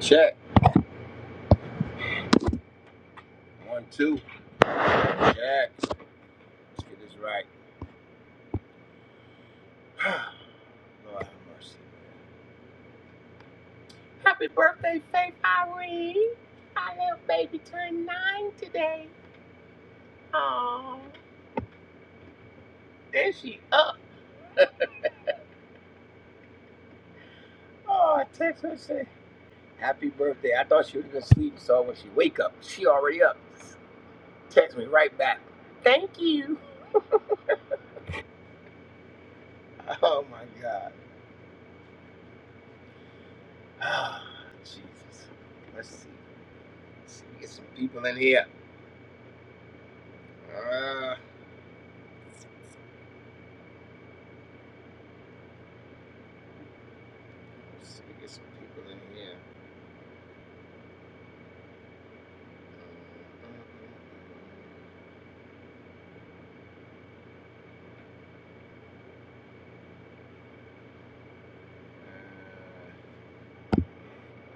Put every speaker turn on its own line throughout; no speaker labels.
Check. One, two. Check. Let's get this right. Lord have mercy. Happy birthday, Faith Irene. My little baby turned nine today. Aw. There she up. Oh, I text her and say, Happy birthday. I thought she would have been asleep, so when she wake up, she already up. Text me right back. Thank you. Oh my God. Ah, Jesus. Let's see. Let's see. Get some people in here. Ah. Let's see, get some people in here. Uh,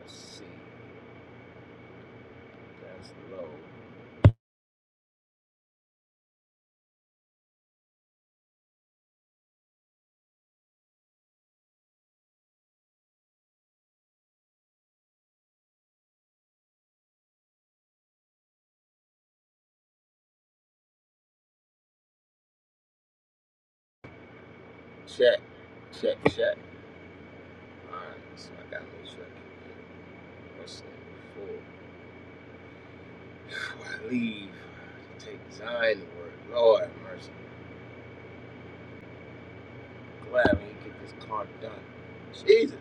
let's see, that's low. Check, check, check. Alright, so I got no check. what's that before, before I leave to take Zion to work. Lord have mercy, I'm glad we did get this car done. Jesus,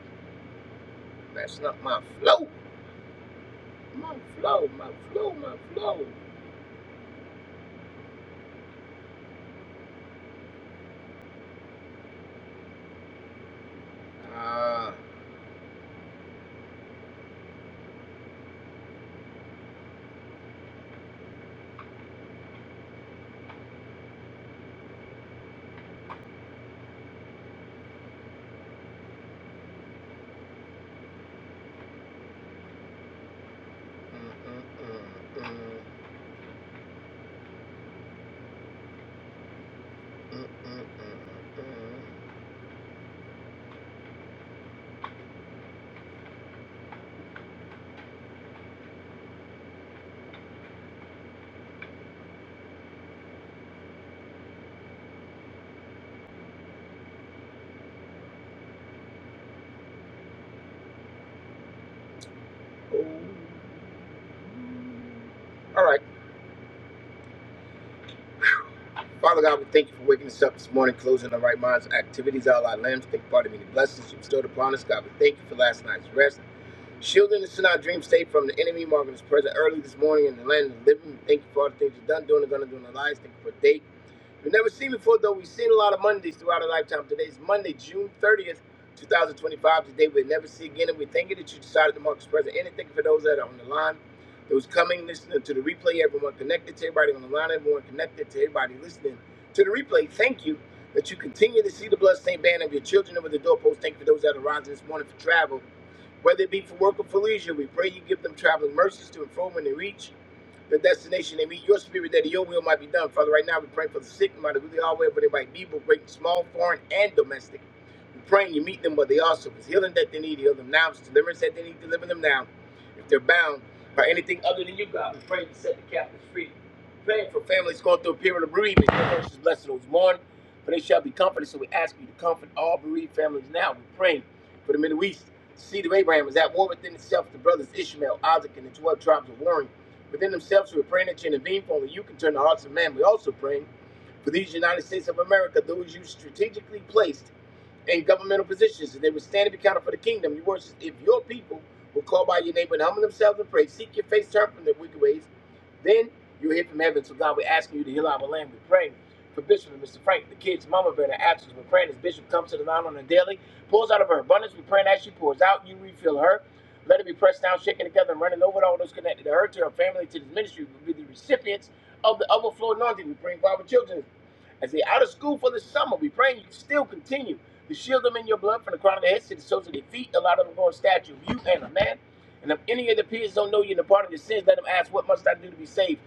messing up my flow, my flow, my flow, my flow. Ah. Uh, Mm, mm, mm, mm, mm, mm, mm, mm. Oh. All right. Father God, we thank you for waking us up this morning, closing our right minds, activities, all our limbs. Thank you for the many blessings you bestowed upon us. God, we thank you for last night's rest. Shielding us in our dream state from the enemy, marking us present early this morning in the land of the living. We Thank you for all the things you've done, doing, and going to do in our lives. Thank you for a day. We've never seen before, though. We've seen a lot of Mondays throughout our lifetime. Today is Monday, June 30th, 2025. Today we'll never see again. And we thank you that you decided to mark this present. And thank you for those that are on the line, those coming, listening to the replay, everyone connected to everybody on the line, everyone connected to everybody listening to the replay. Thank you that you continue to see the bloodstained band of your children over the doorpost. Thank you for those that are rising this morning for travel, whether it be for work or for leisure. We pray you give them traveling mercies to and fro when they reach the destination they meet your spirit that your will might be done. Father, right now we pray for the sick, no matter who they are, wherever they might be, both great and small, foreign and domestic. We pray you meet them where they are. So if it's healing that they need, heal them now. If it's deliverance that they need, deliver them now. If they're bound by anything, for families going through a period of bereavement. Your nurse is blessed to those who mourn, for they shall be comforted. So we ask you to comfort all bereaved families now. We're praying for the Middle East. The seed of Abraham is at war within itself. The brothers Ishmael, Isaac, and the 12 tribes are warring within themselves. We're praying that you intervene, for only you can turn the hearts of man. We're also praying for these United States of America, those you strategically placed in governmental positions, and they would stand and be counted for the kingdom. Your words, if your people will call by your name and humble themselves and pray, seek your face, turn from their wicked ways, then you'll hear from heaven. So God, we're asking you to heal our land. We're praying for Bishop and Mr. Frank, the kids, Mama Bear, and the absence. We're praying as Bishop comes to the line on a daily, pours out of her abundance. We're praying as she pours out, you refill her. Let her be pressed down, shaken together, and running over to all those connected to her, to her family, to this ministry. We'll be the recipients of the overflow anointing. We pray for our children as they're out of school for the summer. We pray you still continue. You shield them in your blood from the crown of their heads to the soles of their feet. Allow them to grow in stature of you and a man. And if any of the peers don't know you in the part of your sins, let them ask, What must I do to be saved?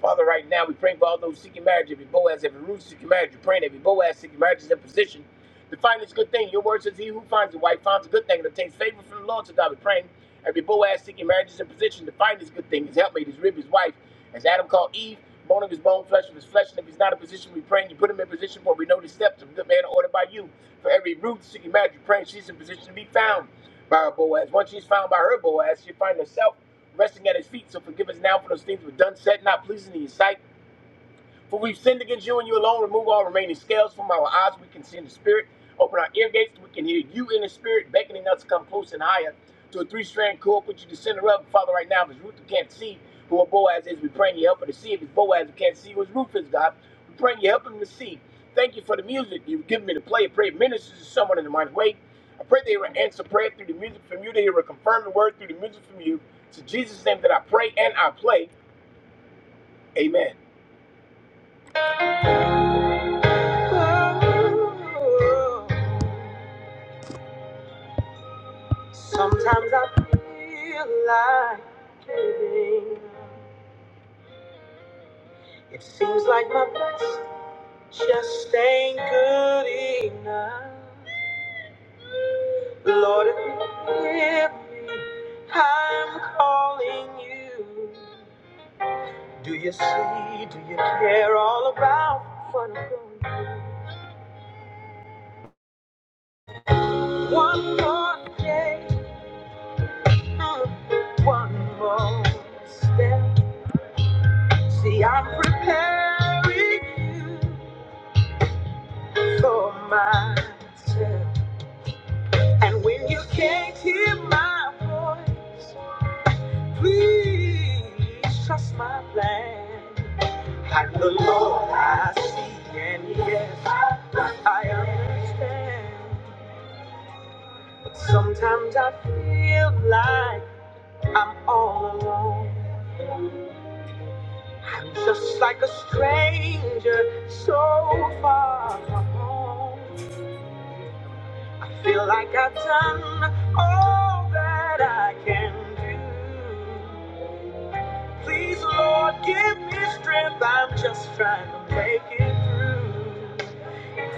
Father, right now, we praying for all those seeking marriage, every Boaz, every Ruth seeking marriage. We're praying every Boaz seeking marriage is in position to find this good thing. Your word says, He who finds a wife finds a good thing and obtains favor from the Lord. So, God, we're praying every Boaz seeking marriage is in position to find this good thing, his helpmate, his rib, his wife, as Adam called Eve, bone of his bone, flesh of his flesh. And if he's not in position, we praying you put him in position for we know the steps of a good man are ordered by you. For every Ruth seeking marriage, we're praying she's in position to be found by her Boaz. Once she's found by her Boaz, she'll find herself resting at his feet. So forgive us now for those things we've done, said, not pleasing in your sight. For we've sinned against you and you alone. Remove all remaining scales from our eyes. We can see in the spirit. Open our ear gates. We can hear you in the spirit beckoning us to come close and higher to a three strand cord. Put you the center up, Father, right now, if it's Ruth who can't see who a Boaz is, we pray in your help her to see. If it's Boaz who can't see who his Ruth is, God, we pray in your help him to see. Thank you for the music you've given me to play. I pray it ministers to someone in the mighty way. I pray they will answer prayer through the music from you. They will confirm the word through the music from you. It's in Jesus' name that I pray and I play. Amen. Sometimes I feel like giving up. It seems like my best just ain't good enough. Lord, if you hear me, I'm calling you. Do you see, do you care all about what I'm going through? One more day, mm, one more step. See, I'm preparing you for myself. And when you can't hear my voice, please trust my plan. And the Lord I see, and yes, I understand. But sometimes I feel like I'm all alone. I'm just like a stranger, so far from home. Feel like I've done all that I can do. Please, Lord, give me strength. I'm just trying to make it through.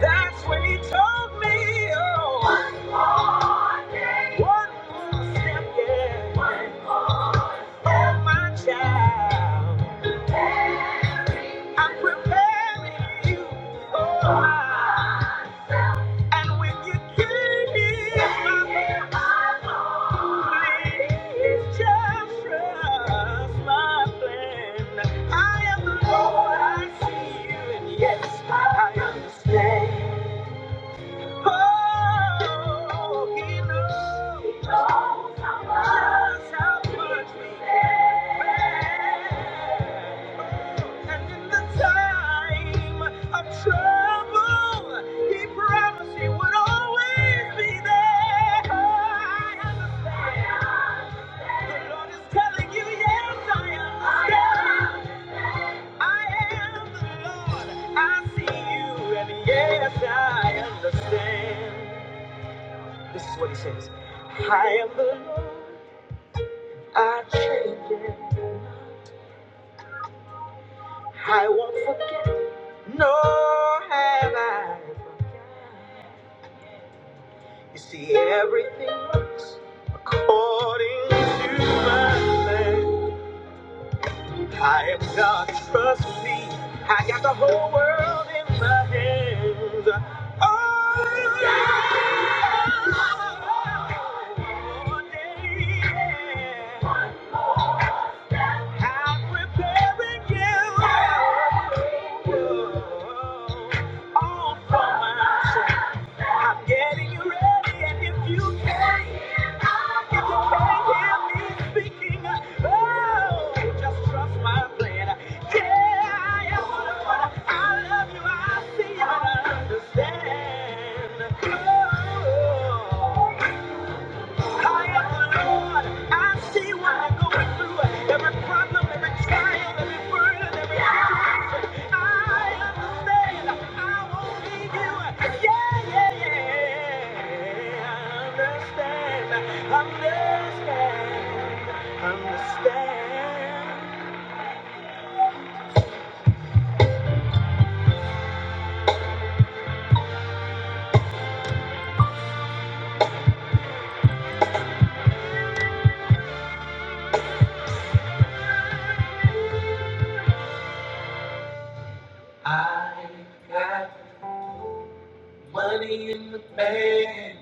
That's when He told me, oh, one more day, one more step, yeah. one Oh, my child, I'm preparing you for life. And when you give me my love, please just trust my plan. I am the Lord, I see you, and yes, I understand. Oh, He knows just how much we And in the time of trouble, he promised he would always be there. I understand. The Lord is telling you, yes, I understand. I am the Lord. I see you, and yes, I understand. This is what he says. I am the Lord. I change it. I won't forget, nor have I forgotten. You see, everything works according to my plan. I am God, trust me. I got the whole world in my hands. Oh, yeah. oh, day, yeah. I'm preparing you. All from myself. I'm getting you ready, and if you can, if you can't hear me speaking, oh, just trust my plan. Yeah, I am what I love you. I see and I understand. Oh. I understand. I won't leave you. Yeah, yeah, yeah. I understand. Understand. Understand. I got money in the bank.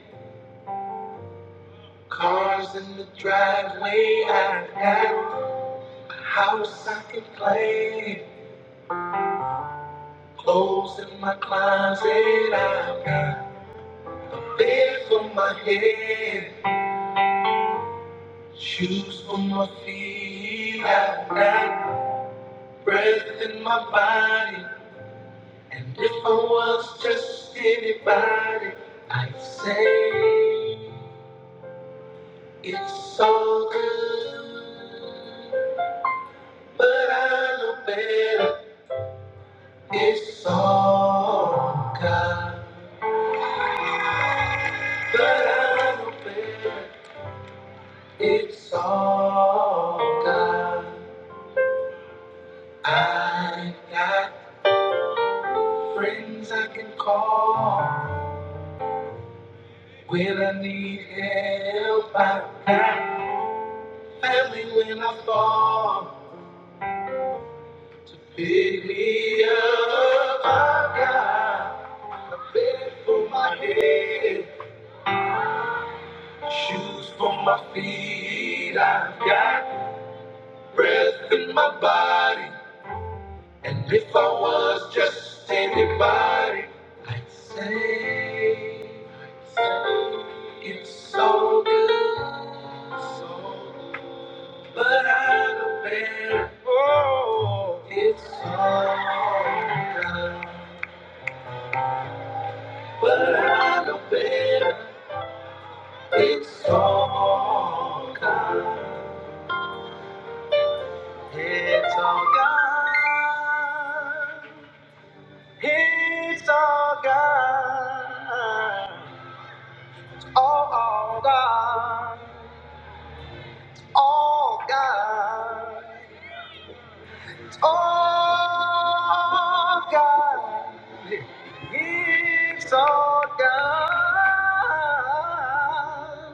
Cars in the driveway, I got a house I can claim. Clothes in my closet, I've got a bed for my head, shoes for my feet, I've got breath in my body. And if I was just anybody, I'd say it's all good. But I know better, it's all God. But I know better. It's all good. I got friends I can call when I need help. I got family when I fall to pick me up. I got a bed for my head, shoes for my feet. I've got breath in my body. And if I was just anybody, I'd say, it's so good, so But I know better. Oh, it's so good, but I know better. It's so good, it's all gone. it's all gone. Oh, oh, God. Oh, God. all God. It's all God.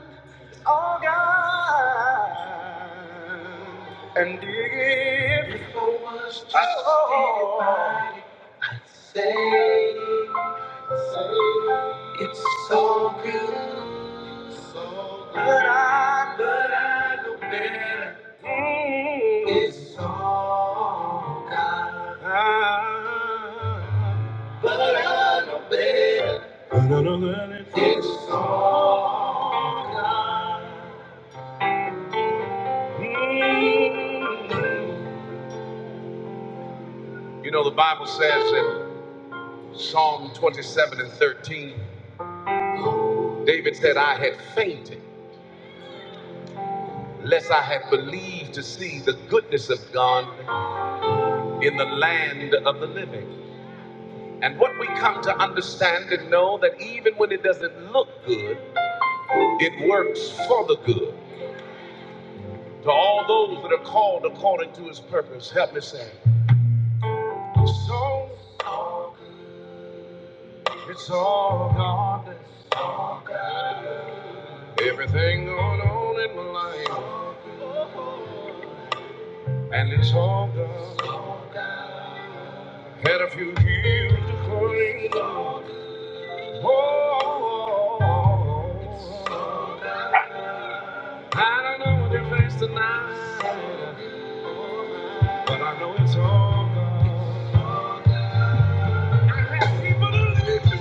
It's all God. If so much to oh. I say, say, it's so good, so good. But I, but I know better. Mm. It's all God. Ah. But I know better. It's all. You know the Bible says in Psalm 27 and 13. David said, I had fainted, lest I had believed to see the goodness of God in the land of the living. And what we come to understand and know that even when it doesn't look good, it works for the good. To all those that are called according to his purpose, help me say, So it's all God. Everything going on in my life, and it's all God. Had a few years to clean. Oh, I don't know what you face tonight, but I know it's all good. I have people to leave me.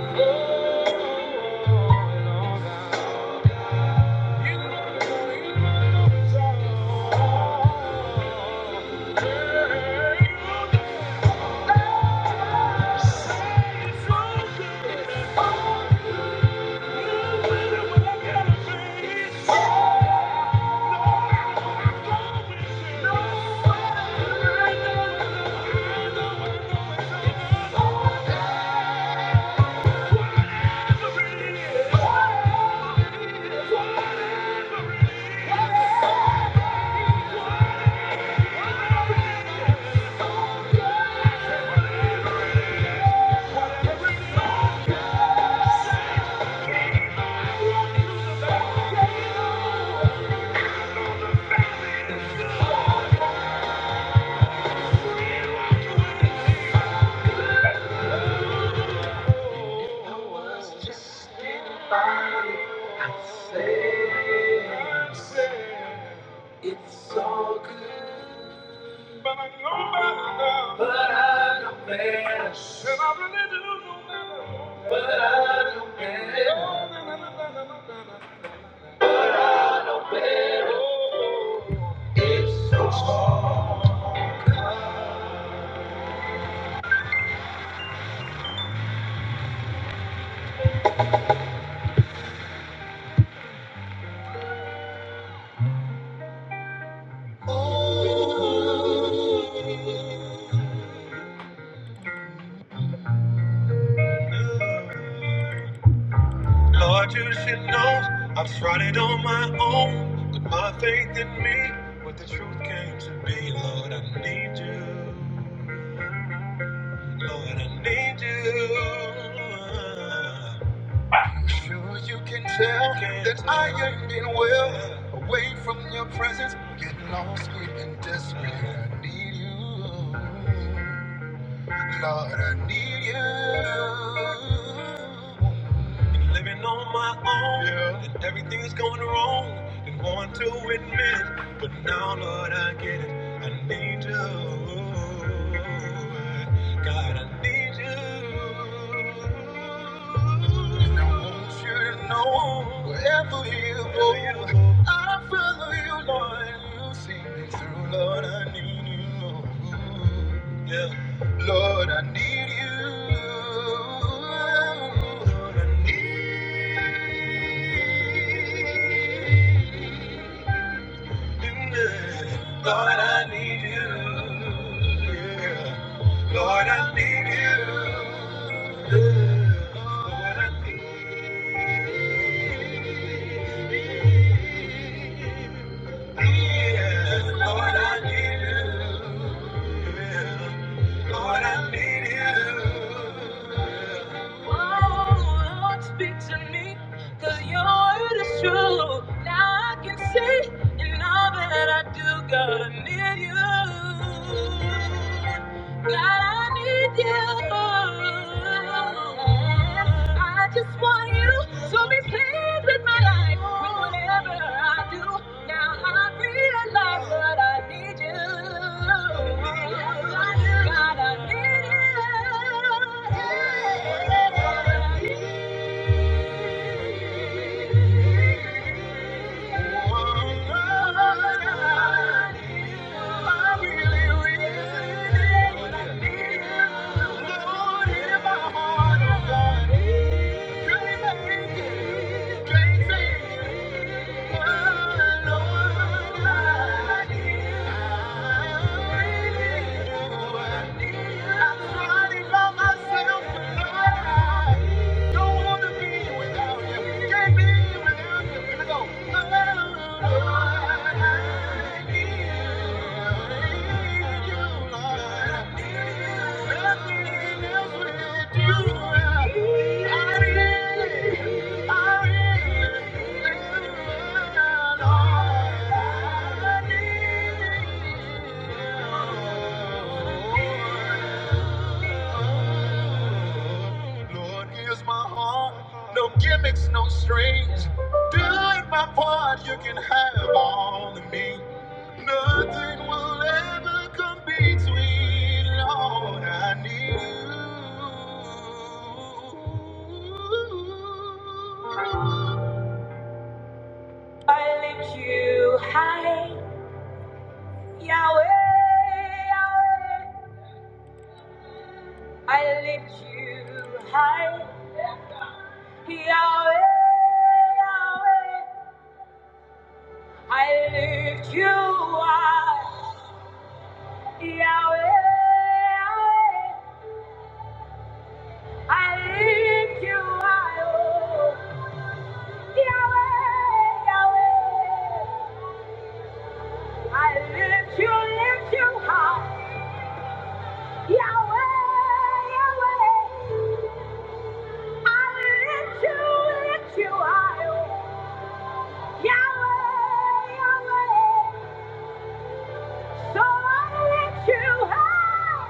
yeah. Oh, Lord, you know, you know it's all good. You know it's all good. Oh, you know what I gotta face. It's all good. But I know better. But I know better. Better. so Lord, you should know I've tried it on my own. But my faith in me, what the truth came to be. Lord, I need you. Lord, I need you. Sure, you can tell that I ain't been well. Away from your presence, getting lost, getting desperate. I need you. Lord, I need you. Been Living on my own, yeah. and everything's going wrong. Didn't want to admit, but now, Lord, I get it. I need you. God, I need you. And I want you to know wherever you go, I follow you, Lord. You see me through, Lord, I need you. yeah. Lord, I need you. Lord, I need you. yeah. Lord, I need you. Yeah. Lord, I need you. Yeah. Lord, I need you. Yeah. Lord, I need you. Yeah. Lord, I need you. Yeah. Now I can say in all that I do, God, I need you. God, I need you. I just want you, so be pleased with my life, with whatever I do. Now I realize that I need you. God, I need you. Thank you. Don't wanna be without you. Can't be without you. Here we go. I need you, Lord. Nothing else will do. I I need you, Lord. I need Lord, here's my heart. No gimmicks, no strings. Doing my part, you can have all of me. Nothing will ever come between. Lord, I need you. I lift you high, Yahweh, Yahweh. I lift you high. Yahweh, Yahweh, I lift you up. Yahweh, Yahweh, I lift you high. Oh, Yahweh, Yahweh, I lift you, lift you high. Yahweh, Yahweh, I lift you, lift you high. Oh, Yahweh, Yahweh, so I lift you high.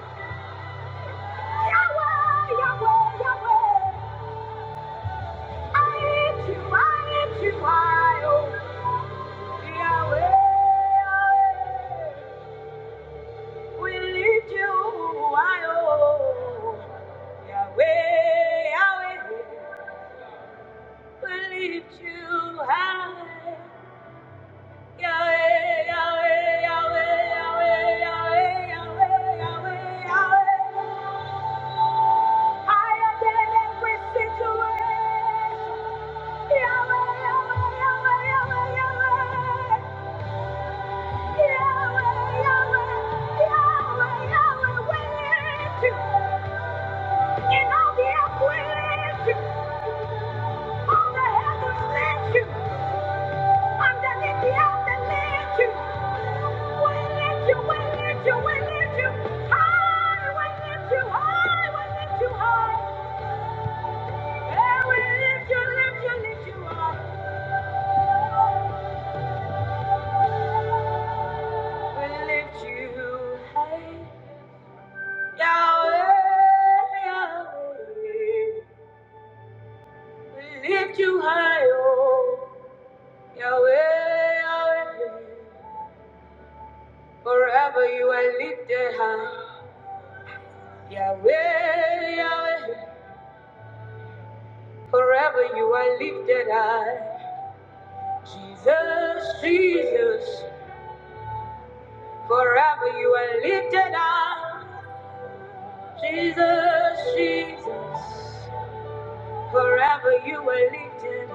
Higher than every situation. Lift you high. We lift you high, Yahweh, Yahweh. We lift you high, oh, Yahweh, Yahweh. Forever you are lifted high, Yahweh, Yahweh. Forever you are lifted high, Jesus, Jesus. Forever you are lifted high, Jesus, Jesus. Forever you were lifted,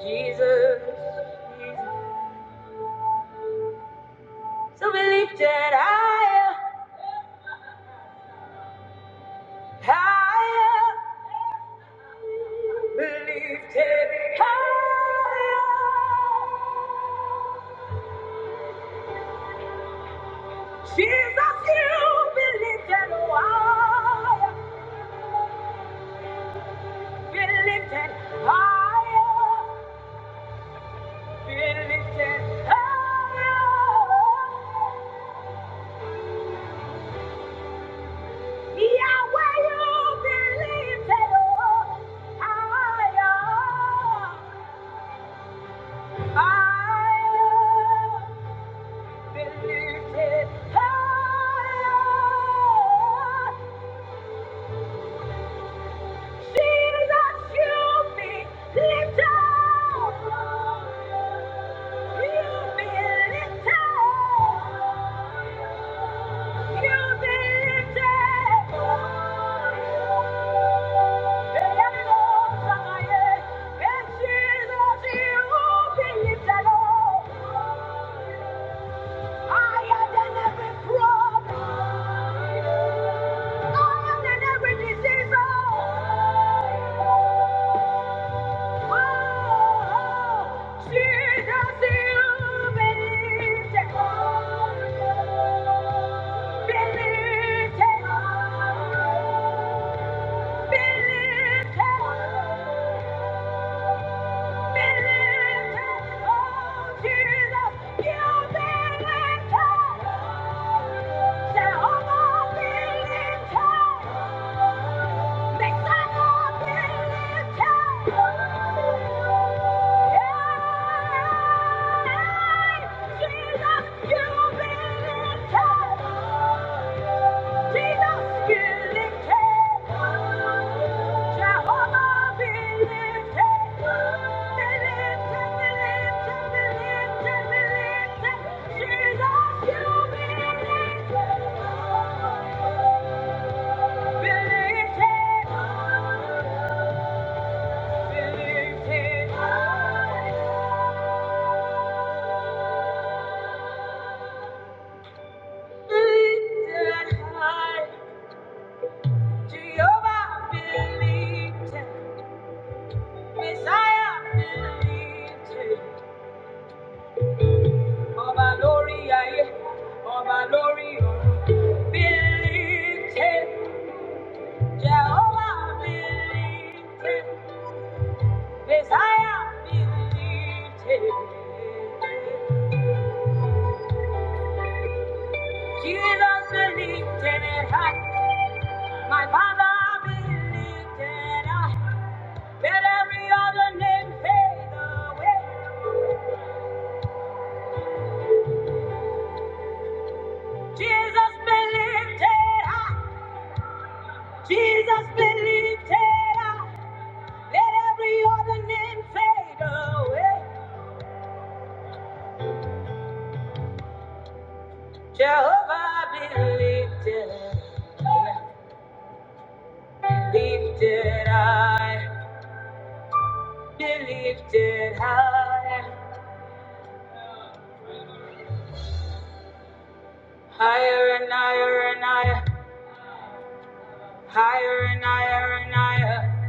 Jesus. So be lifted higher, higher. Be lifted higher. Jesus, you be lifted higher. Be lifted higher. Be lifted higher. Jesus, you Lift up! Higher than every disease, oh. Thank you. Yeah! Believe it. Lifted high, Jehovah believed it. Messiah believed it. Ọba lórí ayé, ọba lórí ọ̀run, believed it. Jehovah believed it. Messiah believed it. Jesus believed in My father believed in let every other name fade away. Jesus believed it. Jesus believed it. Let every other name fade away. Jehovah believed it. Believed it. I believed it. I higher and higher and higher, higher and higher and higher.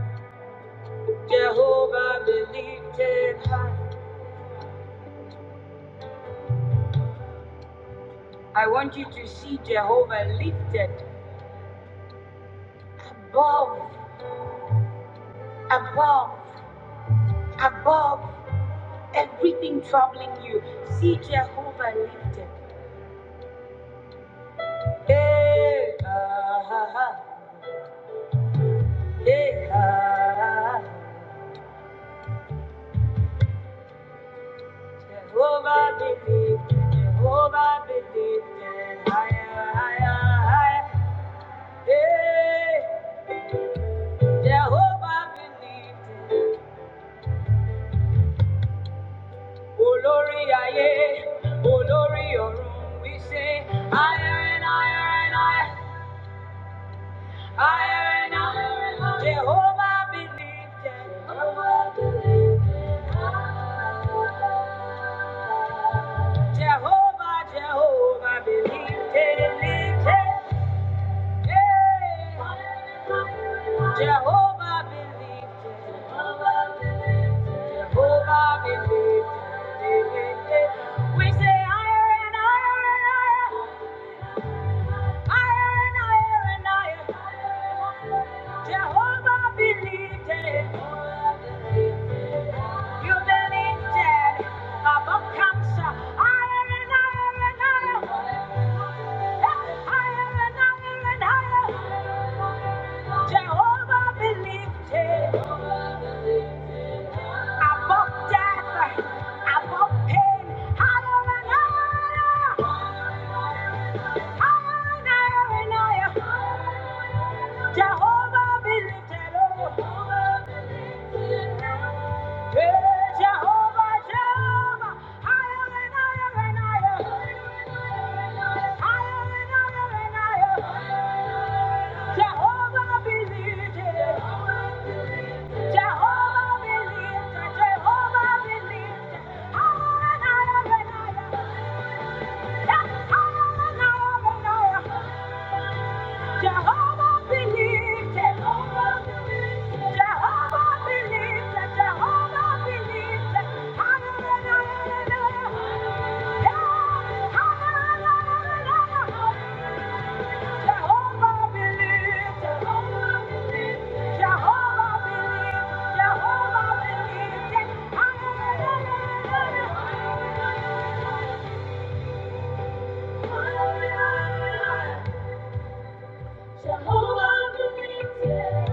Jehovah believed it. I want you to see Jehovah lifted above, above. above everything troubling you. See Jehovah lifted. Hey, ah, ah, ah. Hey, ah, ah, ah. Jehovah be lifted. Jehovah be lifted. Higher, higher, higher. Hey, Jehovah be lifted. Olori aye, Olori ọ̀run, we say higher and higher and higher. Higher and higher. Jehovah be lifted. Jehovah be lifted high. Jehovah, Jehovah be lifted, lifted. Hey. Jehovah be lifted. Jehovah be lifted. Jehovah be We say higher and higher and higher. Jehovah believed it. You believed it above cancer. Higher and higher and higher. Higher and higher and higher. Jehovah believed it above death, above pain. Higher and higher, higher and higher. Jehovah be lifted up. Yeah, Jehovah, Jehovah, higher and higher and higher, higher and higher and higher. Jehovah be lifted. up. Jehovah be lifted, Jehovah be lifted. Higher and higher and higher. Yes, Jehovah believes, it. Jehovah believes, it. Jehovah believes, it. Jehovah believes. it. Hallelujah, Yeah. hallelujah. Jehovah believes, it. Jehovah believes, it. Jehovah believes, it. Jehovah believes. it. Hallelujah. Hallelujah. Jehovah Jireh.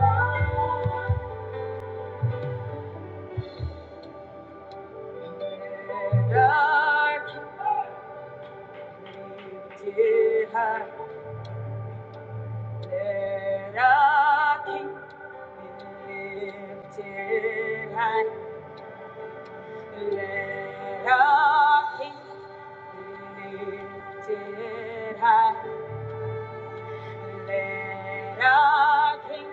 Lifted high, let our King be lifted high. Let our King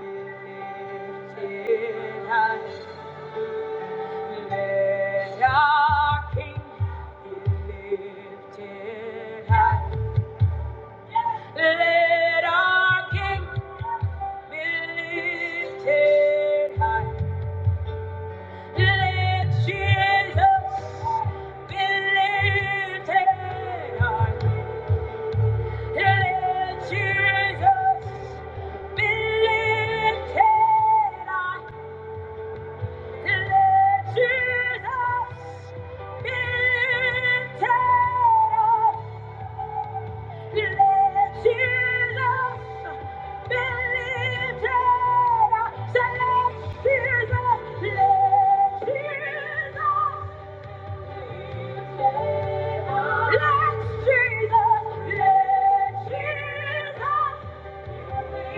be lifted high. Let our King be lifted high. Let our King be lifted high. Let Jesus be lifted high. Let Jesus be lifted high. Let Jesus be lifted high. Jesus.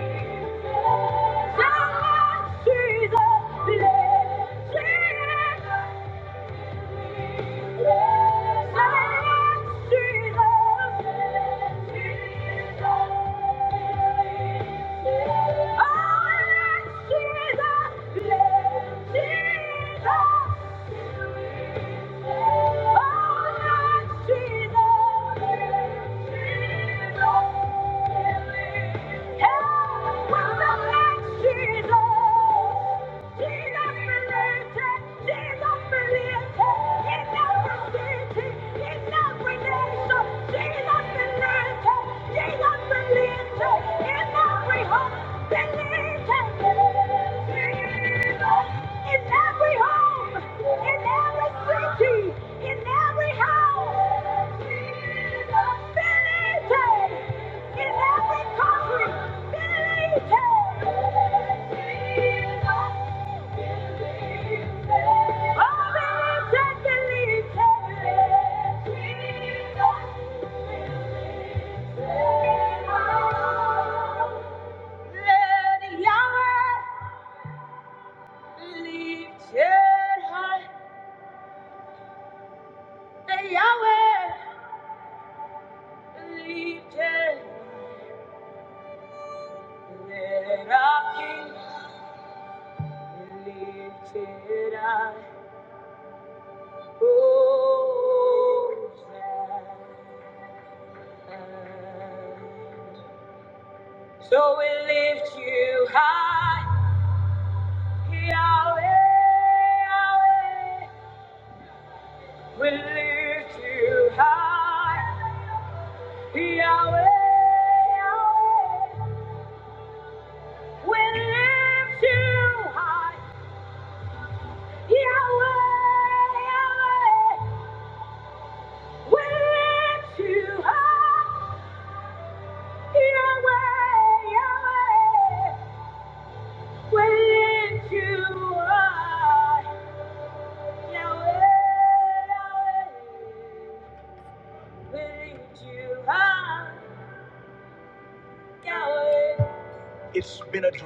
Believe it in every home, in every city, in every house. Believe it. In every country, believe it. Oh, believe it, believe it. Let Yahweh lift your heart. Say Yahweh, lifted, let our King be lifted up. Hosanna. So we lift you high, Yahweh, Yahweh. We lift you high, Yahweh, Yahweh. We lift you high.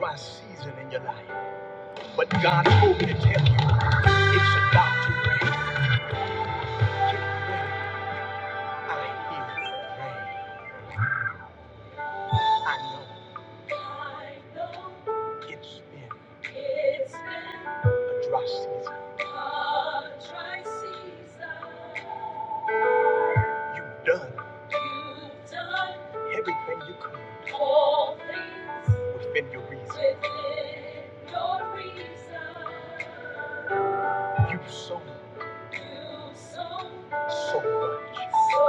Dry season in your life, but God told me to tell you it's about to rain. I hear rain. I know. it's been a dry season. You've done. everything you could. within your reason. You've sown. so much. So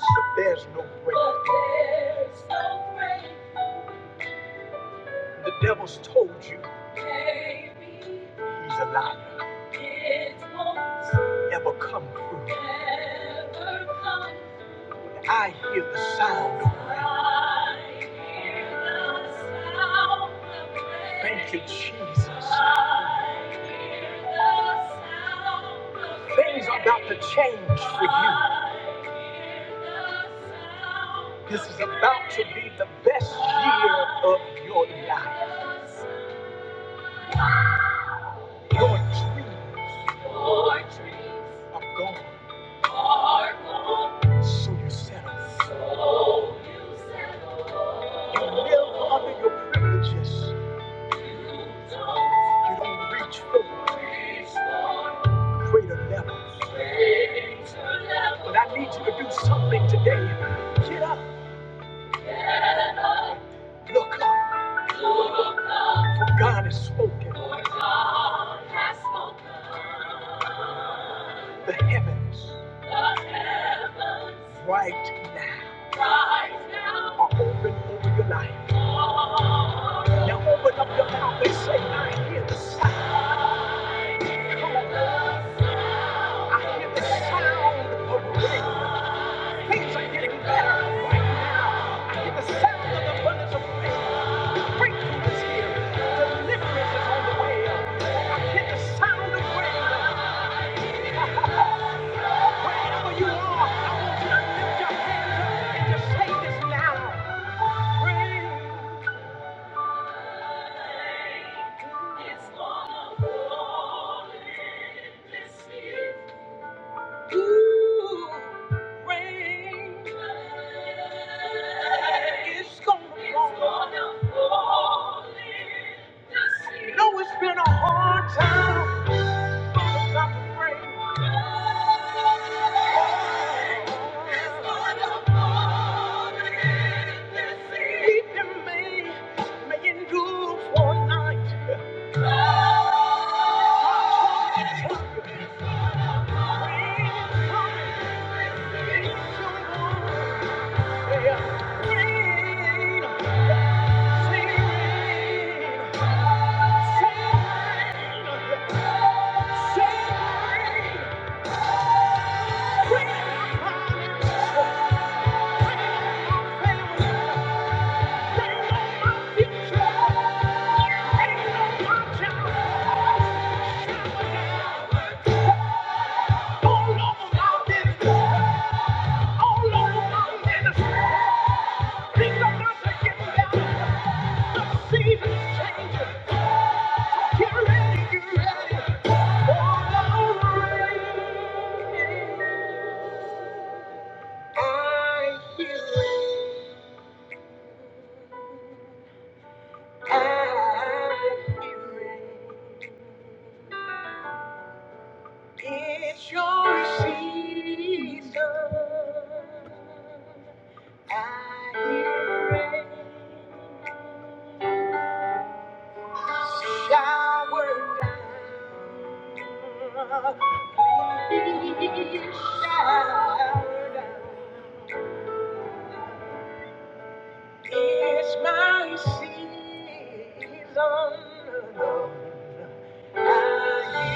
But there's no break. no the devil's told you he's a liar. Never come through. I hear the sound of rain. Thank you, Jesus. Things are about to change for you. This is about to be the best year of your life. Your dreams Your dreams are gone. So you settle. So you live under your privileges. You don't. reach for greater levels. But I need you to do something today. Get up. Look up. For God has spoken. God has spoken. the heavens. The heavens. Right now. Right now. Are open over your life. Oh. Now open up your mouth and say, I hear the sound. Come on. I hear the sound of rain. Things are getting better right now. I hear the sound of the abundance of rain. Breakthrough is here. Deliverance is on the way. I hear the sound of rain. Wherever you are, I want you to lift your hands up and just say this loud. Praise God is wonderful in this city. Good rain is gonna fall. It's gonna fall in this city. No, it's been a hard time. It's about to rain. Thank you. It's your season. I hear rain shower down. shower down. It's my season. I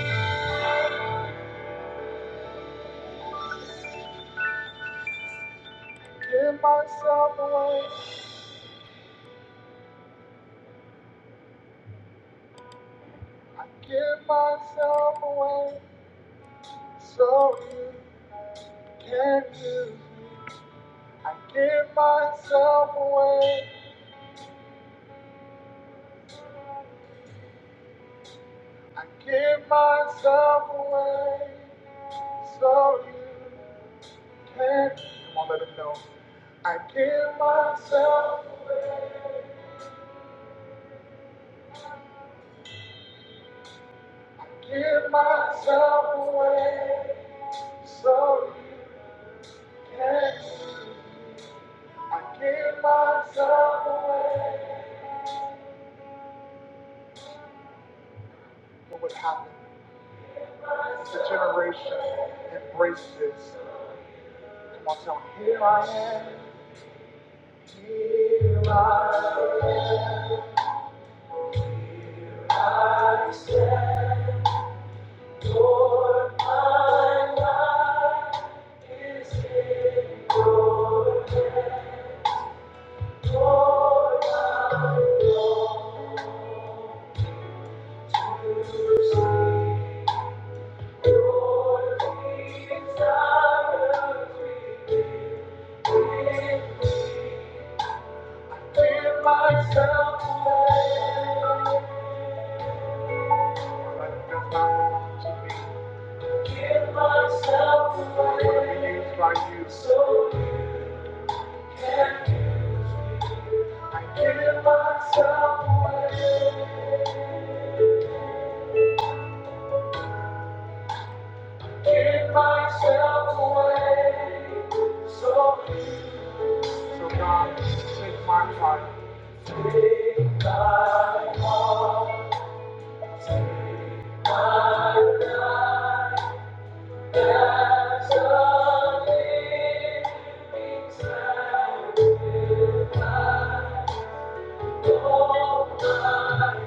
give myself away, give myself away, so you can do. I give myself away. Thank you. can give. I give myself away, give myself away. So please take my heart, take my heart. That's all it means. Nothing's not my own.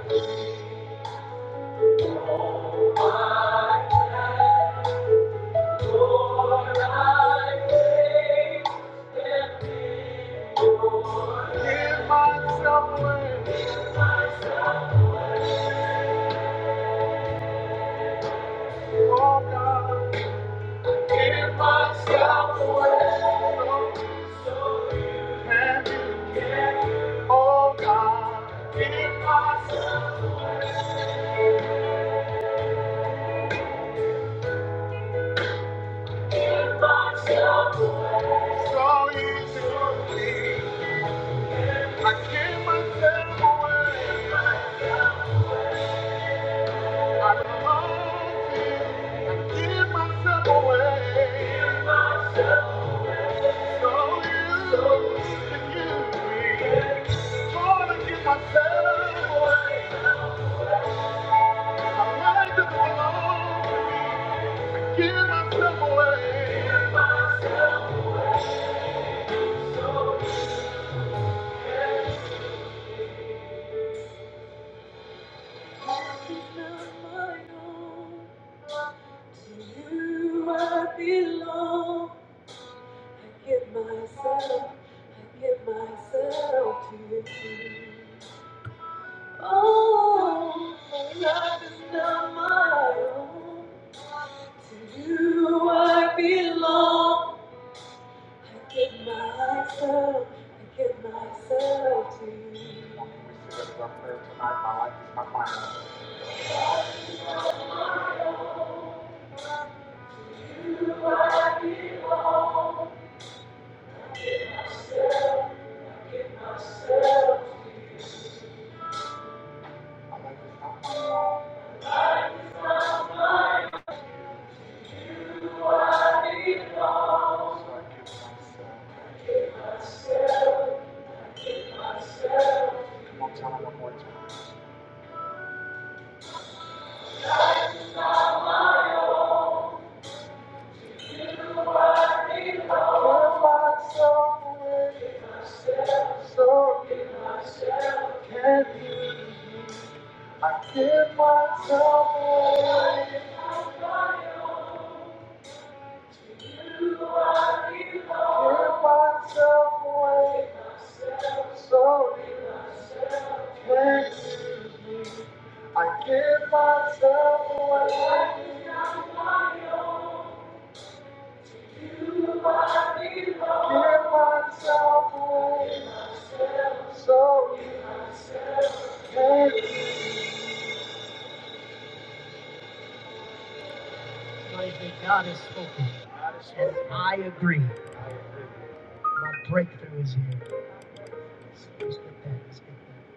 To you I belong. I give myself, I give myself to you. Oh, my life is not my own. To you I belong. I give myself, I give myself to you. I give myself away. So give myself, can I give myself away? Give myself away so you can. see. I give myself away. Give myself away so you can. see. Praise that God has spoken. And I agree. My breakthrough is here. Let's let's get that. Let's get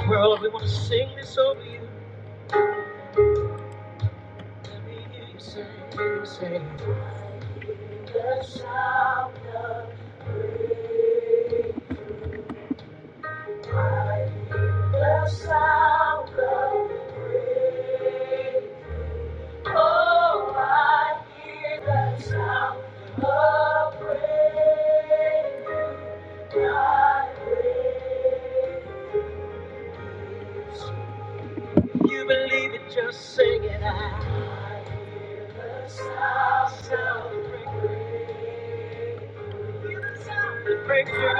that. World, we want to sing this over you. Let me hear you sing. Say, the sound of praise. The sound of praise. Oh, I hear the sound of praise. I praise. You believe it, just sing it out. The sound, the breakthrough,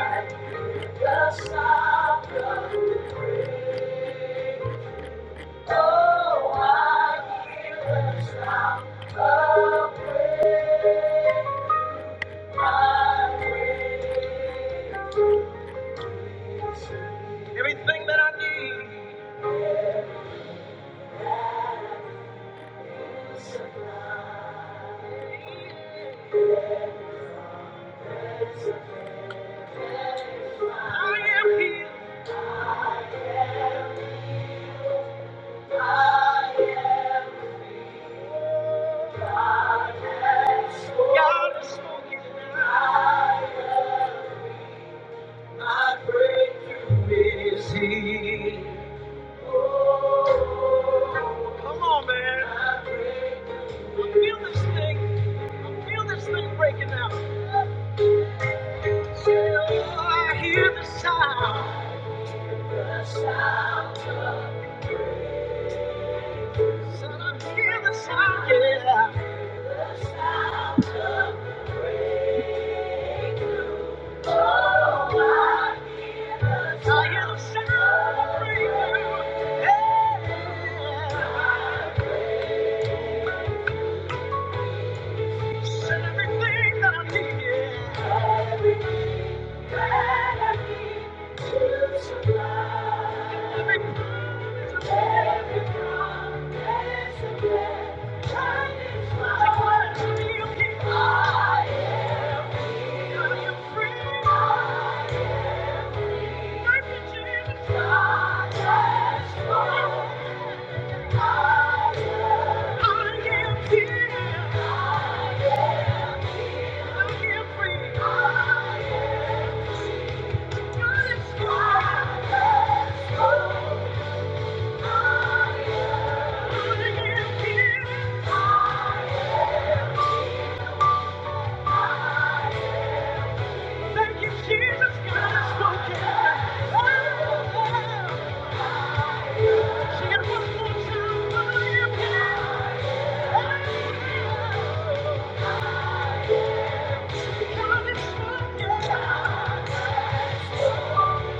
everything that I need. I am here. God is spoken. now. Come on, man. I feel this thing. I feel this thing breaking out. I hear the sound. Yeah. I hear the sound of freedom. Yeah. I said everything that I need. Yeah. Everything that I need. Every Every promise is a gift. Shining light. Declare to me you keep. I am free. I am free. I am free. Thank you, Jesus. God has spoken. Thank you, Jesus. God has spoken. Oh, she got one more time. Hallelujah. Oh, God has spoken.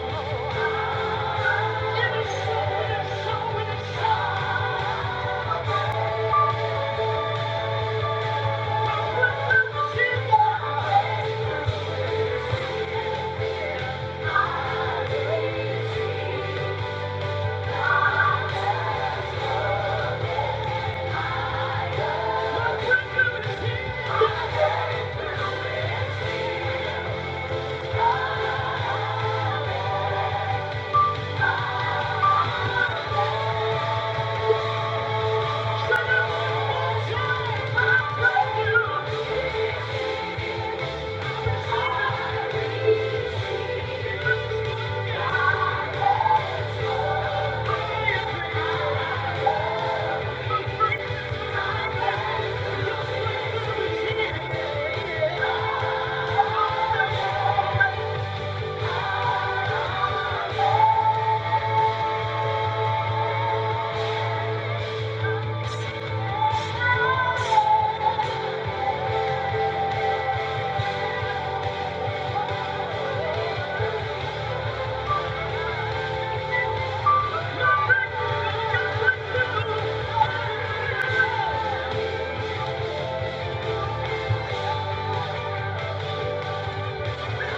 oh, you. Thank you.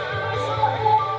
I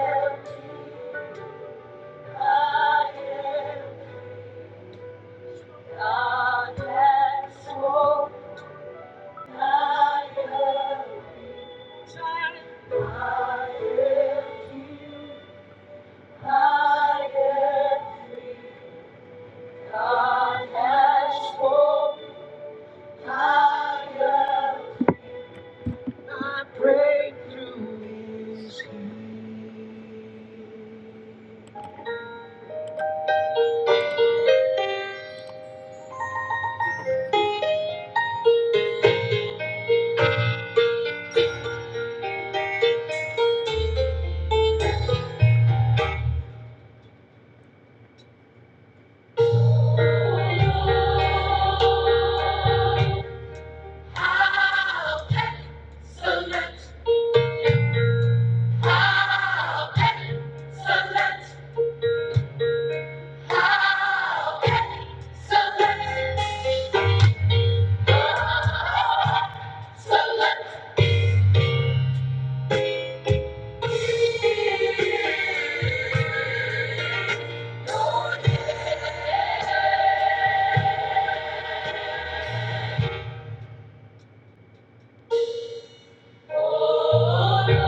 am, I am. Excellent. Select.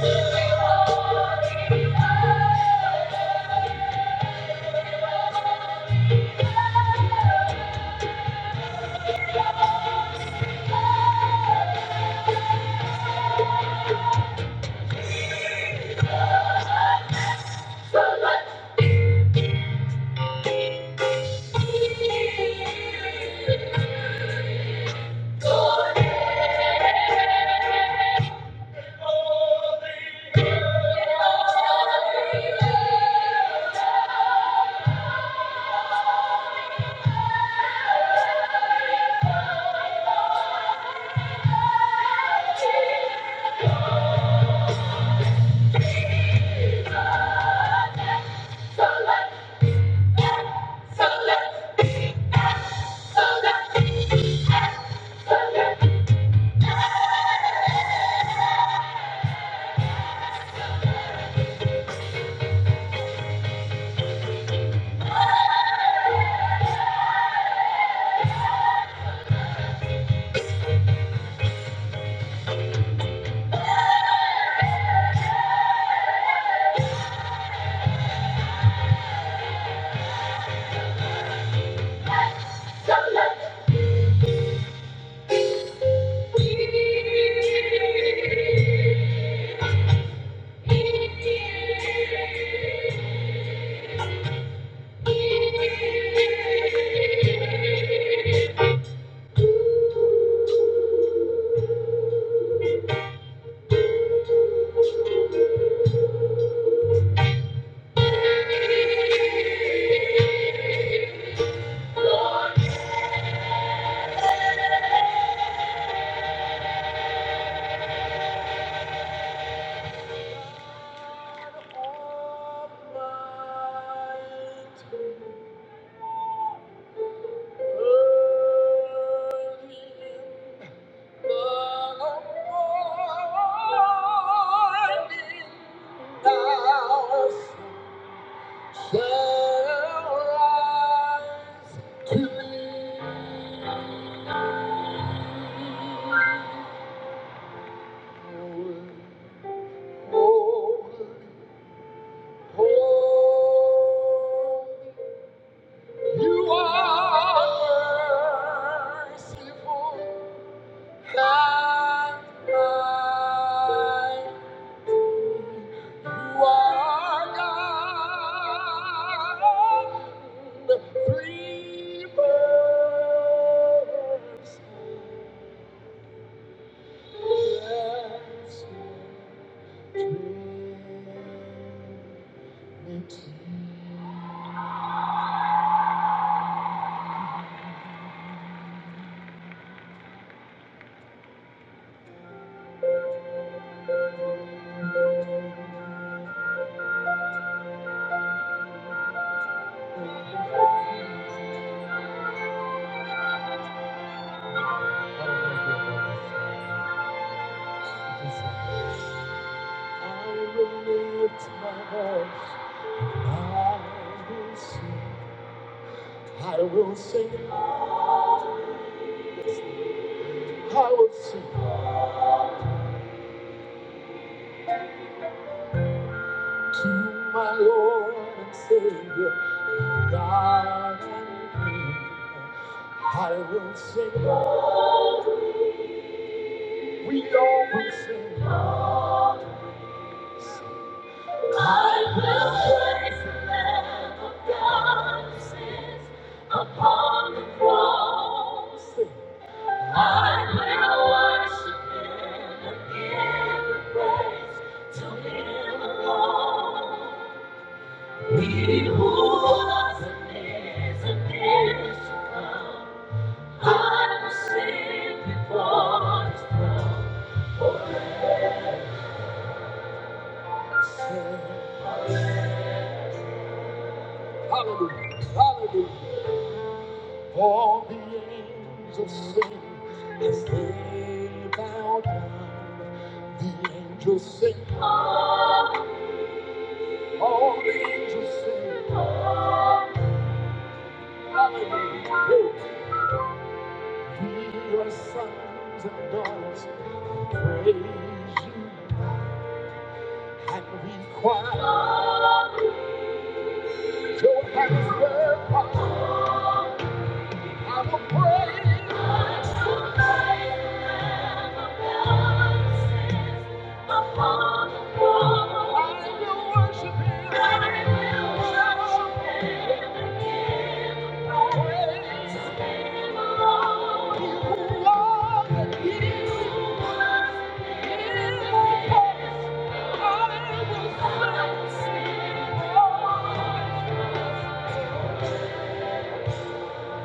Holy, holy, holy. You are merciful and kind. You are God in three persons. I will lift my voice. I will sing. I will sing. I will sing. to my Lord and Savior, God and King. I will sing, I will sing, I will praise the Lamb of God who sits upon the cross. I will worship Him and give the praise to Him alone. He who was and is and is to come. I will sing before His As they bowed, the angels sing, all the angels sing. Oh, we are sons and daughters, praise you, and we cry.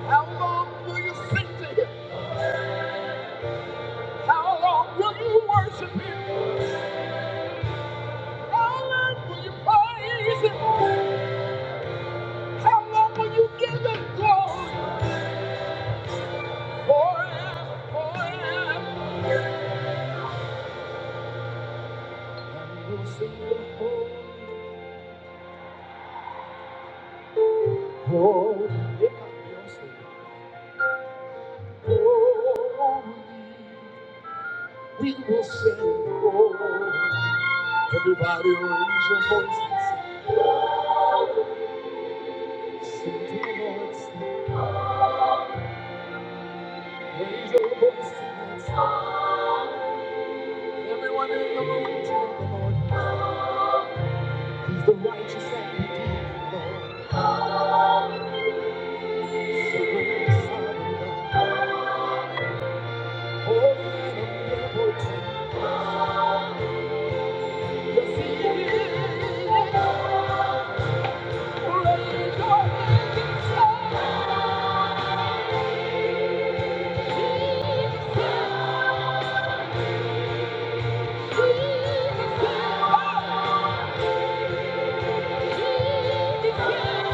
How long will you sing to him? How long will you worship him? How long will you praise him? How long will you give him glory? Forever, forever. Sing to the Lord. Raise your voice tonight. Everyone in the room, tell the Lord. He's the righteous and redeemed Lord. He's the great sovereign God. Holy Yes, he is. Raise your hands up. Jesus is. Jesus Oh, Jesus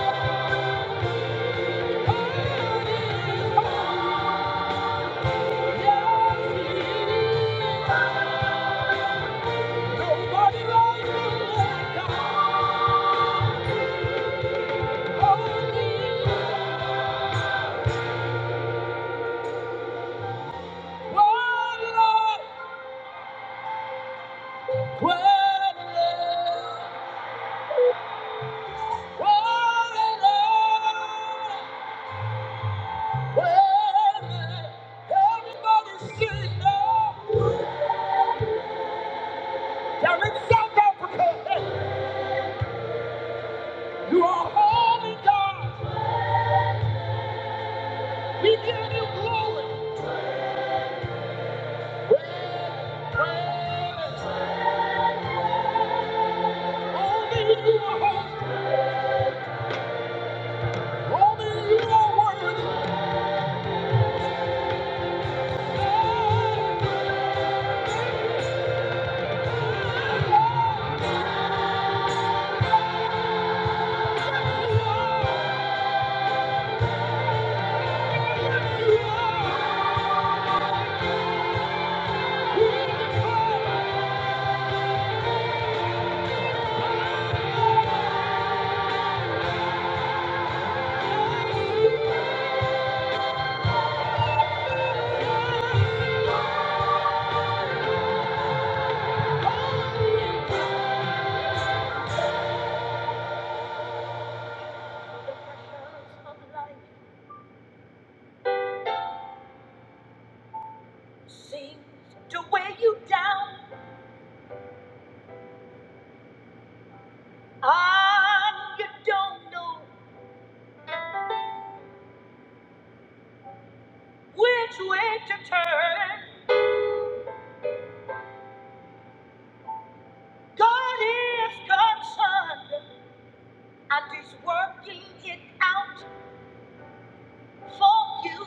Thank you. seem to weigh you down and you don't know which way to turn. God is concerned and is working it out for you.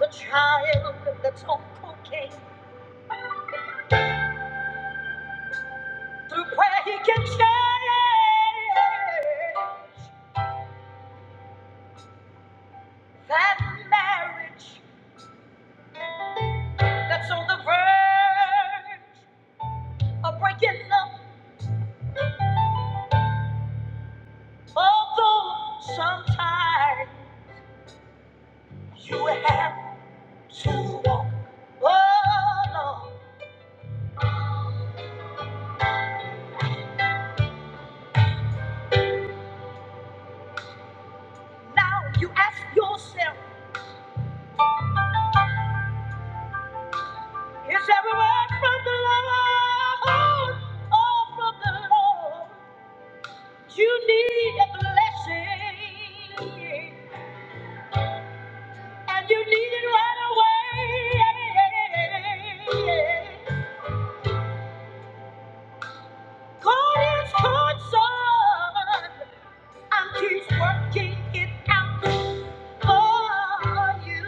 The child that's on cocaine, through prayer he can change that marriage that's on the verge of breaking up. Although sometimes you have Oh, Lord. Now you ask yourself, is every word from the Lord or from the Lord? You need a blessing, and you need it right away. God is concerned, and He's working it out for you.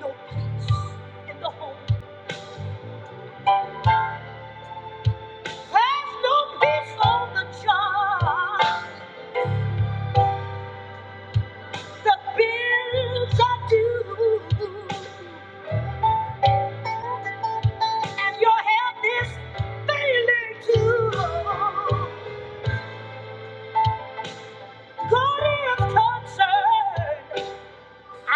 No peace in the home There's no peace on the job. The bills are due, and your health is failing too. God is concerned,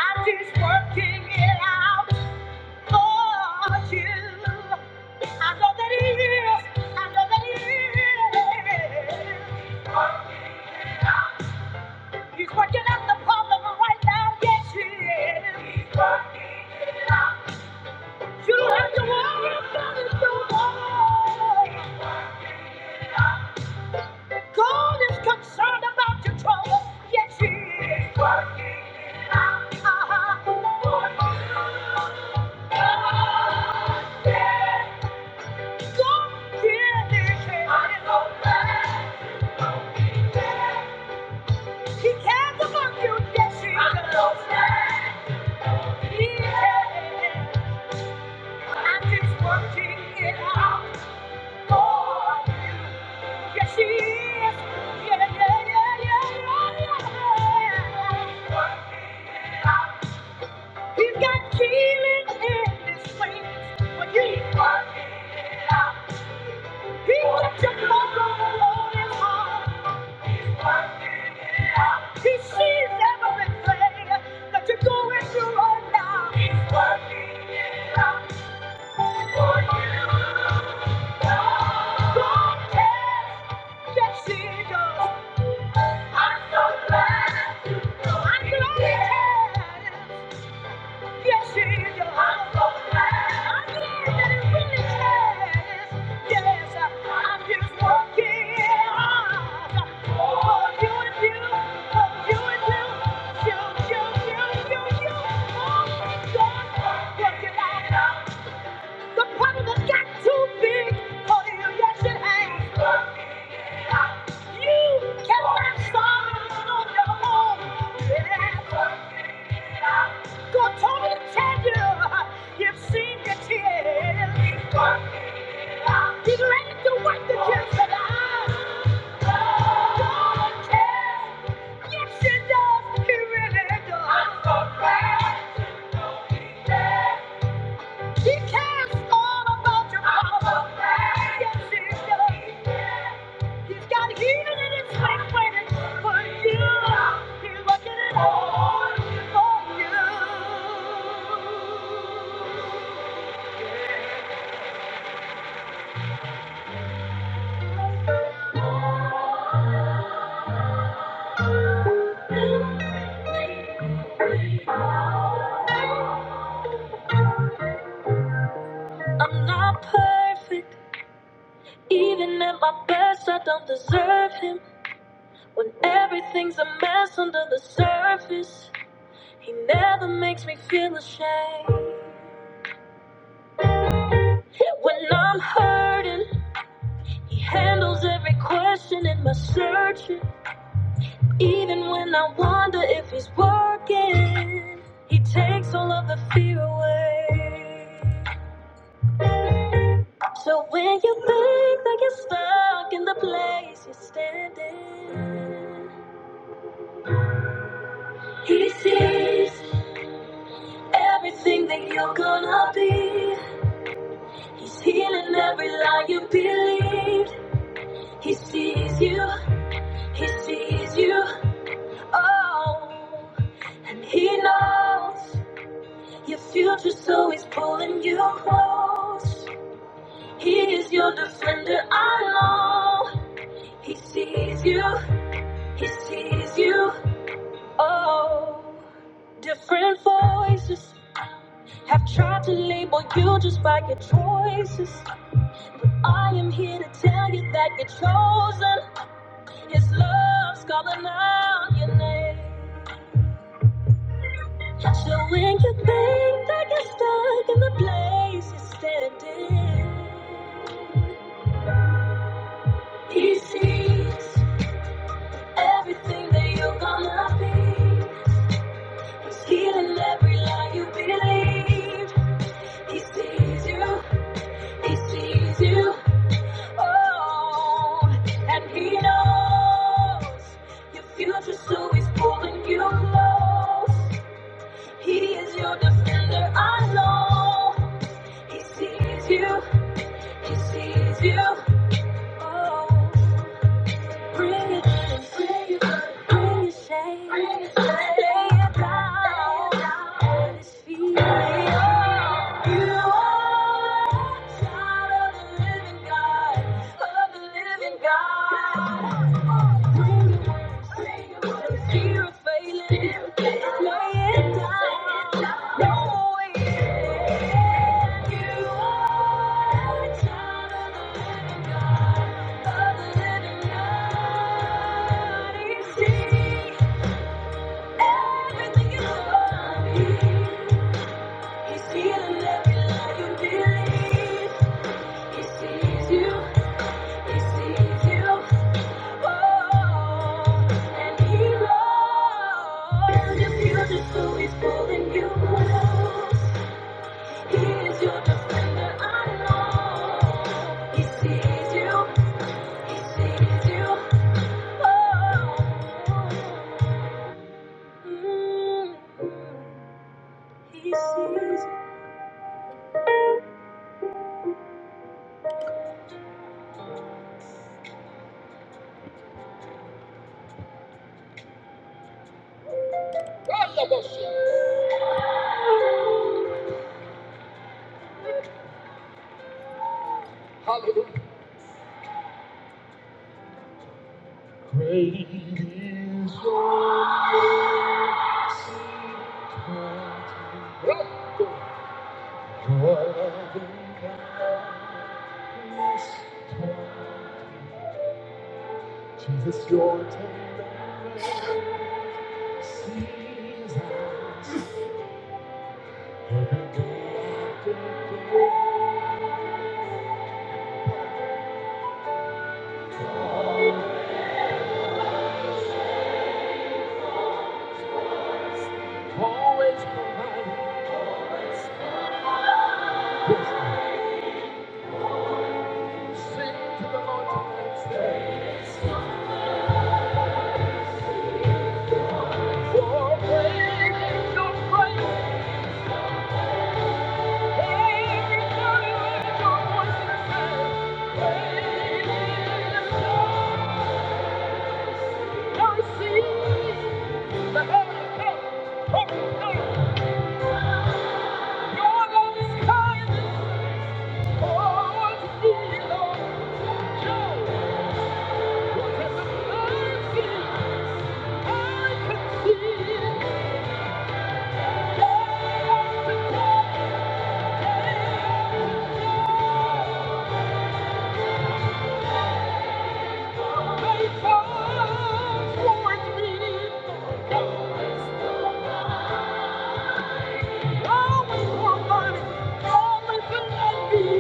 and He's working it out for you. I know that He is. I know that He is. He's working out the problem right now. Yes, He is. He's working it out. You don't have to worry about it no more. God is concerned about your trouble. Yes, He is working it out. Uh-huh. For you. God is God really cares. I'm so glad. He cares about you. Yes, He I'm does. so glad. He cares. I'm just working it out for you. Yes, she is. Yeah, yeah, yeah, yeah, yeah, yeah. yeah. He's got healing in his wings. When you He's working it out. He got your mother on his heart. He's working it out. He sees everything that you're going through right now. He's working it out for you. God cares. Yes, he does. Thank you. The problem that got too big for you, yes it has. You cannot solve it on your own. Yes. God told me to tell you, you've seen your tears. He's ready to wipe the tears from your eyes. God cares. Yes, he does. He really does. I'm so glad to know he cares. She cares all about your problem. Yes, she does. He's got healing in his face waiting for you. He's working it all for you. I'm not perfect. Even at my best, I don't deserve him. When everything's a mess under the surface, he never makes me feel ashamed. When I'm hurting. He handles every question in my searching. Even when I wonder if he's working, he takes all of the fear away. So when you think that you're stuck in the place you're standing, he sees everything that you're gonna be. He's healing every lie you believed. He sees you, he sees you, oh, and he knows. Your future's always pulling you close. He is your defender, I know. He sees you, he sees you. Oh, different voices have tried to label you just by your choices. I am here to tell you that you're chosen. His love's calling out your name. And so when you think that you're stuck in the place you're standing. He sees everything that you're gonna be. He's healing every lie you believe. He sees you, he sees you, oh, and he knows your future, so he's pulling you close. He is your defender, I know. He sees you, he sees you, oh. Bring your burden, bring your shame, lay it down at His feet. You are a child of the living God, of the living God. Fear of you are a child He's healing every lie you believe. He sees you. He sees you. And he loves you beautiful, he's pulling you close. He is your defender, I know. He sees you, he sees you. Oh, mm, he sees you. Always for money, always for love. me.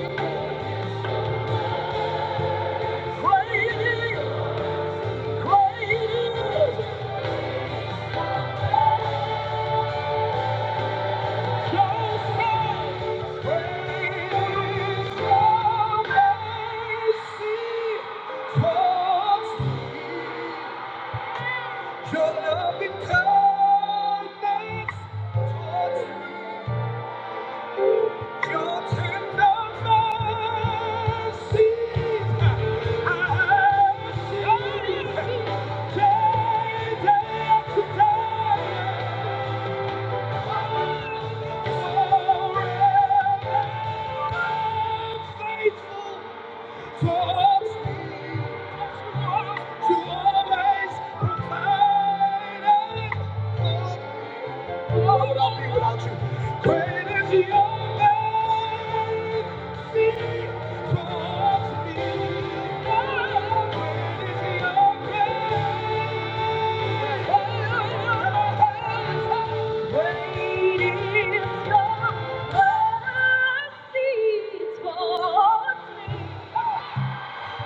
Faithful. Thank you.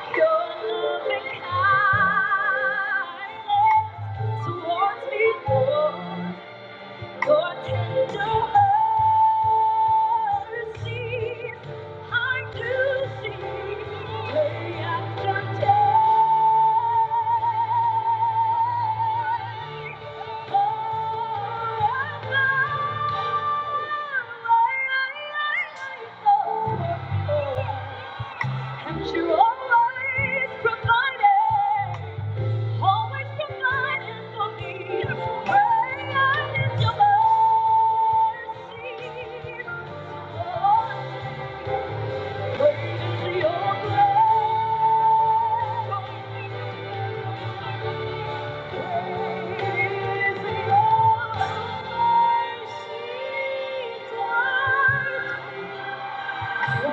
Thank you. And you always provided, always provided for me. Great is your mercy. Lord, Great is your grace. Great is your mercy. Lord. Thank you.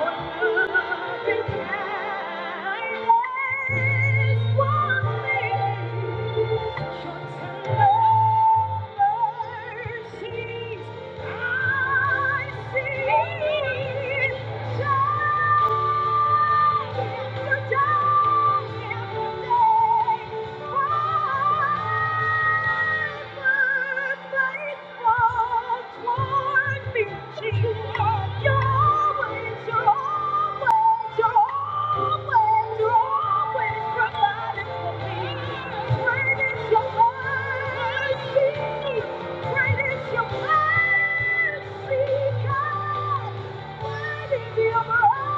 Thank you.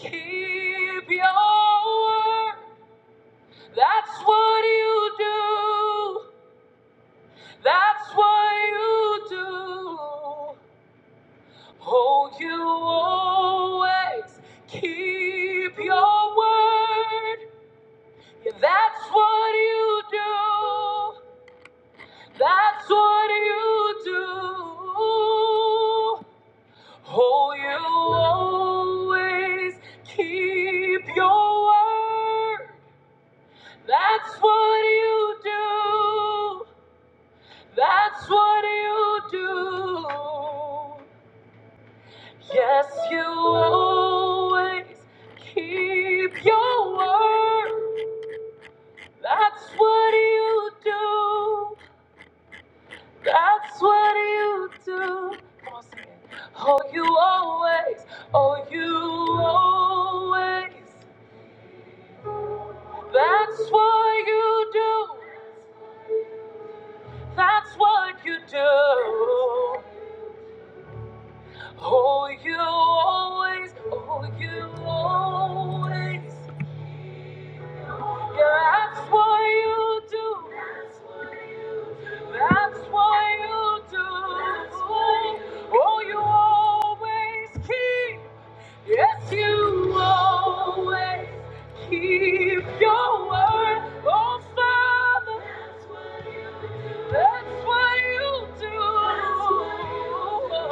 Keep your word. That's what you do. That's what you do. Oh, you always keep your word. Yeah, that's what you do. That's what you do. Oh, you always keep your word. That's what you do. That's what you do. Yes, you always keep your word. That's what you do. That's what you do. Come on, sing it. Oh, you always, oh, you always. That's what you do. That's what you do. Oh, you always, oh, you always. Yeah, that's what you do. That's what you do. Oh, you always keep. Yes, you always keep your word. Oh, Father. That's what you do. That's what you do. That's what you do.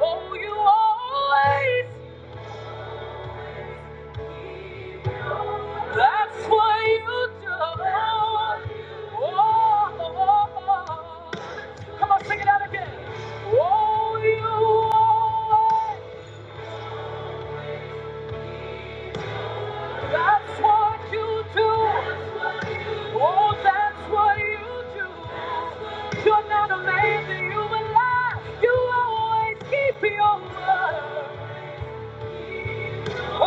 Oh, you always That's what you do. Oh, come on, sing it out again. Oh, you always. That's what you do. Oh, that's what you do. You're not a man you would lie. You always keep your word.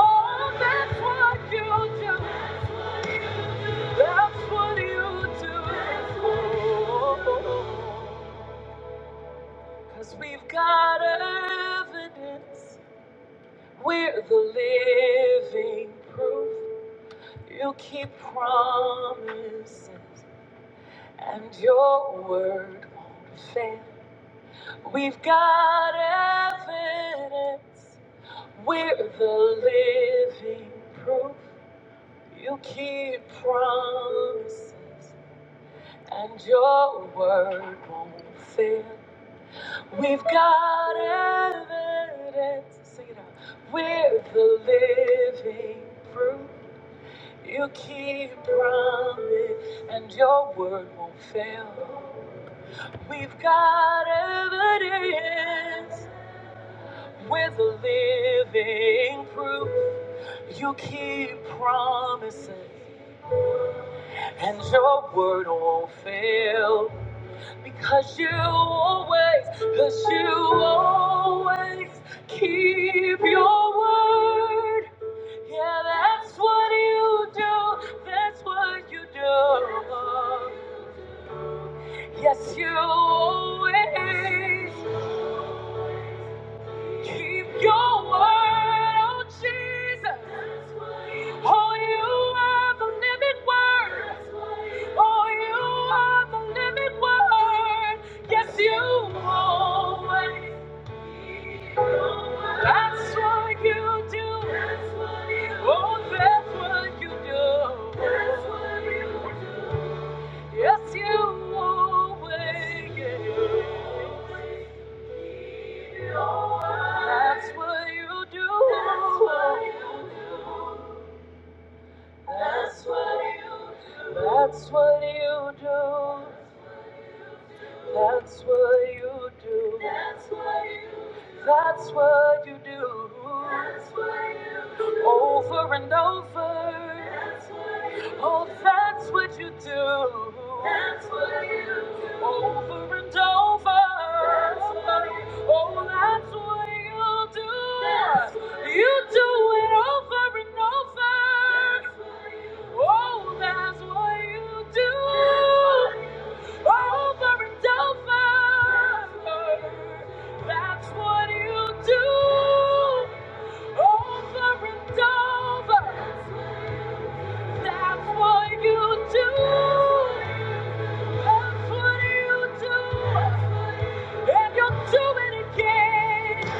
Oh, that's what you do. That's what you do. Cause we've got evidence. We're the living proof. You keep promises, and your word won't fail. We've got evidence. We're the living proof. You keep promises, and your word won't fail. We've got evidence. Sing it out. We're the living proof. You keep promise, and your word won't fail. We've got evidence. We're the living proof. You keep promises, and your word won't fail. Because you always, because you always keep your word. Yeah, that's what you do. That's what you do. Yes, you always keep your word. Oh, Jesus. Oh, you are the living word. Oh, you are the living word. Yes, you always. That's what you do. That's what you do. Oh, that's what you do. That's what you do. Yes, you always. do. That's what you do. That's what you do. That's what you do. That's what you do. That's what you do. That's what you do. Over and over. Oh, that's what you do. That's what you do. Over and over. That's what you do. Oh, that's what you do. That's what you, you do do it over and over. That's what you do. Oh, that's what you do. That's what you do. Over and over. That's what you do. That's what you do. Over and over. That's what you do. That's what you do. And you'll do it again.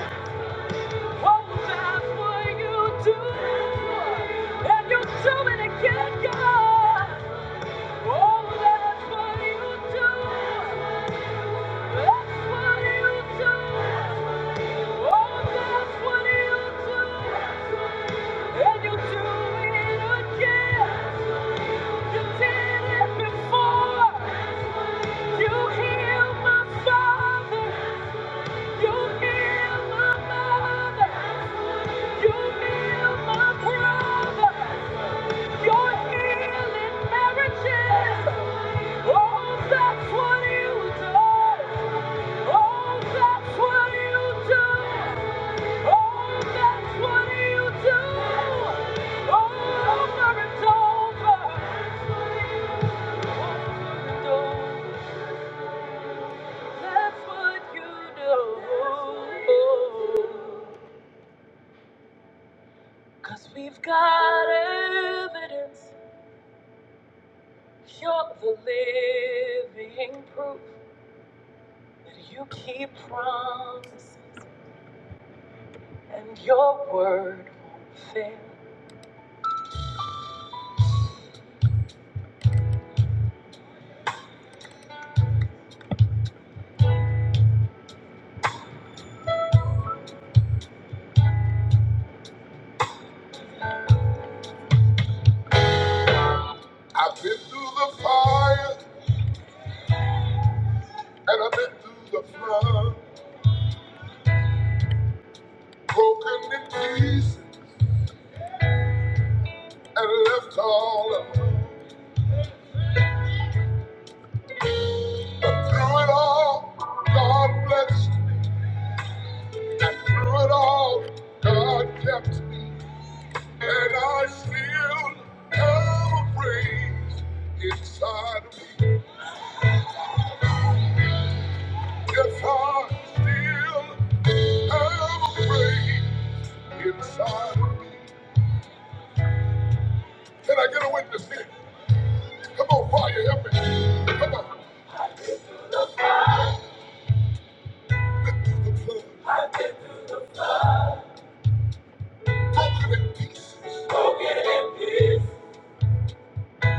Oh, that's what you do. And you'll do it again, God. Oh, that's what you do. That's what you do. Oh, that's what you do. And you'll do it again. You did it before. You heal my father. You heal my mother. You heal my brother. You're healing marriages. Oh, that's what you do. Oh, that's what you do. Oh, that's what you do. Over and over. Over and over. That's what you know. Cause we've got evidence. You're the living proof that you keep promise and your word fails. I've been through the fire, broken in pieces, and left all alone. But through it all, God blessed. Through it all, God kept. And I still have a praise inside of me. Yes, I still have a praise inside of me. Can I get a witness here? Come on, fire, help me. Come on, let through the flood, broken in pieces,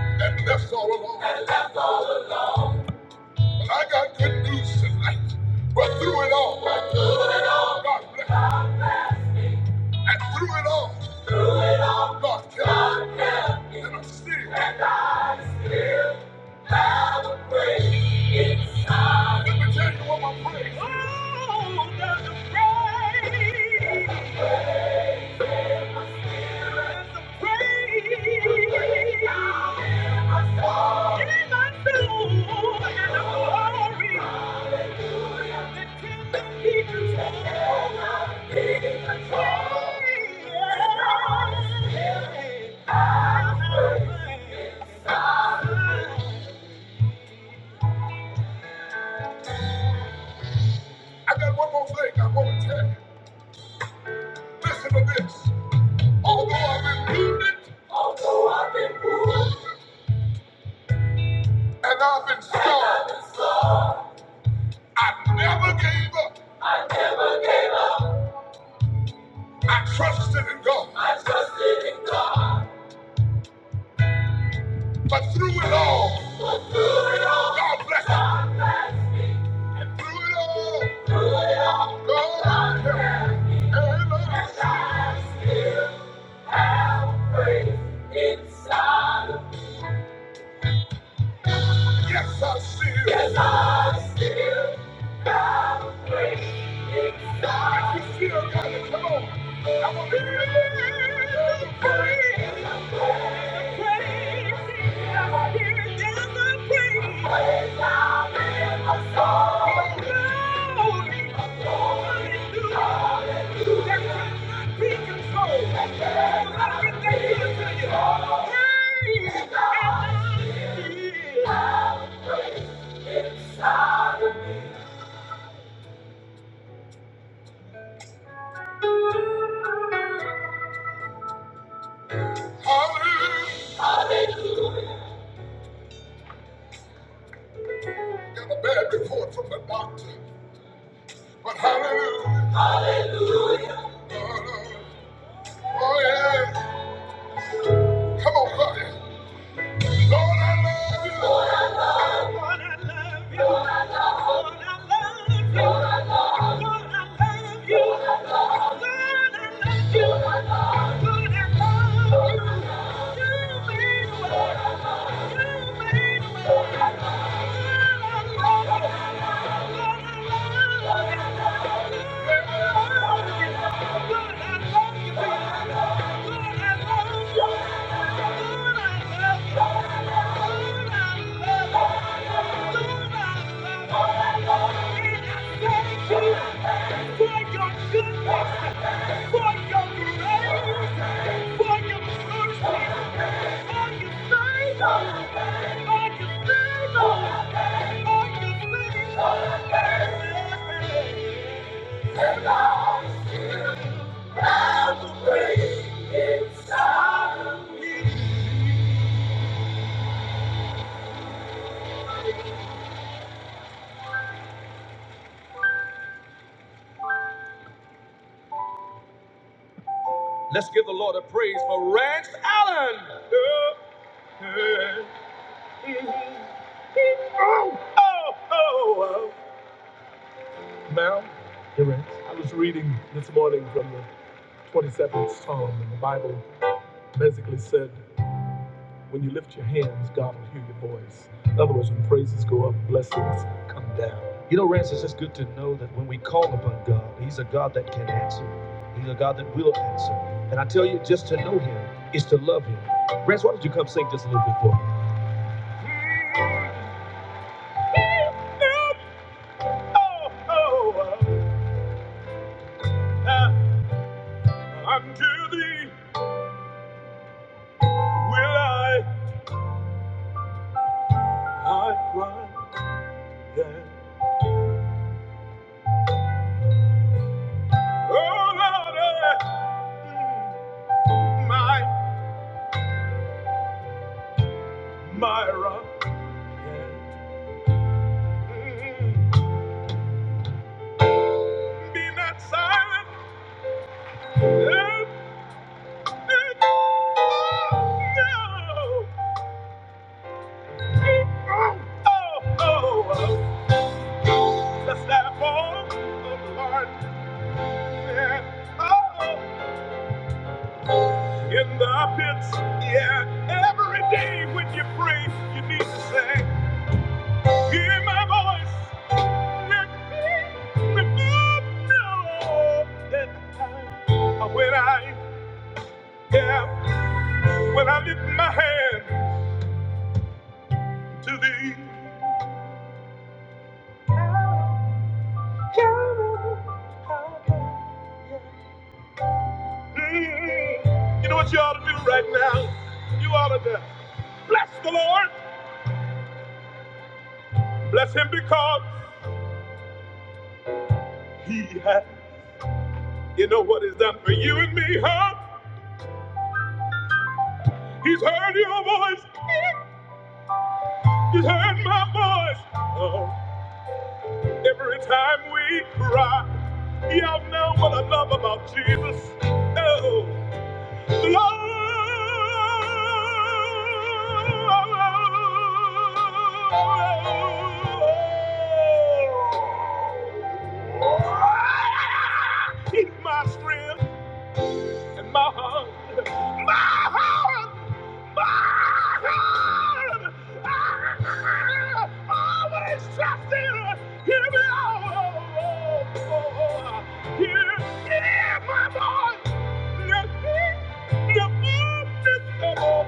and left all alone. But I got good news tonight. But through it all, God bless. And through it all, God kept. me. And I'm still. Oh, I got one more thing I want to tell you. Listen to this. Although I've been wounded and I've been scarred, I never gave up. I trusted in God. But through it all, God blessed me. through it all, God helped me. I want to hear you Got a bad report from the doctor, but hallelujah. Lord, Oh, yeah. Come on, buddy. Lord, I love you. Lord, I love you, Lord, I love you. Thank you. Come down. You know, Rance, it's just good to know that when we call upon God, He's a God that can answer. He's a God that will answer. And I tell you, just to know Him is to love Him. Rance, why don't you come sing just a little bit for me? Ah, unto Thee will I, I cry again. Oh Lord, eh, mm, my my rock. eh, mm, Be not silent. eh, In the pits, yeah. Every day when you pray, you need to say, Hear my voice. Let me, let me know that I, when I yeah, when I lift my hand to thee. Mm, you know what you ought to do right now? You ought to do, bless the Lord. Bless him because he has, you know what he's done for you and me, honey. Oh, oh, oh, oh, Always trust in him and here and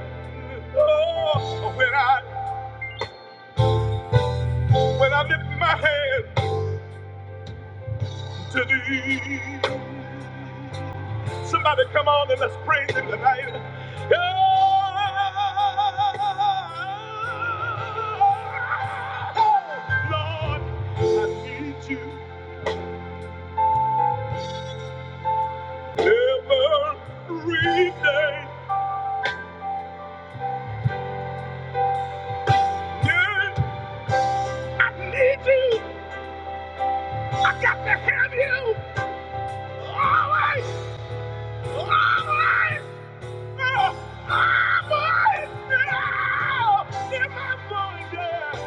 when I am to thee. Somebody come on and let's praise him tonight. Oh, Lord, I need you. Every day, day, I need you. I got to have you. Always, always. Oh, always. Oh, in my mind,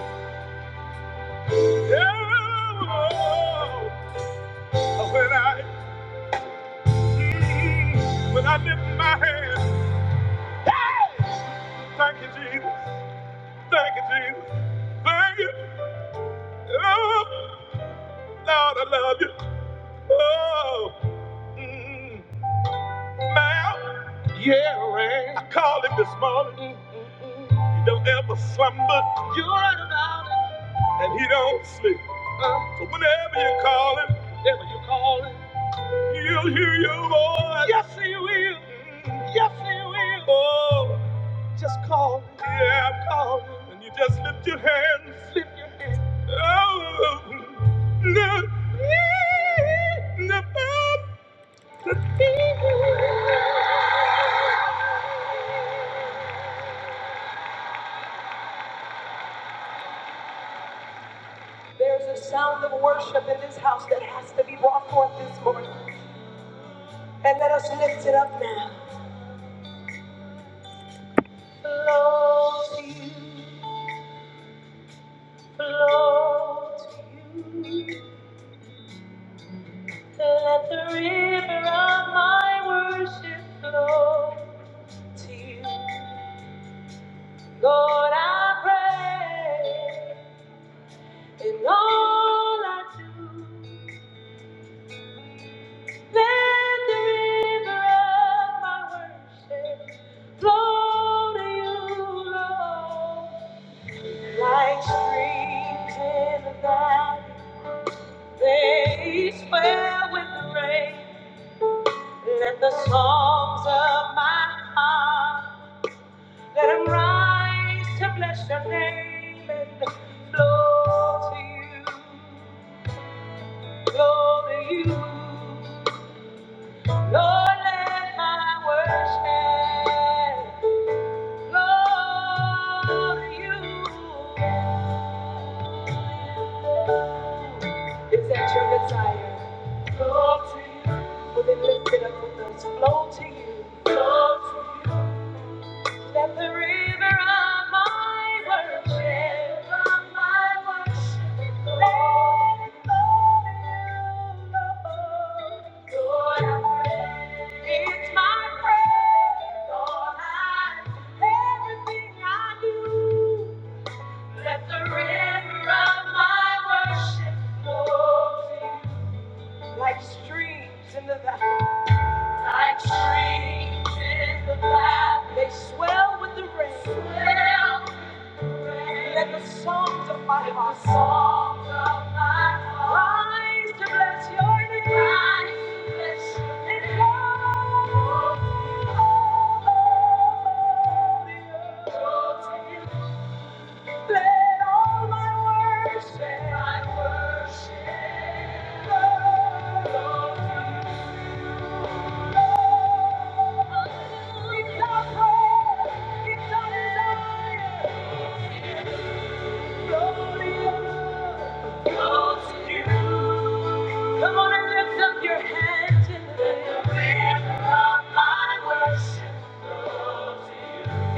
yeah. Oh, when I, mm, when I lift my hand, hey, thank you, Jesus. Thank you, Jesus. Thank you. Oh, Lord, I love you. Oh. mm. Now, I called him this morning. He don't ever slumber and he don't sleep. Uh, So whenever you call him, whenever you call him, he'll hear your voice. Yes, he will. Mm, Yes, he will. Oh, just call. him. Yeah, I'm calling. And you just lift your hands. Lift. Oh, no. Sound of worship in this house, and let us lift it up now. Float, float. Let the river of my worship flow to you. Lord, I pray in all I do. Let the river of my worship flow to you, Lord. Like streams in the valley, they swell with the rain. Let the songs of my heart Let them rise to bless your name and flow to you, flow to you. Lord, let my worship flow to you. Is that your desire? Flow to you. Well, then lift it up with us. Flow to you. Flow to you. Let the river of my worship, of my worship, let it flow. in the boat. Lord, I'm ready. It's my prayer, Lord, I, everything I do. Let the river of my worship flow to you. Like streams in the valley, like streams in the valley, they swell with the rain. Swell let the songs of my heart the songs of my heart rise to bless your name. Rise to bless your name. And all over the earth. Let all my worship, my worship, belong to you. It's our prayer, it's our desire. Come on and lift up your hands in the air.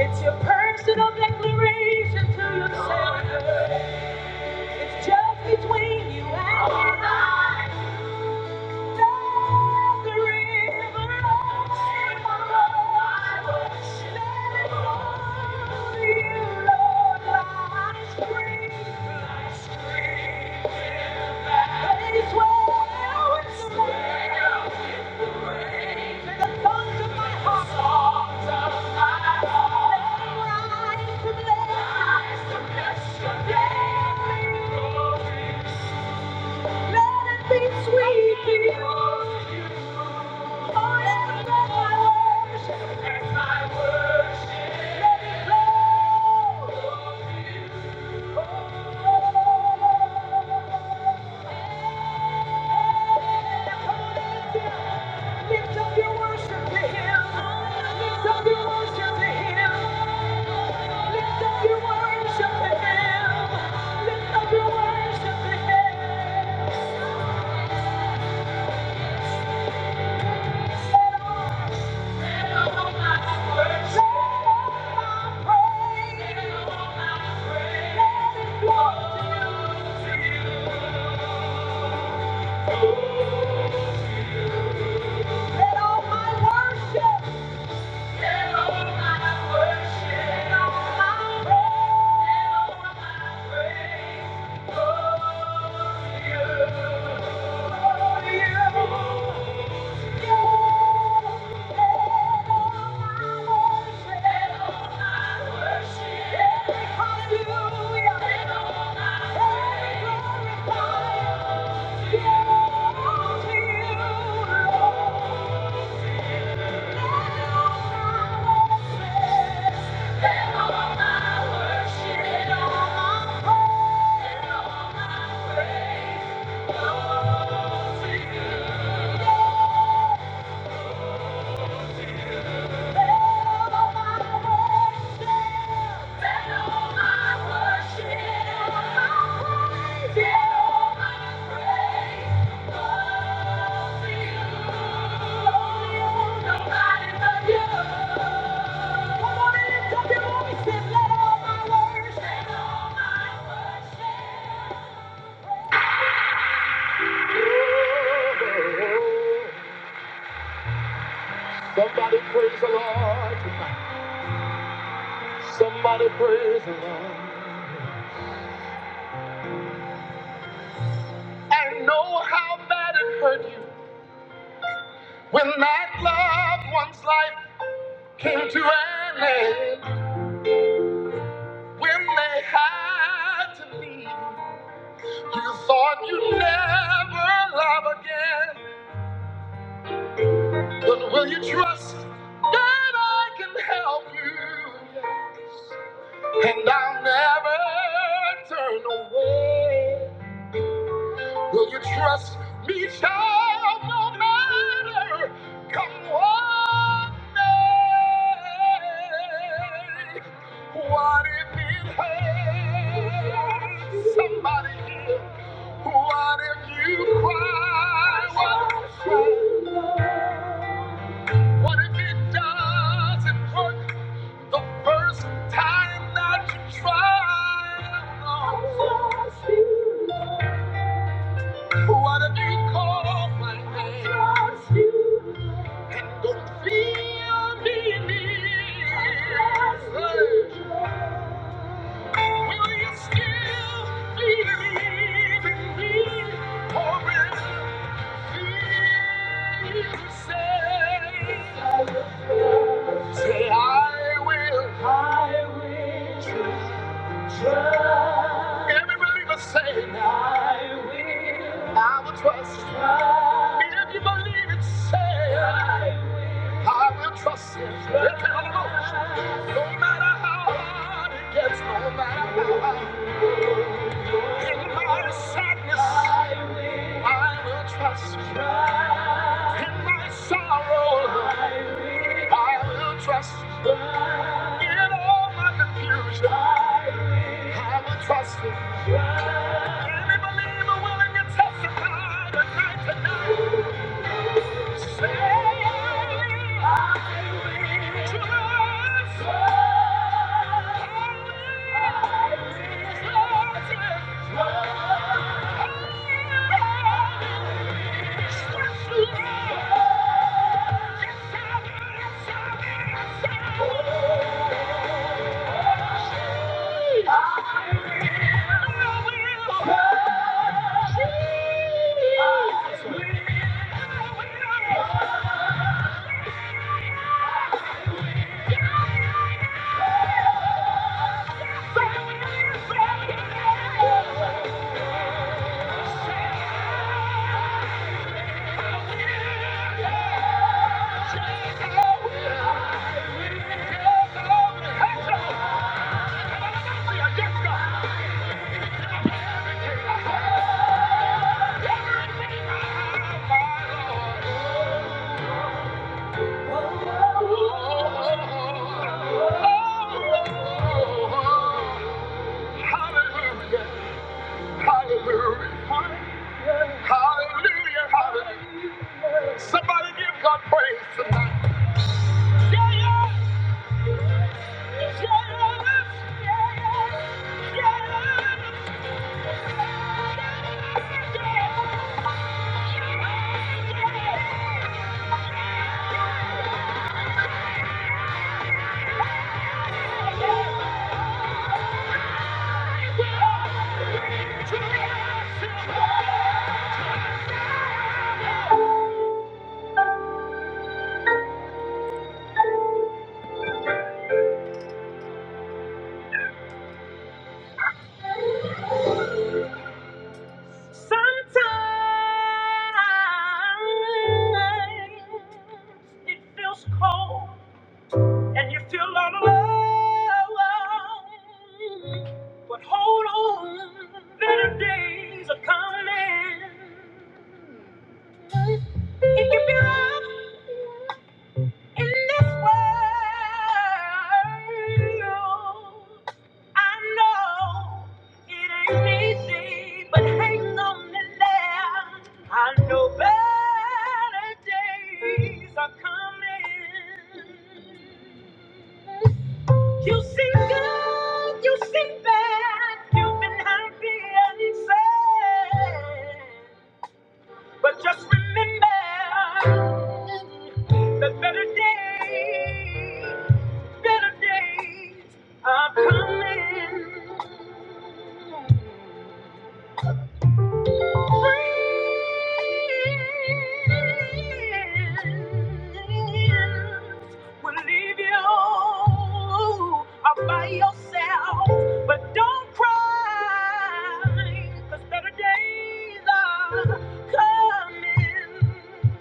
It's your personal declaration to yourself. It's just between you and me. Thank you. Let it be sweet to you. Forever let my worship. Let my worship. Let it flow. Lift up your worship to him. Lift up your worship to him. Lift up your worship to Him. Lift up your worship to Him. Let all my praise, Let all my worship. Hallelujah. Somebody praise the Lord tonight. Somebody praise the Lord. And When that loved one's life came to an end, when they had to leave, you thought you'd never love again. But will you trust that I can help you? And I'll never turn away. Will you trust me, child, no matter come what may? What if it hurts somebody here? What if you cry? What if, you cry? what if it doesn't work the first time that hurt? I will? Everybody was saying, I will trust If you believe it, say I will trust Him. Lift it No matter how hard it gets, no matter how hard. In my sadness, I will trust you. In my sorrow, I will trust you. In all my confusion, I will trust you. Any believer willing to testify tonight, tonight. Yeah. Yes, God. Yeah. Sometimes it feels cold and you feel all alone. But hold on, better days are coming. It can be rough, in this world, I know it ain't easy, but hang on in there. I know better days are coming. You see good, you see bad, you've been happy and sad. But just remember that better days, better days are coming. Friends will leave you all by yourself, but don't cry, 'cause better days are coming.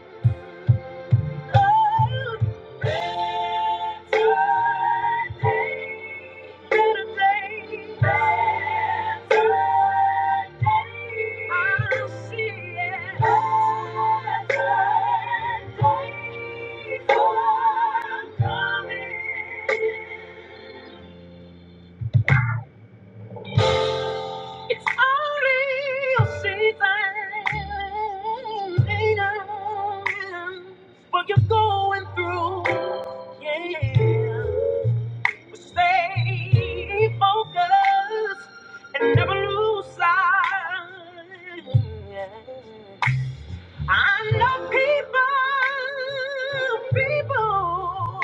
It's only a season, ain't it? what you're going through. Yeah. Stay focused and never lose sight. I know people, people,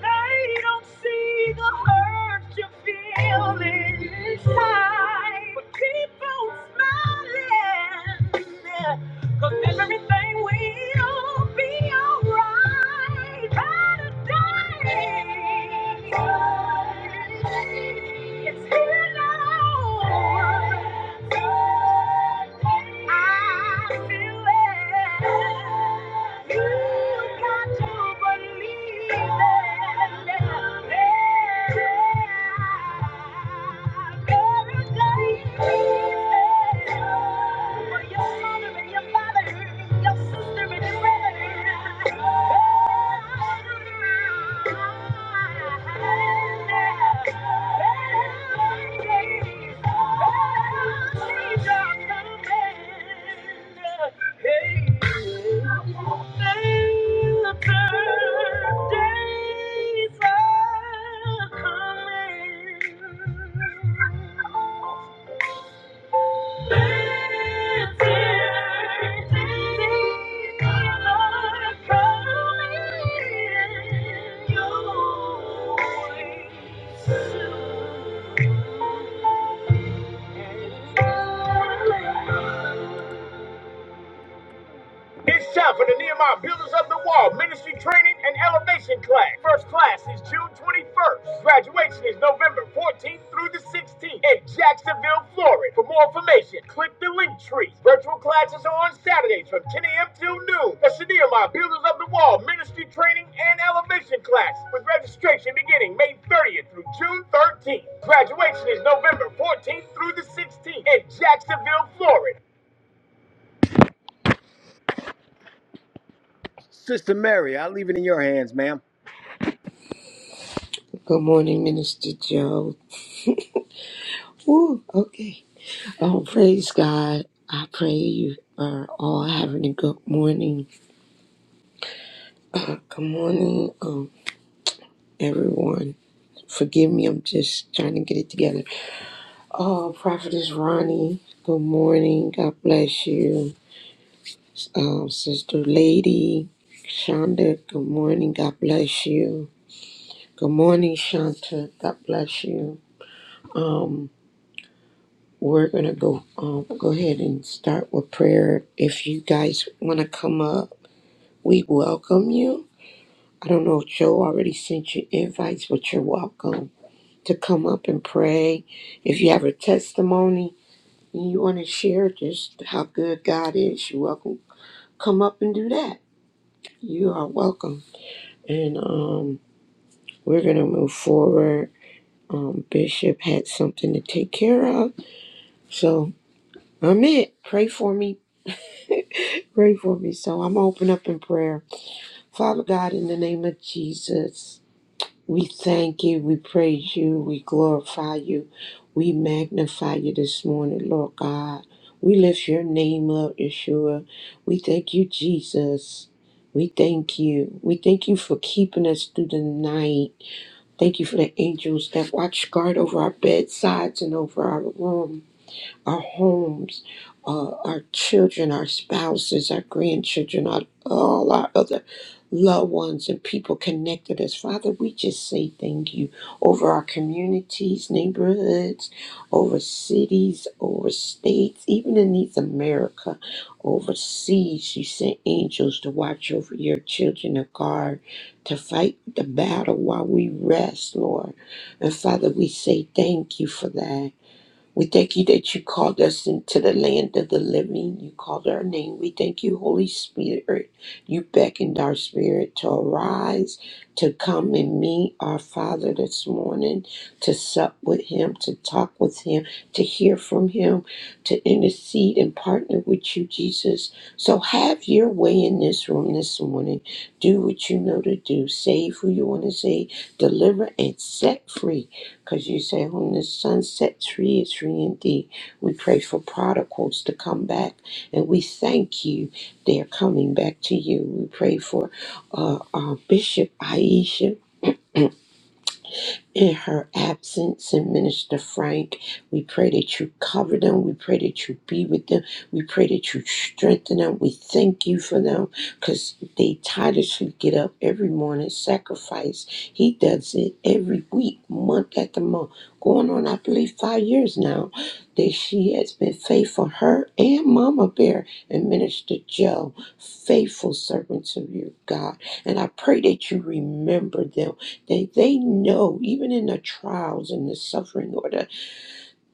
they don't see the hurt you feel inside. But keep on smiling. Cause everything will be alright by the day. It's here now. I feel it. You got to believe it. Every day. For your mother and your father, your sister and your brother. Thank you. It's time for the Nehemiah Builders of the Wall Ministry Training and Elevation Class. First class is June 21st. Graduation is November 14th through the 16th in Jacksonville, Florida. For more information, click the link tree. Virtual classes are on Saturdays from 10 a.m. till noon. That's the Nehemiah Builders of the Wall Ministry Training and Elevation Class with registration beginning May 30th through June 13th. Graduation is November 14th through the 16th in Jacksonville, Florida.
Good morning, Minister Joe. Woo, okay. Oh, praise God. I pray you are all having a good morning. Uh, good morning, um, everyone. Forgive me, I'm just trying to get it together. Oh, Prophetess Ronnie, good morning. God bless you. Um, Sister Lady, Shonda, good morning. God bless you. Good morning, Shanta. God bless you. Um, We're gonna go um, go ahead and start with prayer. If you guys wanna come up, we welcome you. I don't know if Joe already sent you invites, but you're welcome to come up and pray. If you have a testimony and you wanna share just how good God is, you're welcome. Come up and do that. You are welcome. And um, we're gonna move forward. Um, Bishop had something to take care of, so I'm it. Pray for me Pray for me. So I'm open up in prayer. Father God, in the name of Jesus, we thank you, we praise you, we glorify you, we magnify you this morning, Lord God. We lift your name up, Yeshua. We thank you, Jesus. We thank you. We thank you for keeping us through the night. Thank you for the angels that watch guard over our bedsides and over our rooms our homes, uh, our children, our spouses, our grandchildren, our, all our other loved ones and people connected us. Father, we just say thank you over our communities, neighborhoods, over cities, over states, even in these America, overseas. You sent angels to watch over your children, to guard, to fight the battle while we rest, Lord. And Father, we say thank you for that. We thank you that you called us into the land of the living. You called our name. We thank you, Holy Spirit. You beckoned our spirit to arise, to come and meet our Father this morning, to sup with Him, to talk with Him, to hear from Him, to intercede and partner with you, Jesus. So have your way in this room this morning. Do what you know to do. Save who you want to save, deliver, and set free because you say, whom the sun sets free is free indeed. We pray for prodigals to come back, and we thank you. They are coming back to you. We pray for uh, our Bishop Aisha in her absence and Minister Frank. We pray that you cover them. We pray that you be with them. We pray that you strengthen them. We thank you for them because they tirelessly get up every morning, sacrifice. He does it every week, month after month, going on, I believe, five years now. That she has been faithful, her and Mama Bear and Minister Joe, faithful servants of your God. And I pray that you remember them they, they know, even in the trials and the suffering, or the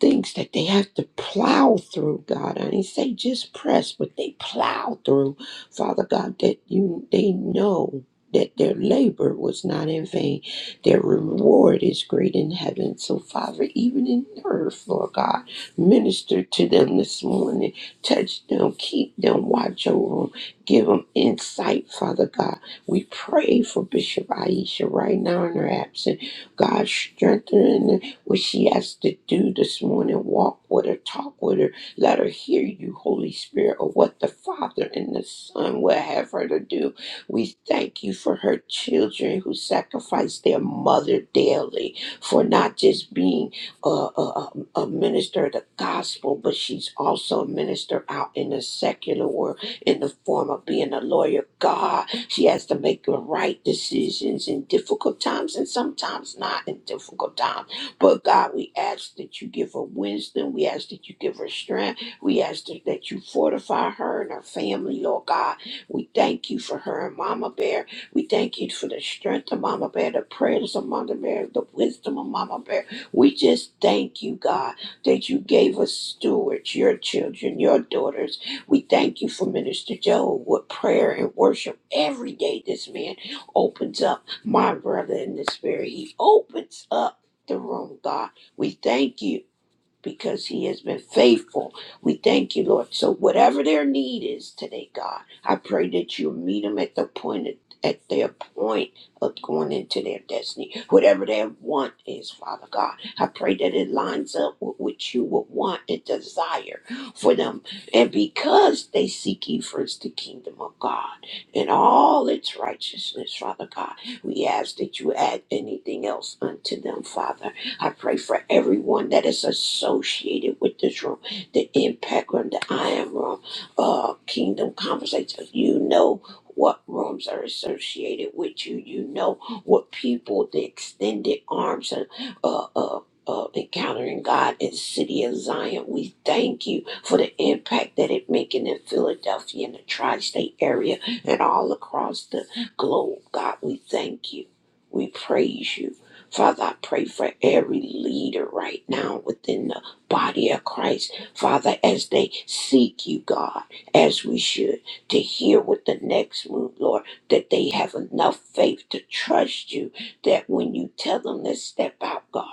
things that they have to plow through, God. I didn't say just press, but they plow through, Father God, that you they know that their labor was not in vain. Their reward is great in heaven. So, Father, even in earth, Lord God, minister to them this morning. Touch them, keep them, watch over them, give them insight, Father God. We pray for Bishop Aisha right now in her absence. God, strengthen her what she has to do this morning. Walk with her, talk with her, let her hear you, Holy Spirit, of what the Father and the Son will have her to do. We thank you for her children who sacrifice their mother daily for not just being a, a, a a minister of the gospel, but she's also a minister out in the secular world in the form of being a lawyer. God, she has to make the right decisions in difficult times and sometimes not in difficult times but God, we ask that you give her wisdom. We ask that you give her strength. We ask that that you fortify her and her family, Lord God. We thank you for her and Mama Bear. We thank you for the strength of Mama Bear, the prayers of Mama Bear, the wisdom of Mama Bear. We just thank you, God, that you gave us stewards, your children, your daughters. We thank you for Minister Joe, with prayer and worship every day this man opens up. My brother in the spirit, he opens up the room, God. We thank you because he has been faithful. We thank you, Lord. So whatever their need is today, God, I pray that you meet them at the point at their point of going into their destiny. Whatever their want is, Father God, I pray that it lines up with what you would want and desire for them. And because they seek ye first the kingdom of God and all its righteousness, Father God, we ask that you add anything else unto them, Father. I pray for everyone that is associated with this room, the impact room, the I am room, uh, kingdom conversations. You know what rooms are associated with you. You know what people, the extended arms and uh, uh, uh, encountering God in the city of Zion. We thank you for the impact that it making in Philadelphia and the tri-state area and all across the globe. God, we thank you. We praise you. Father, I pray for every leader right now within the body of Christ. Father, as they seek you, God, as we should, to hear what the next move, Lord, that they have enough faith to trust you, that when you tell them to step out, God,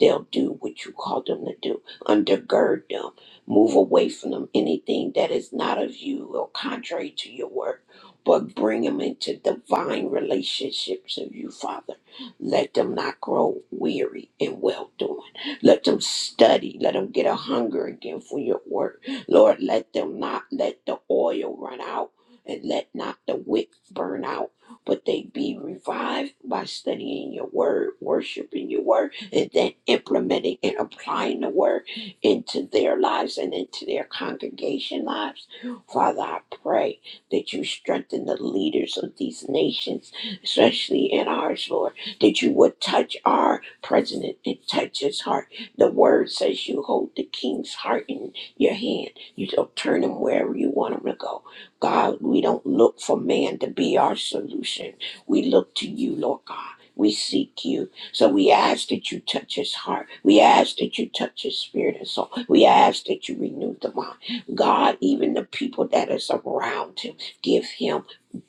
they'll do what you call them to do. Undergird them. Move away from them anything that is not of you or contrary to your word, but bring them into divine relationships of you, Father. Let them not grow weary in well doing. Let them study. Let them get a hunger again for your word. Lord, let them not let the oil run out and let not the wick burn out, but they be revived by studying your word, worshiping your word, and then implementing and applying the word into their lives and into their congregation lives. Father, I pray that you strengthen the leaders of these nations, especially in ours, Lord that you would touch our president and touch his heart. The word says you hold the king's heart in your hand. You don't turn him wherever you want him to go. God, we don't look for man to be our solution. We look to you, Lord God. We seek you. So we ask that you touch his heart. We ask that you touch his spirit and soul. We ask that you renew the mind. God, even the people that is around him, give him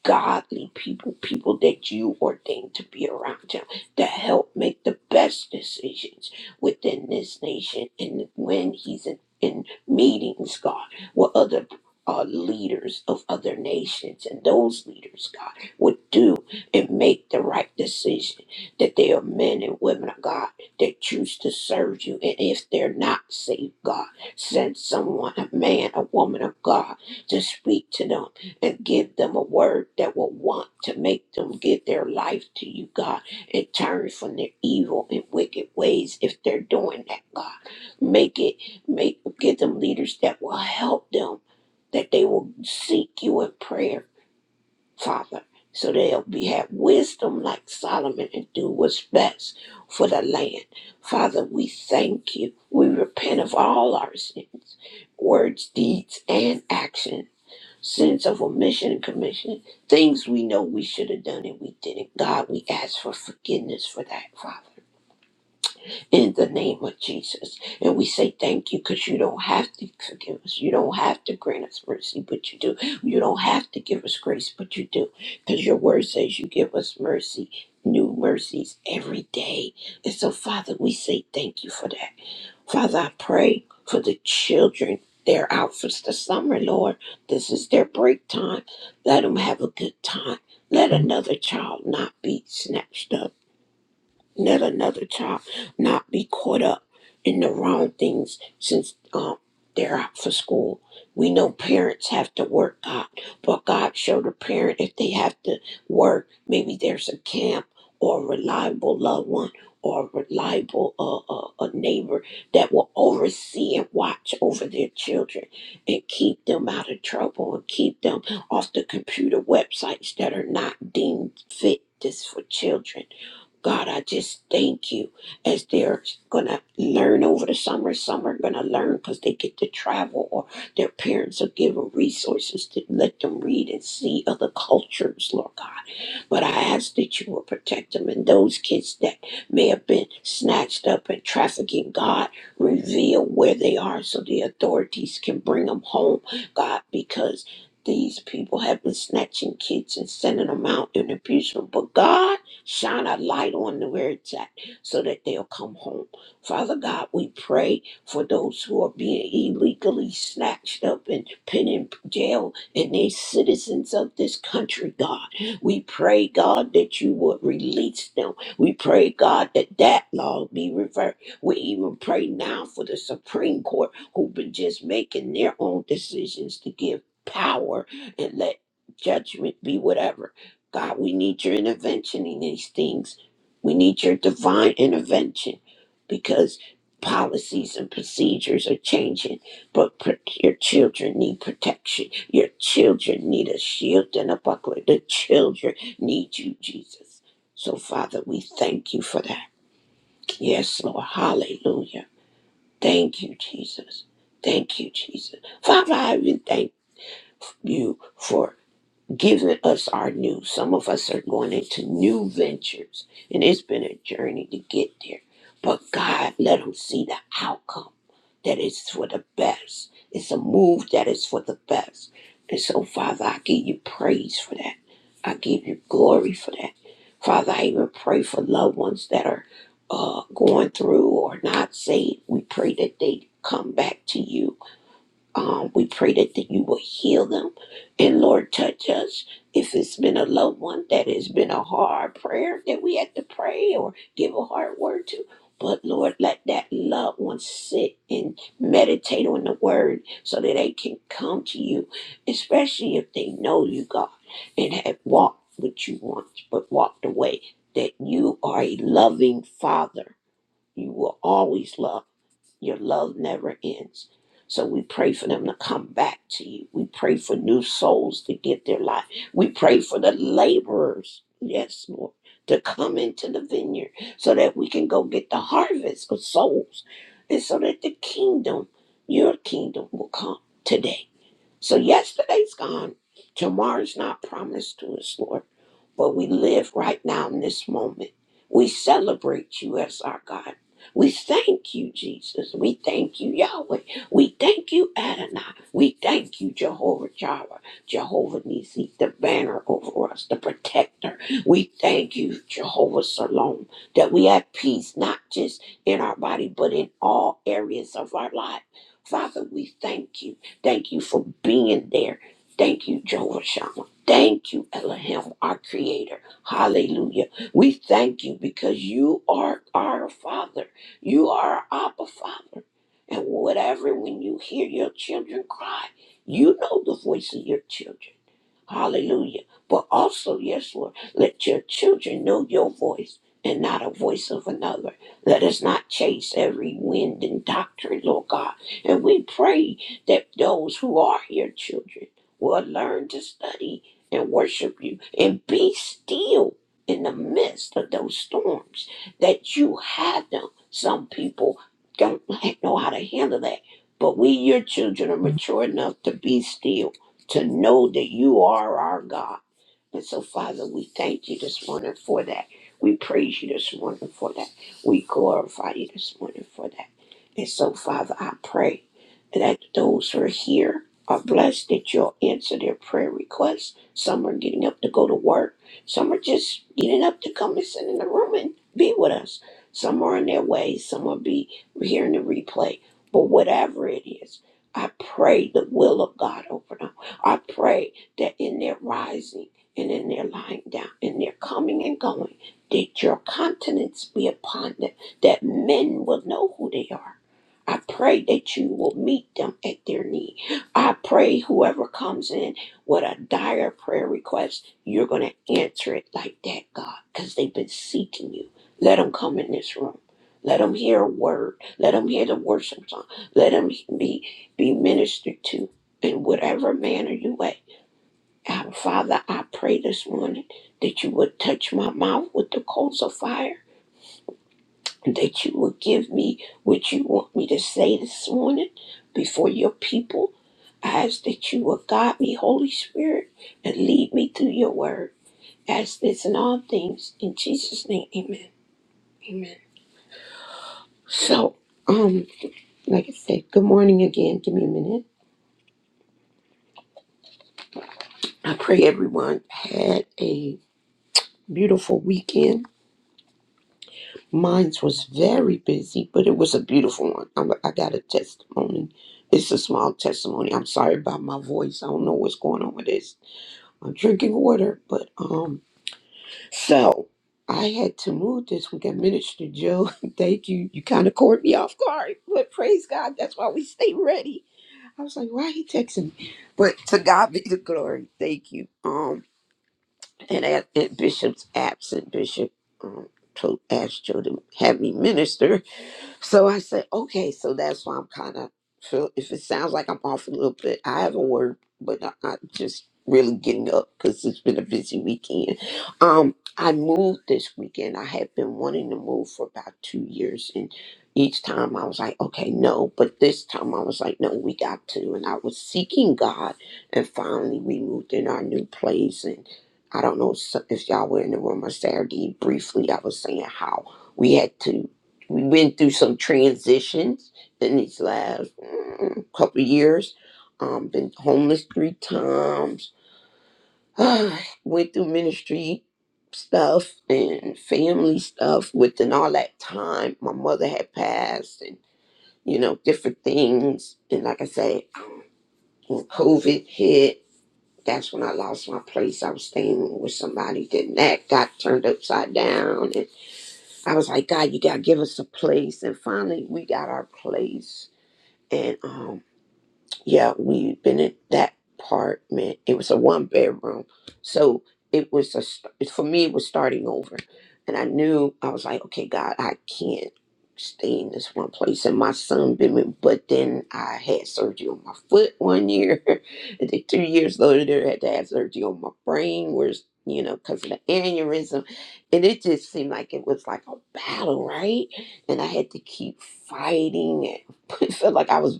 godly people, people that you ordained to be around him, to help make the best decisions within this nation. And when he's in, in meetings, God, with other uh, leaders of other nations, and those leaders, God, would do and make the right decision that they are men and women of God that choose to serve you. And if they're not saved, God, send someone, a man, a woman of God, to speak to them and give them a word that will want to make them give their life to you, God, and turn from their evil and wicked ways if they're doing that, God. Make it, make, give them leaders that will help them, that they will seek you in prayer, Father. So they'll be have wisdom like Solomon and do what's best for the land. Father, we thank you. We repent of all our sins, words, deeds, and actions sins of omission and commission, things we know we should have done and we didn't. God, we ask for forgiveness for that, Father, in the name of Jesus. And we say thank you because you don't have to forgive us. You don't have to grant us mercy, but you do. You don't have to give us grace, but you do. Because your word says you give us mercy. New mercies every day. And so, Father, we say thank you for that. Father, I pray for the children. They're out for the summer, Lord. This is their break time. Let them have a good time. Let another child not be snatched up let another child not be caught up in the wrong things since um, they're out for school. We know parents have to work, God, but God showed a parent if they have to work, maybe there's a camp or a reliable loved one or a reliable uh, uh, a neighbor that will oversee and watch over their children and keep them out of trouble and keep them off the computer websites that are not deemed fit just for children God, I just thank you as they're going to learn over the summer. Some are going to learn because they get to travel or their parents are giving resources to let them read and see other cultures, Lord God. But I ask that you will protect them and those kids that may have been snatched up and trafficking. God, reveal where they are so the authorities can bring them home, God, because these people have been snatching kids and sending them out and abusing them. But God, shine a light on them where it's at so that they'll come home. Father God, we pray for those who are being illegally snatched up and put in jail and they citizens of this country, God. We pray, God, that you would release them. We pray, God, that that law be reversed. We even pray now for the Supreme Court who've been just making their own decisions to give power and let judgment be whatever. God, we need your intervention in these things. We need your divine intervention because policies and procedures are changing, but pr- your children need protection. Your children need a shield and a buckler. The children need you, Jesus. So, Father, we thank you for that. Yes, Lord. Hallelujah. Thank you, Jesus. Thank you, Jesus. Father, I even thank you for giving us our new. Some of us are going into new ventures, and it's been a journey to get there. But God, let them see the outcome that is for the best. It's a move that is for the best. And so, Father, I give you praise for that. I give you glory for that. Father, I even pray for loved ones that are uh, going through or not saved. We pray that they come back to you um, we pray that, that you will heal them. And Lord, touch us. If it's been a loved one that has been a hard prayer that we had to pray or give a hard word to, but Lord, let that loved one sit and meditate on the word so that they can come to you, especially if they know you, God, and have walked what you want, but walked away. That you are a loving Father. You will always love. Your love never ends. So we pray for them to come back to you. We pray for new souls to get their life. We pray for the laborers, yes, Lord, to come into the vineyard so that we can go get the harvest of souls and so that the kingdom, your kingdom, will come today. So yesterday's gone. Tomorrow's not promised to us, Lord. But we live right now in this moment. We celebrate you as our God. We thank you, Jesus. We thank you, Yahweh. We thank you, Adonai. We thank you, Jehovah Jireh, Jehovah Nisi, the banner over us, the protector. We thank you, Jehovah Salom, that we have peace not just in our body, but in all areas of our life. Father, we thank you. Thank you for being there. Thank you, Jehovah Shammah. Thank you, Elohim, our creator. Hallelujah. We thank you because you are our father. You are our Abba Father. And whatever, when you hear your children cry, you know the voice of your children. Hallelujah. But also, yes, Lord, let your children know your voice and not a voice of another. Let us not chase every wind and doctrine, Lord God. And we pray that those who are your children will learn to study and worship you and be still in the midst of those storms that you have them. Some people don't know how to handle that. But we, your children, are mature enough to be still to know that you are our God. And so, Father, we thank you this morning for that. We praise you this morning for that. We glorify you this morning for that. And so, Father, I pray that those who are here are blessed that you'll answer their prayer requests. Some are getting up to go to work. Some are just getting up to come and sit in the room and be with us. Some are on their way. Some will be hearing the replay. But whatever it is, I pray the will of God over them. I pray that in their rising, and in their lying down, in their coming and going, that your countenance be upon them, that men will know who they are. I pray that you will meet them at their need. I pray whoever comes in with a dire prayer request, you're going to answer it like that, God, because they've been seeking you. Let them come in this room. Let them hear a word. Let them hear the worship song. Let them be, be ministered to in whatever manner you way. Our Father, I pray this morning that you would touch my mouth with the coals of fire, that you would give me what you want me to say this morning before your people. I ask that you would guide me, Holy Spirit, and lead me through your word. Ask this in all things. In Jesus' name, amen. Amen. So, um, like I said, good morning again. Give me a minute. I pray everyone had a beautiful weekend Mine was very busy, but it was a beautiful one. I'm, I got a testimony. It's a small testimony. I'm sorry about my voice. I don't know what's going on with this. I'm drinking water, but um, so I had to move this weekend. Minister Joe, thank you. You kind of caught me off guard, but praise God. That's why we stay ready. I was like, why he texting me? But to God be the glory. Thank you. Um, and at, at Bishop's absent, Bishop um, told asked Joe to have me minister so I said, okay, so that's why I'm kind of feel. If it sounds like I'm off a little bit, I haven't worked, but I, I'm just really getting up because it's been a busy weekend. Um, I moved this weekend. I had been wanting to move for about two years, and each time I was like, okay, no. But this time I was like, no, we got to. And I was seeking God, and finally we moved in our new place. And I don't know s- if y'all were in the room on Saturday. Briefly, I was saying how we had to. We went through some transitions in these last mm, couple of years. Um, been homeless three times. went through ministry stuff and family stuff within all that time. My mother had passed, and you know different things. And like I said, when COVID hit, that's when I lost my place. I was staying with somebody. Then that got turned upside down, and I was like, God, you gotta give us a place. And finally, we got our place and um yeah we've been in that apartment it was a one bedroom so it was a st- for me it was starting over and i knew i was like okay god i can't stay in this one place and my son been with- but then i had surgery on my foot one year and then two years later i had to have surgery on my brain where's you know because of the aneurysm and it just seemed like it was like a battle right and i had to keep fighting and it felt like i was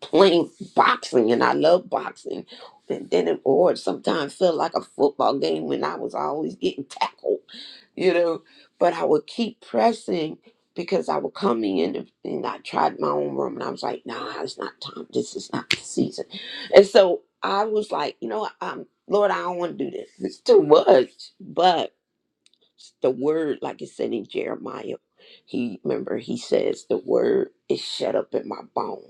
playing boxing and I love boxing. And then it or it sometimes felt like a football game when I was always getting tackled, you know. But I would keep pressing because I would come in and and I tried my own room and I was like, nah, it's not time. This is not the season. And so I was like, you know, um, Lord, I don't want to do this. It's too much. But the word, like it said in Jeremiah, he remember he says the word is shut up in my bones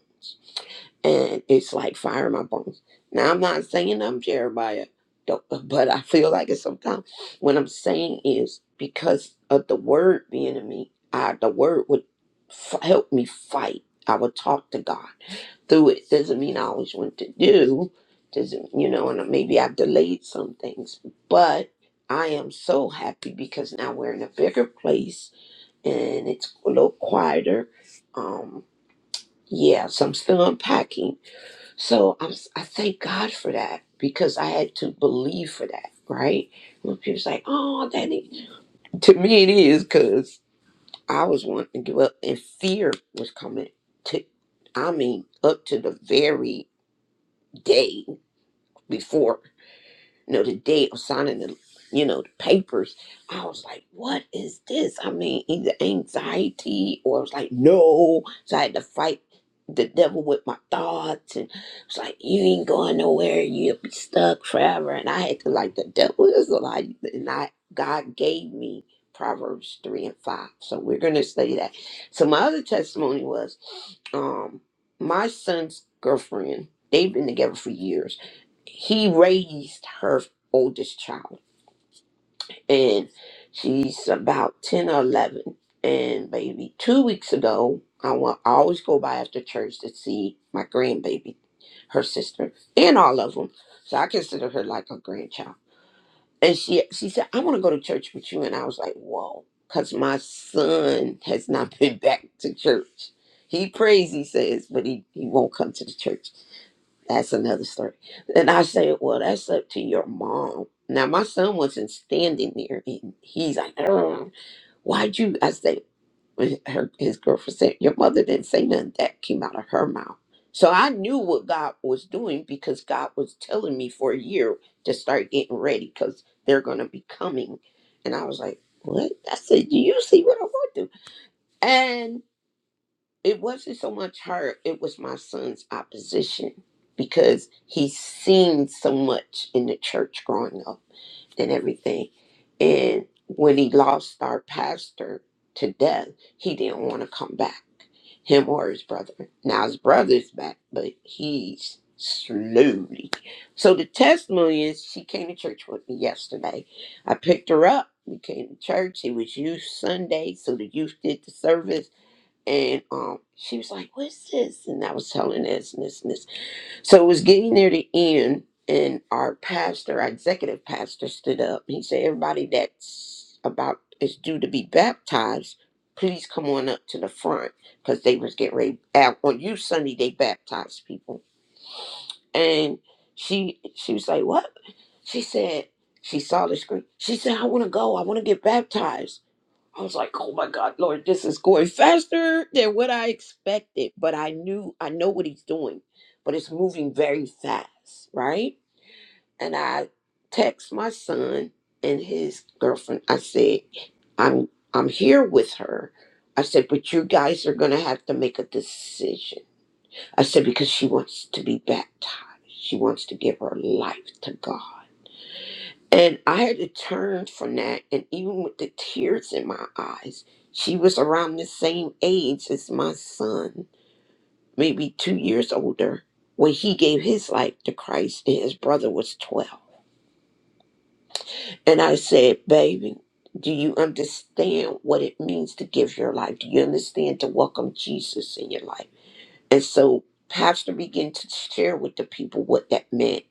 and it's like fire in my bones. Now I'm not saying I'm Jeremiah, don't- but I feel like it sometimes. What I'm saying is because of the word being in me, I, the word would f- help me fight. I would talk to God through it. Doesn't mean I always want to do. Doesn't you know? And maybe I've delayed some things, but I am so happy because now we're in a bigger place and it's a little quieter. Um, yeah, so I'm still unpacking so I'm, I thank God for that because I had to believe for that, right? When people say, "Oh, that is," to me it is because I was wanting to give up, and fear was coming. To, I mean, up to the very day before you know, the day of signing the, you know, the papers. I was like, what is this? I mean, either anxiety or I was like, no. So I had to fight the devil with my thoughts and it's like you ain't going nowhere, you'll be stuck forever. And I had to like the devil is a lie and I God gave me Proverbs three and five. So we're gonna study that. So my other testimony was um my son's girlfriend, they've been together for years he raised her oldest child and she's about 10 or 11 and baby two weeks ago i want i always go by after church to see my grandbaby her sister and all of them so i consider her like a grandchild and she she said i want to go to church with you and i was like whoa because my son has not been back to church he prays he says but he, he won't come to the church that's another story. And I said, Well, that's up to your mom. Now, my son wasn't standing there. And he's like, "Ugh, Why'd you? I said, "Well, her, His girlfriend said, Your mother didn't say nothing. That came out of her mouth. So I knew what God was doing because God was telling me for a year to start getting ready because they're going to be coming. And I was like, What? I said, Do you see what I want to? And it wasn't so much her it was my son's opposition because he's seen so much in the church growing up and everything and when he lost our pastor to death he didn't want to come back him or his brother now his brother's back but he's slowly so the testimony is she came to church with me yesterday i picked her up we came to church it was youth sunday so the youth did the service and um, she was like, "What's this?" And I was telling this and this and this. So it was getting near the end, and our pastor, our executive pastor, stood up. He said, "Everybody that's about is due to be baptized, please come on up to the front because they was getting ready out on you Sunday. They baptized people." And she she was like, "What?" She said. She saw the screen. She said, "I want to go. I want to get baptized." I was like, oh my God, Lord, this is going faster than what I expected. But I knew, I know what he's doing, but it's moving very fast, right? And I text my son and his girlfriend. I said, I'm I'm here with her. I said, but you guys are gonna have to make a decision. I said, because she wants to be baptized. She wants to give her life to God. And I had to turn from that, and even with the tears in my eyes, she was around the same age as my son, maybe two years older, when he gave his life to Christ, and his brother was 12. And I said, Baby, do you understand what it means to give your life? Do you understand to welcome Jesus in your life? And so, Pastor began to share with the people what that meant.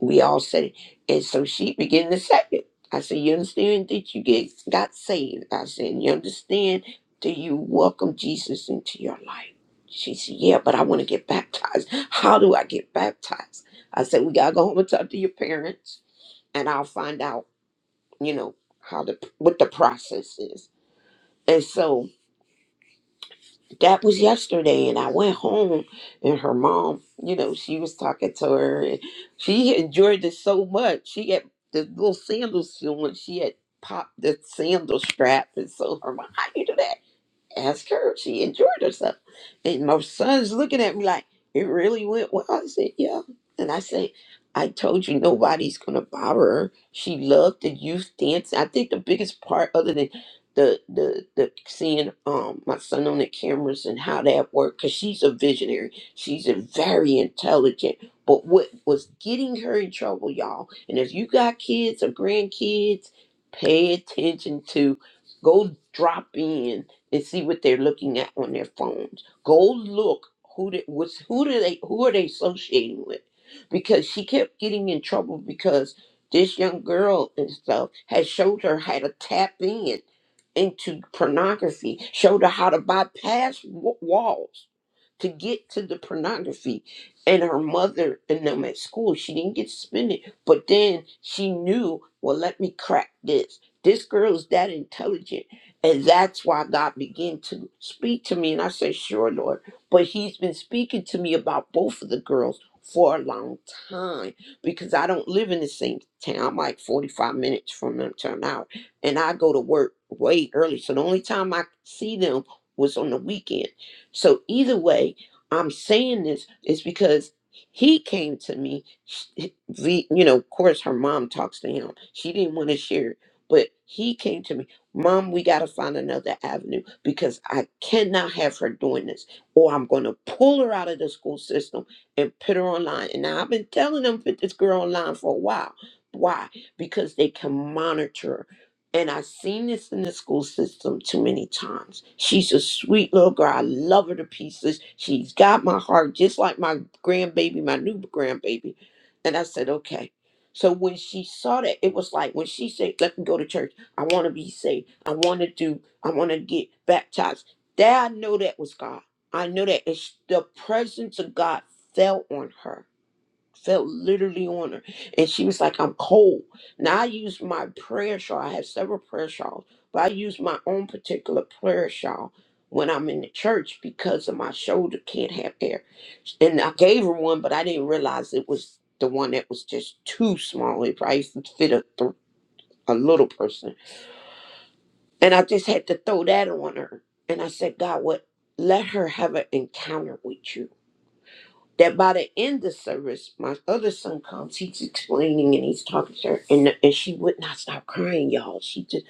we all said it. And so she began to say it. I said, You understand that you get got saved? I said, You understand that you welcome Jesus into your life? She said, Yeah, but I want to get baptized. How do I get baptized? I said, We gotta go home and talk to your parents and I'll find out, you know, how the what the process is. And so that was yesterday and i went home and her mom you know she was talking to her and she enjoyed it so much she had the little sandals on she had popped the sandal strap and so her mom how you do that ask her if she enjoyed herself. And my son's looking at me like, it really went well. I said, yeah. And I said, I told you nobody's gonna bother her. She loved the youth dance. I think the biggest part, other than the the the seeing um my son on the cameras and how that worked, because she's a visionary. She's a very intelligent. But what was getting her in trouble, y'all? And if you got kids or grandkids, pay attention to go drop in and see what they're looking at on their phones. Go look who they, what's, who do they who are they associating with? Because she kept getting in trouble because this young girl and stuff had showed her how to tap in into pornography, showed her how to bypass w- walls to get to the pornography. And her mother and them at school, she didn't get suspended, but then she knew, well, let me crack this. This girl is that intelligent and that's why God began to speak to me. And I said, Sure, Lord. But He's been speaking to me about both of the girls for a long time because I don't live in the same town. I'm like 45 minutes from them town out. And I go to work way early. So the only time I see them was on the weekend. So either way, I'm saying this is because he came to me. She- You know, of course, her mom talks to him. She didn't want to share it, but he came to me Mom, we got to find another avenue because I cannot have her doing this, or I'm going to pull her out of the school system and put her online. And now I've been telling them put this girl online for a while. Why? Because they can monitor. her. And I've seen this in the school system too many times. She's a sweet little girl. I love her to pieces. She's got my heart, just like my grandbaby, my new grandbaby. And I said, okay. So when she saw that, it was like when she said, let me go to church. I want to be saved. I want to do, I want to get baptized. That I know that was God. I know that it's the presence of God fell on her, fell literally on her. And she was like, I'm cold. Now I use my prayer shawl. I have several prayer shawls, but I use my own particular prayer shawl when I'm in the church because of my shoulder can't have air. And I gave her one, but I didn't realize it was the one that was just too small. It probably fit a, a little person and I just had to throw that on her. And I said, God, what? Let her have an encounter with you. That by the end of service, my other son comes. He's explaining and he's talking to her, and and she would not stop crying, y'all. She just,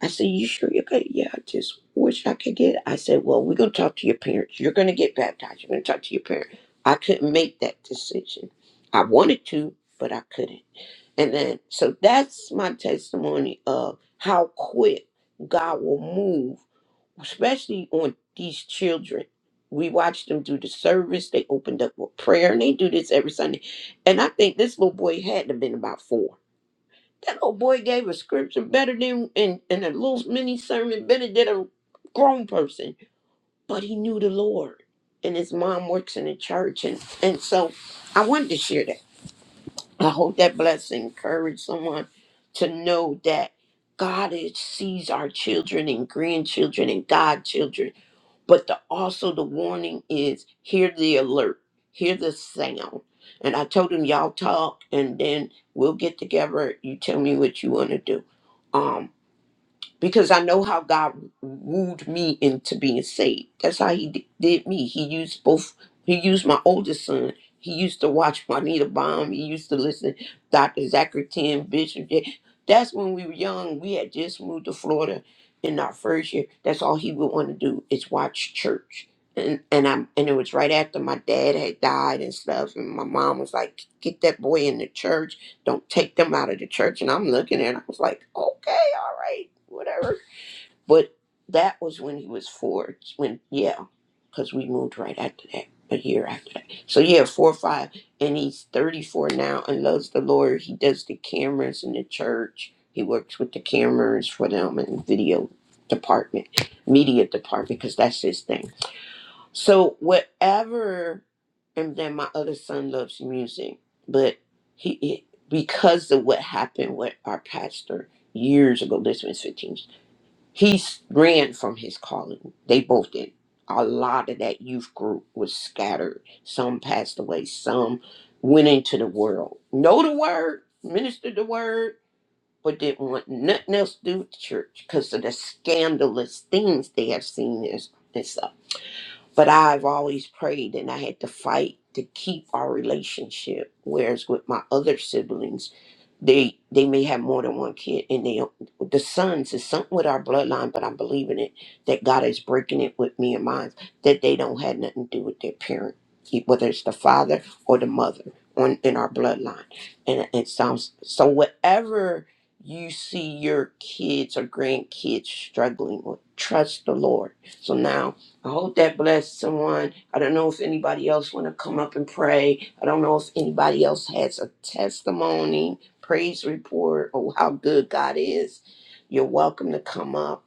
I said, "You sure you're good? Yeah, I just wish I could get." It. I said, "Well, we're gonna talk to your parents. You're gonna get baptized. You're gonna talk to your parents." I couldn't make that decision. I wanted to, but I couldn't. And then, so that's my testimony of how quick God will move especially on these children. We watched them do the service. They opened up with prayer, and they do this every Sunday. And I think this little boy had to have been about four. That little boy gave a scripture better than and, and a little mini sermon better than a grown person. But he knew the Lord, and his mom works in the church, and and so I wanted to share that. I hope that bless and encourage someone to know that God is, sees our children and grandchildren and godchildren but the, also the warning is hear the alert hear the sound and i told him y'all talk and then we'll get together you tell me what you want to do um because I know how God wooed me into being saved. That's how He di- did me. He used both. He used my oldest son. He used to watch Juanita Baum. He used to listen to Dr. Zachary Tim Bishop. Yeah, That's when we were young. We had just moved to Florida in our first year. That's all he would want to do is watch church. And and I and it was right after my dad had died and stuff. And my mom was like, "Get that boy in the church." don't take them out of the church. And I'm looking at it, I was like, okay, all right, whatever. But that was when he was four. When yeah, because we moved right after that, a year after that. So yeah, four or five, and he's 34 now and loves the Lord. He does the cameras in the church. He works with the cameras for them and video department, media department, because that's his thing so whatever, and then my other son loves music, but he it, because of what happened with our pastor years ago. This was fifteen. He ran from his calling. They both did. A lot of that youth group was scattered. Some passed away. Some went into the world. Know the word, ministered the word, but didn't want nothing else to do with the church because of the scandalous things they have seen and and stuff. But I've always prayed and I had to fight to keep our relationship. Whereas with my other siblings, they they may have more than one kid and they the sons is something with our bloodline, but I'm believing it that God is breaking it with me and mine, that they don't have nothing to do with their parent, e, whether it's the father or the mother on in our bloodline. And it sounds so whatever you see your kids or grandkids struggling with, trust the Lord. So now I hope that blessed someone. I don't know if anybody else want to come up and pray. I don't know if anybody else has a testimony, praise report, or how good God is. You're welcome to come up.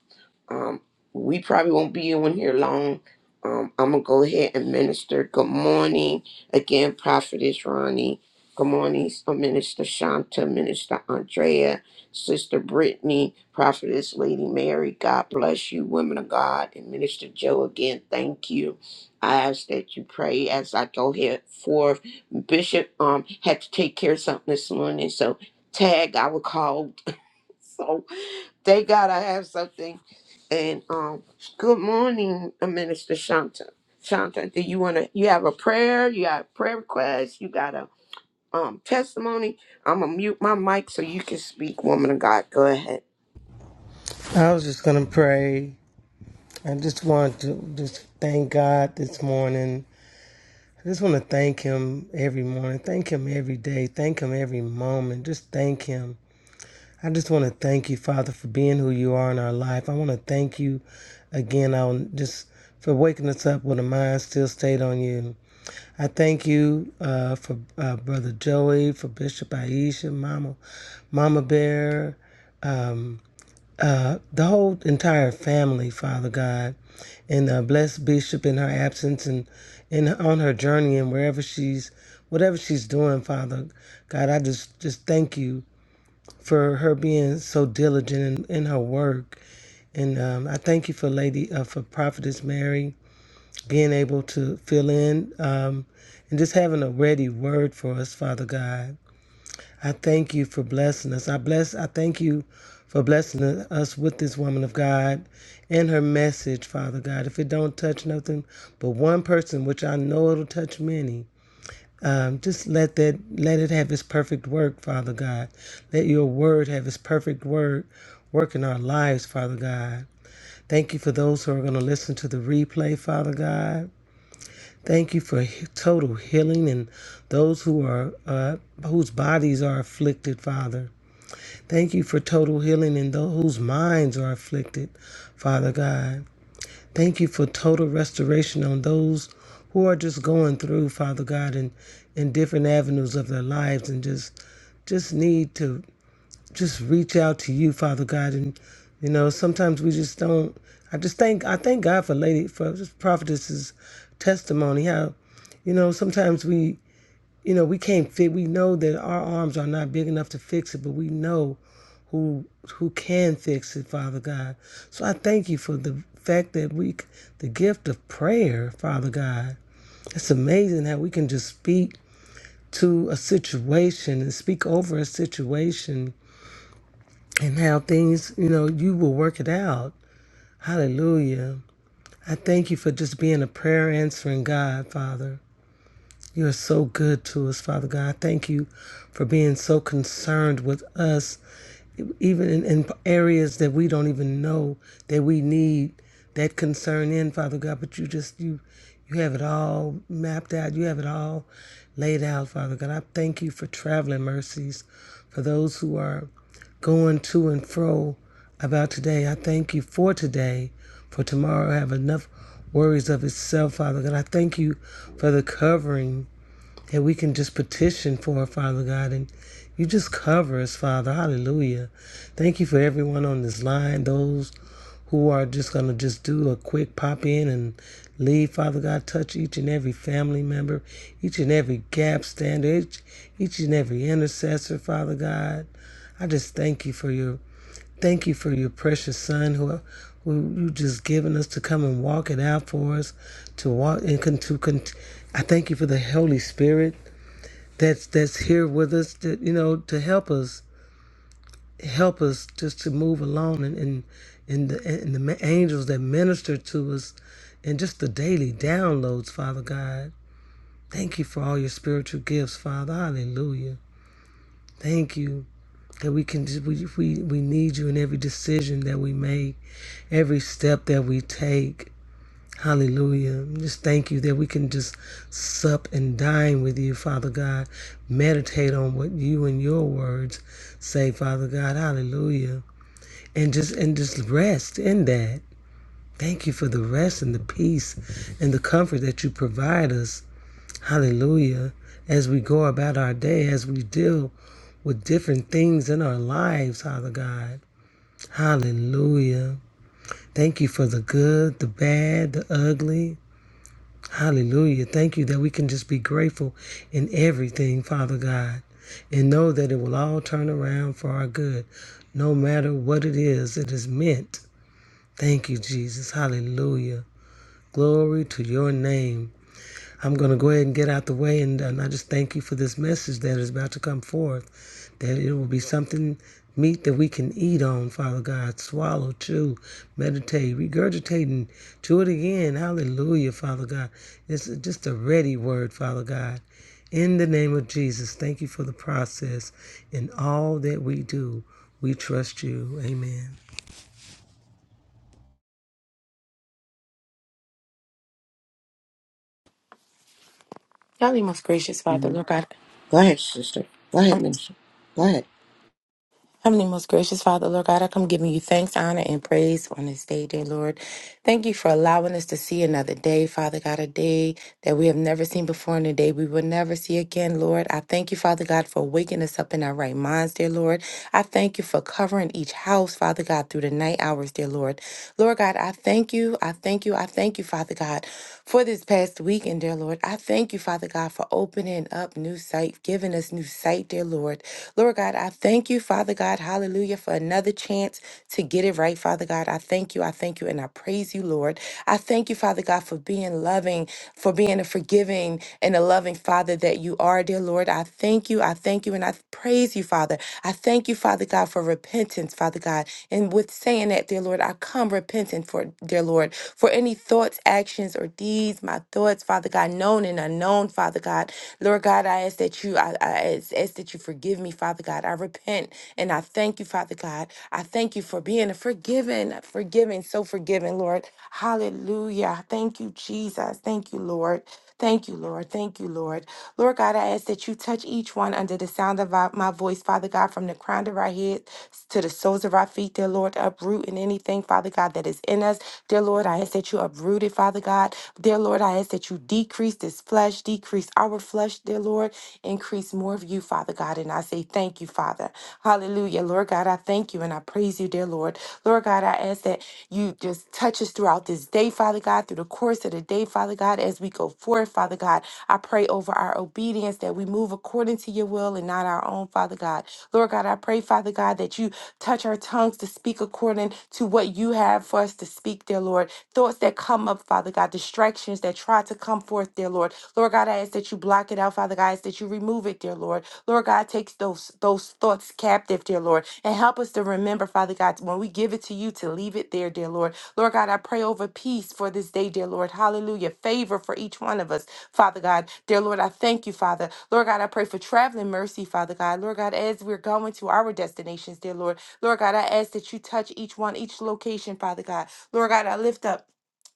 Um, we probably won't be on here long. Um, I'm gonna go ahead and minister. Good morning again, Prophetess Ronnie. Good morning, uh, Minister Shanta, Minister Andrea. Sister Brittany, Prophetess Lady Mary, God bless you, women of God, and Minister Joe again, thank you. I ask that you pray as I go here forth. Bishop um had to take care of something this morning, so tag I would call. So thank God I have something. And um good morning, uh, Minister Shanta. Shanta, do you wanna you have a prayer? You got a prayer request, you got a um testimony. I'm gonna mute my mic so you can speak, woman of God. Go ahead.
I was just gonna pray. I just want to just thank God this morning. I just want to thank Him every morning. Thank Him every day. Thank Him every moment. Just thank Him. I just want to thank you, Father, for being who you are in our life. I want to thank you again. I will just for waking us up with a mind still stayed on you. I thank you uh, for uh, Brother Joey, for Bishop Aisha, Mama, Mama Bear, um, uh, the whole entire family, Father God, and uh, bless Bishop in her absence and and on her journey and wherever she's, whatever she's doing, Father God, I just just thank you for her being so diligent in, in her work, and um, I thank you for Lady uh, for Prophetess Mary being able to fill in um, and just having a ready word for us, Father God. I thank you for blessing us. I bless I thank you for blessing us with this woman of God and her message, Father God. If it don't touch nothing but one person, which I know it'll touch many, um, just let that let it have its perfect work, Father God. Let your word have its perfect word work in our lives, Father God. Thank you for those who are going to listen to the replay, Father God. Thank you for he- total healing and those who are uh, whose bodies are afflicted, Father. Thank you for total healing in those whose minds are afflicted, Father God. Thank you for total restoration on those who are just going through, Father God, and in in different avenues of their lives and just just need to just reach out to you, Father God. And you know, sometimes we just don't I just thank I thank God for Lady for just prophetess's testimony, how you know, sometimes we you know, we can't fit. We know that our arms are not big enough to fix it, but we know who who can fix it, Father God. So I thank you for the fact that we the gift of prayer, Father God. It's amazing how we can just speak to a situation and speak over a situation and how things, you know, you will work it out. Hallelujah. I thank you for just being a prayer answering God, Father. You are so good to us, Father God. Thank you for being so concerned with us, even in, in areas that we don't even know that we need that concern in, Father God. But you just you you have it all mapped out. You have it all laid out, Father God. I thank you for traveling mercies for those who are going to and fro about today. I thank you for today, for tomorrow I have enough worries of itself, Father God. I thank you for the covering that we can just petition for, Father God, and you just cover us, Father. Hallelujah. Thank you for everyone on this line, those who are just going to just do a quick pop in and leave, Father God. Touch each and every family member, each and every gap stander, each, each and every intercessor, Father God. I just thank you for your thank you for your precious son who who you just given us to come and walk it out for us to walk and con, to con, I thank you for the Holy Spirit that's that's here with us that you know to help us help us just to move along and and and the, and the ma- angels that minister to us and just the daily downloads father god thank you for all your spiritual gifts father hallelujah thank you that we can just, we, we we need you in every decision that we make every step that we take Hallelujah. Just thank you that we can just sup and dine with you, Father God. Meditate on what you and your words say, Father God. Hallelujah. And just and just rest in that. Thank you for the rest and the peace and the comfort that you provide us. Hallelujah. As we go about our day, as we deal with different things in our lives, Father God. Hallelujah. Thank you for the good, the bad, the ugly. Hallelujah. Thank you that we can just be grateful in everything, Father God, and know that it will all turn around for our good. No matter what it is, it is meant. Thank you, Jesus. Hallelujah. Glory to your name. I'm going to go ahead and get out the way, and, and I just thank you for this message that is about to come forth. That it will be something meat that we can eat on, Father God, swallow, chew, meditate, regurgitate, and chew it again. Hallelujah, Father God. It's just a ready word, Father God. In the name of Jesus, thank you for the process. In all that we do, we trust you. Amen.
Heavenly most gracious Father,
Mhm.
Lord God.
Go ahead, sister. Go ahead,
um,
minister. Go ahead.
Heavenly most gracious Father, Lord God, I come giving you thanks, honor, and praise on this day, dear Lord. Thank you for allowing us to see another day, Father God, a day that we have never seen before and a day we will never see again, Lord. I thank you, Father God, for waking us up in our right minds, dear Lord. I thank you for covering each house, Father God, through the night hours, dear Lord. Lord God, I thank you. I thank you. I thank you, Father God, for this past weekend, dear Lord. I thank you, Father God, for opening up new sight, giving us new sight, dear Lord. Lord God, I thank you, Father God, hallelujah, for another chance to get it right, Father God. I thank you. I thank you. And I praise you, Lord. I thank you, Father God, for being loving, for being a forgiving and a loving Father that you are, dear Lord. I thank you. I thank you. And I praise you, Father. I thank you, Father God, for repentance, Father God. And with saying that, dear Lord, I come repentant for, dear Lord, for any thoughts, actions, or deeds, my thoughts, Father God, known and unknown, Father God. Lord God, I ask that you, I, I ask, ask that you forgive me, Father God. I repent and I thank you, Father God. I thank you for being a forgiven, forgiven, so forgiven, Lord. Hallelujah. Thank you, Jesus us. Thank you, Lord. Thank you, Lord. Thank you, Lord. Lord God, I ask that you touch each one under the sound of our- my voice, Father God, from the crown of our head to the soles of our feet, dear Lord. Uproot in anything, Father God, that is in us. Dear Lord, I ask that you uproot it, Father God. Dear Lord, I ask that you decrease this flesh, decrease our flesh, dear Lord. Increase more of you, Father God. And I say thank you, Father. Hallelujah. Lord God, I thank you and I praise you please you, dear Lord. Lord God, I ask that you just touch us throughout this day, Father God, through the course of the day, Father God, as we go forth, Father God. I pray over our obedience that we move according to your will and not our own, Father God. Lord God, I pray, Father God, that you touch our tongues to speak according to what you have for us to speak, dear Lord. Thoughts that come up, Father God, distractions that try to come forth, dear Lord. Lord God, I ask that you block it out, Father God, that you remove it, dear Lord. Lord God, takes those those thoughts captive, dear Lord, and help us to remember, Father God, when we give it to you to leave it there, dear Lord. Lord God, I pray over peace for this day, dear Lord. Hallelujah. Favor for each one of us, Father God. Dear Lord, I thank you, Father. Lord God, I pray for traveling mercy, Father God. Lord God, as we're going to our destinations, dear Lord. Lord God, I ask that you touch each one, each location, Father God. Lord God, I lift up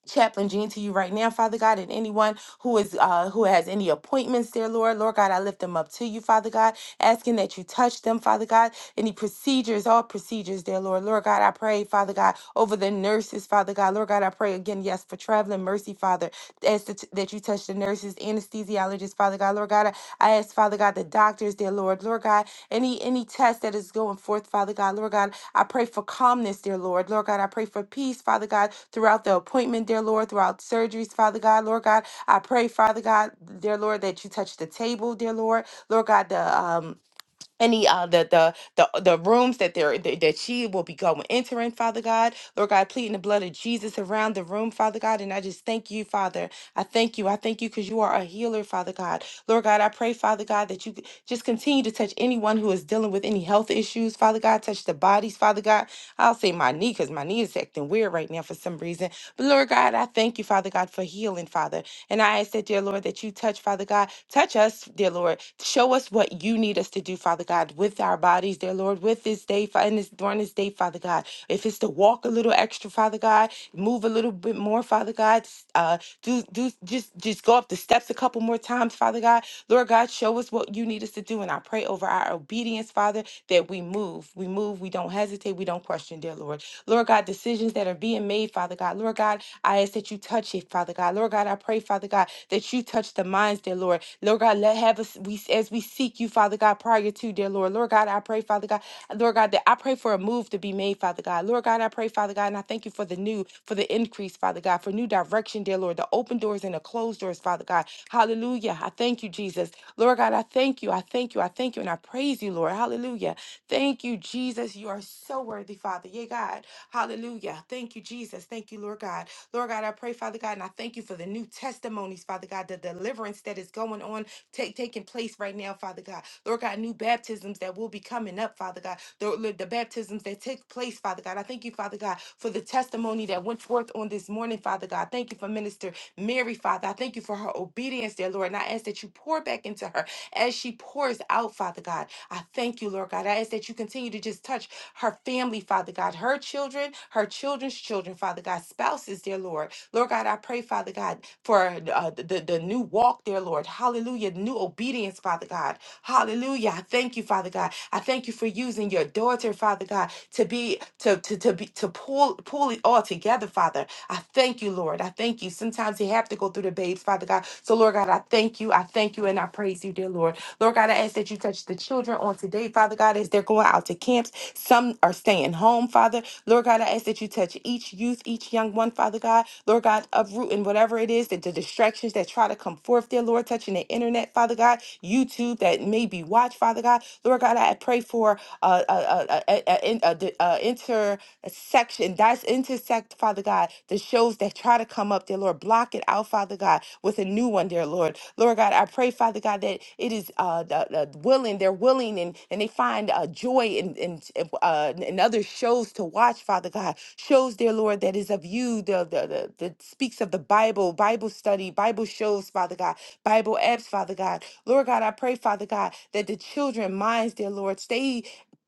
Chaplain Jean to you right now, Father God, and anyone who is uh who has any appointments dear Lord, Lord God, I lift them up to you, Father God, asking that you touch them, Father God. Any procedures, all procedures dear Lord, Lord God, I pray, Father God, over the nurses, Father God, Lord God, I pray again, yes, for traveling mercy, Father, as to, that you touch the nurses, anesthesiologist, Father God. Lord God, I I ask, Father God, the doctors, dear Lord. Lord God, any any test that is going forth, Father God. Lord God, I pray for calmness, dear Lord. Lord God, I pray for peace, Father God, throughout the appointment, dear Lord, throughout surgeries, Father God. Lord God, I pray, Father God, dear Lord, that you touch the table, dear Lord. Lord God, the um any uh the the the, the rooms that there that that she will be going entering father god lord god pleading the blood of jesus around the room father god and i just thank you father i thank you i thank you because you are a healer father god lord god i pray father god that you just continue to touch anyone who is dealing with any health issues father god touch the bodies father god i'll say my knee because my knee is acting weird right now for some reason but lord god i thank you father god for healing father and i ask that dear lord dear Lord, that you touch, Father God. Touch us, dear Lord. Show us what you need us to do, Father God, with our bodies, dear Lord, with this day, Fa- in this during this day, Father God. If it's to walk a little extra, Father God, move a little bit more, Father God. s- Uh, do do just just go up the steps a couple more times, Father God. Lord God, show us what you need us to do, and I pray over our obedience, Father, that we move, we move, we don't hesitate, we don't question, dear Lord. Lord God, decisions that are being being made, Father God. Lord God, I ask that you touch it, Father God. Lord God, I pray, Father God, that you touch the minds, dear Lord. Lord God, let have us we as we seek you, Father God, prior to, dear Lord. Lord God, I pray, Father God, Lord God, that I pray for a move to be made, Father God. Lord God, I pray, Father God, and I thank you for the new, for the increase, Father God, for new direction, dear Lord, the open doors and the closed doors, Father God. Hallelujah. I thank you, Jesus. Lord God, I thank you. I thank you. I thank you. And I praise you, Lord. Hallelujah. Thank you, Jesus. You are so worthy, Father. Yea, God. Hallelujah. Thank you, Jesus. Thank you, Lord God. Lord God, I pray, Father God, and I thank you for the new testimonies, Father God, the deliverance that is going on, take, taking place right now, Father God. Lord God, new baptisms that will be coming up, Father God. The, the baptisms that take place, Father God. I thank you, Father God, for the testimony that went forth on this morning, Father God. Thank you for Minister Mary, Father. I thank you for her obedience, dear Lord. And I ask that you pour back into her as she pours out, Father God. I thank you, Lord God. I ask that you continue to just touch her family, Father God, her children, her children's children, Father God, spouses, dear Lord. Lord God, I pray, Father God, for uh, the, the new walk there, Lord. Hallelujah. New obedience, Father God. Hallelujah. I thank you, Father God. I thank you for using your daughter, Father God, to be to to to be to pull pull it all together, Father. I thank you, Lord. I thank you. Sometimes you have to go through the babes, Father God. So, Lord God, I thank you. I thank you and I praise you, dear Lord. Lord God, I ask that you touch the children on today, body, Father God, as they're going out to camps. Some are staying home, Father. Lord God, I ask that you touch each youth, each young one, Father God. Lord God, uprooting whatever it is that the distractions that try to come forth there, Lord, touching the internet, Father God, YouTube that may be watched, Father God. Lord God, I pray for uh, uh, uh, uh, uh, in- uh, the, uh, intersection, that's intersect, Father God, the shows that try to come up there, Lord. Lord. Block it out, Father God, with a new one, dear Lord. Lord God, I pray, Father God, that it is uh, the, the willing, they're willing, and, and they find uh, joy in, in, in, uh, in other shows to watch, Father God. Shows, dear Lord, that is of you, the, the, the, that speaks of the Bible, Bible study, Bible shows, Father God, Bible apps, Father God. Lord God, I pray, Father God, that the children minds, dear Lord, stay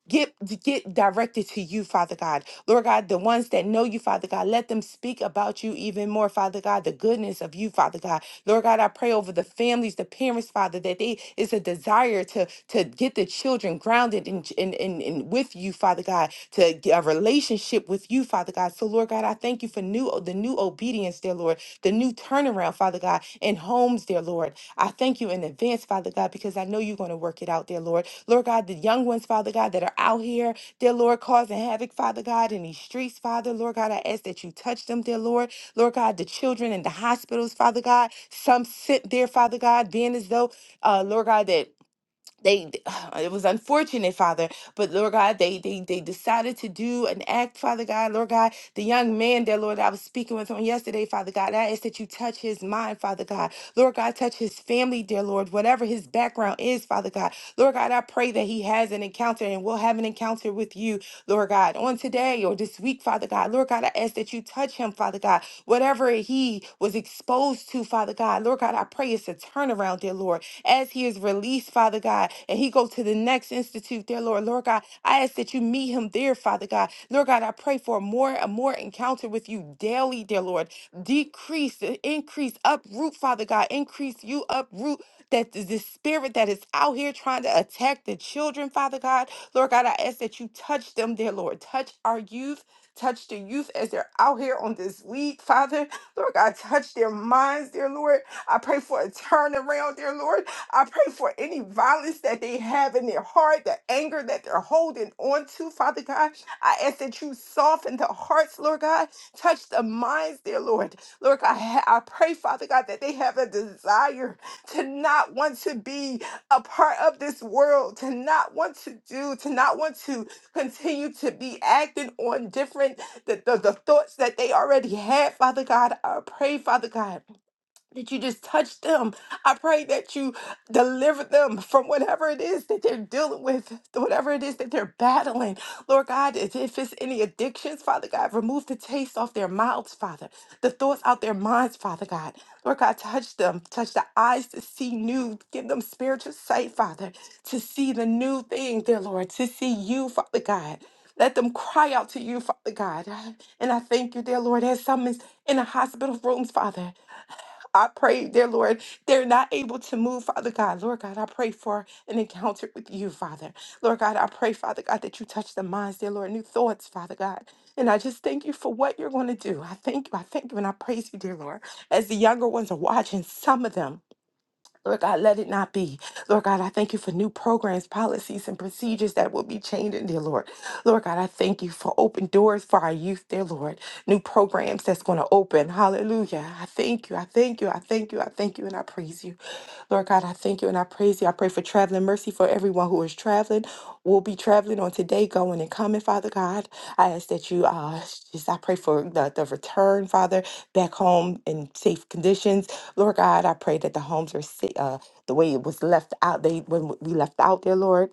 Get, get directed to you, Father God. Lord God, the ones that know you, Father God, let them speak about you even more, Father God, the goodness of you, Father God. Lord God, I pray over the families, the parents, Father, that they is a desire to to get the children grounded in in, in, in with you, Father God, to get a relationship with you, Father God. So Lord God, I thank you for new the new obedience, dear Lord, the new turnaround, Father God, in homes, dear Lord. I thank you in advance, Father God, because I know you're going to work it out, dear Lord. Lord God, the young ones, Father God, that are out here, dear Lord, causing havoc, Father God, in these streets, Father. Lord God, I ask that you touch them, dear Lord. Lord God, the children in the hospitals, Father God, some sit there, Father God, being as though, uh, Lord God, that they it was unfortunate father but lord god they they they decided to do an act father god lord god the young man there lord i was speaking with on yesterday father god i ask that you touch his mind father god lord god touch his family dear lord whatever his background is father god lord god i pray that he has an encounter and will have an encounter with you lord god on today or this week father god lord god i ask that you touch him father god whatever he was exposed to father god lord god i pray it's a turnaround dear lord as he is released, Father God, and he goes to the next institute, dear Lord. Lord God, I ask that you meet him there, Father God. Lord God, I pray for more and more encounter with you daily, dear Lord. Decrease, uh, increase, uproot, Father God. Increase you, uproot that th- this spirit that is out here trying to attack the children, Father God. Lord God, I ask that you touch them, dear Lord. Touch our youth. Touch the youth as they're out here on this week, Father. Lord God, touch their minds, dear Lord. I pray for a turnaround, dear Lord. I pray for any violence that they have in their heart, the anger that they're holding on to, Father God. I ask that you soften the hearts, Lord God. Touch the minds, dear Lord. Lord God, I I pray, Father God, that they have a desire to not want to be a part of this world, to not want to do, to not want to continue to be acting on different the, the, the thoughts that they already had, Father God. I pray, Father God that you just touch them. I pray that you deliver them from whatever it is that they're dealing with, whatever it is that they're battling. Lord God, if if it's any addictions, Father God, remove the taste off their mouths, Father, the thoughts out their minds, Father God. Lord God, touch them, touch the eyes to see new, give them spiritual sight, Father, to see the new thing, dear Lord, to see you, Father God. Let them cry out to you, Father God. And I thank you, dear Lord, as some is in the hospital rooms, Father. I pray, dear Lord, they're not able to move, Father God. Lord God, I pray for an encounter with you, Father. Lord God, I pray, Father God, that you touch the minds, dear Lord, new thoughts, Father God. And I just thank you for what you're going to do. I thank you. I thank you and I praise you, dear Lord. As the younger ones are watching, some of them Lord God, let it not be. Lord God, I thank you for new programs, policies, and procedures that will be changing, dear Lord. Lord God, I thank you for open doors for our youth, dear Lord. New programs that's going to open. Hallelujah. I thank you. I thank you. I thank you. I thank you. And I praise you. Lord God, I thank you and I praise you. I pray pray for traveling mercy for everyone who is traveling, will be traveling on today, going and coming, Father God. I ask that you, uh, just I pray for the, the return, Father, back home in safe conditions. Lord God, I pray that the homes are, sa- uh, the way it was left out, they when we left out there, Lord.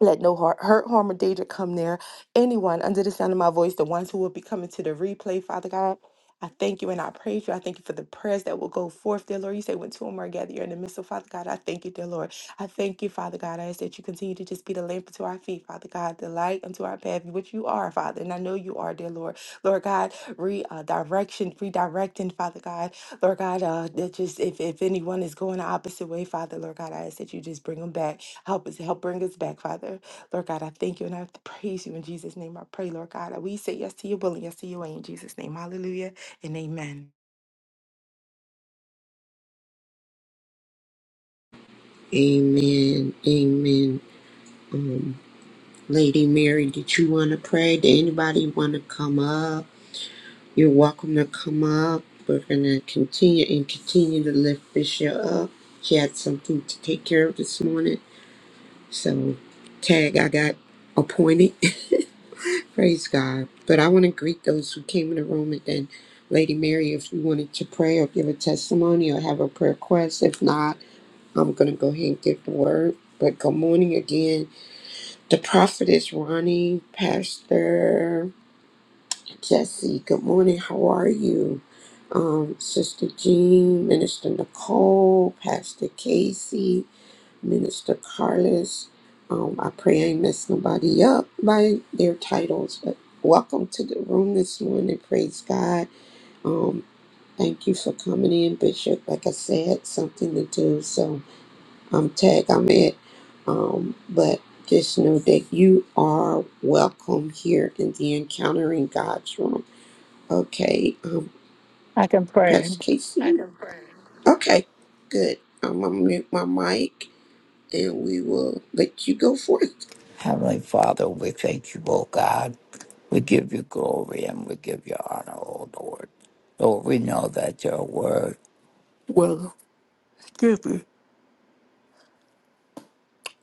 Let no heart, hurt, harm, or danger come near anyone under the sound of my voice, the ones who will be coming to the replay, Father God. I thank you and I praise you. I thank you for the prayers that will go forth, dear Lord. You say when two or more gather, you're in the midst So, Father God. I thank you, dear Lord. I thank you, Father God. I ask that you continue to just be the lamp unto our feet, Father God, the light unto our path, which you are, Father. And I know you are, dear Lord. Lord God, re uh, direction, redirecting, Father God. Lord God, uh, that just if, if anyone is going the opposite way, Father, Lord God, I ask that you just bring them back. Help us, help bring us back, Father. Lord God, I thank you and I praise you in Jesus' name. I pray, Lord God, that we say yes to your will and yes to your way in Jesus' name. Hallelujah and amen.
Amen. Amen. Um, Lady Mary, did you want to pray? Did anybody want to come up? You're welcome to come up. We're going to continue and continue to lift Bishop up. She had something to take care of this morning. So, tag, I got appointed. Praise God. But I want to greet those who came in the room and then Lady Mary, if you wanted to pray or give a testimony or have a prayer request. If not, I'm going to go ahead and get the word. But good morning again. The prophet is Ronnie, Pastor Jesse. Good morning. How are you? Um, Sister Jean, Minister Nicole, Pastor Casey, Minister Carlos. Um, I pray I ain't mess nobody up by their titles. But welcome to the room this morning. Praise God. Um, thank you for coming in, Bishop. Like I said, something to do. So um, tag I'm at. Um, but just know that you are welcome here in the Encountering God's Room. Okay, um,
I can pray.
Pastor I Casey. Okay, good. I'm gonna mute my mic and we will let you go forth.
Heavenly Father, we thank you, O God. We give you glory and we give you honor, O Lord. Lord, we know that your word will give you,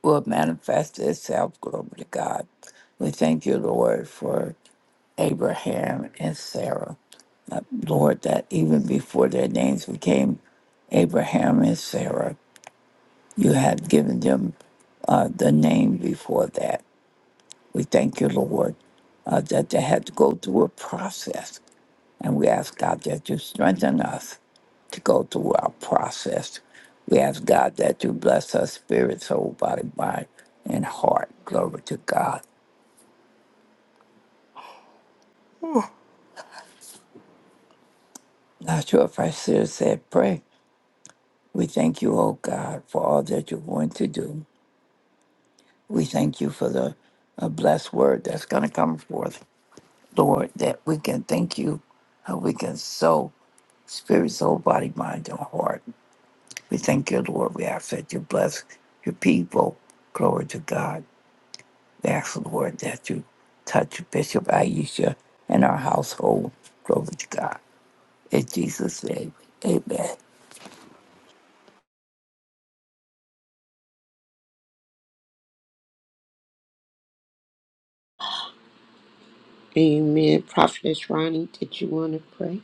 will manifest itself, glory to God. We thank you, Lord, for Abraham and Sarah. Uh, Lord, that even before their names became Abraham and Sarah, you had given them uh, the name before that. We thank you, Lord, uh, that they had to go through a process. And we ask God that you strengthen us to go through our process. We ask God that you bless us, spirit, soul, body, mind, and heart. Glory to God. Not sure if I should have said pray. We thank you, oh God, for all that you're going to do. We thank you for the a blessed word that's going to come forth, Lord, that we can thank you, how we can sow spirit, soul, body, mind, and heart We thank you, Lord. We ask that you bless your people. Glory to God. We ask, Lord, that you touch Bishop Aisha and our household. Glory to God. In Jesus' name, amen.
Amen. Prophetess Ronnie, did you want to pray?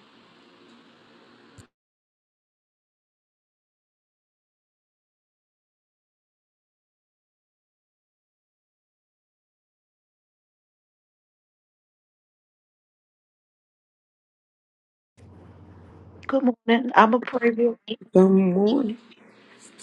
Good morning. I'm a pray real quick.
Good morning.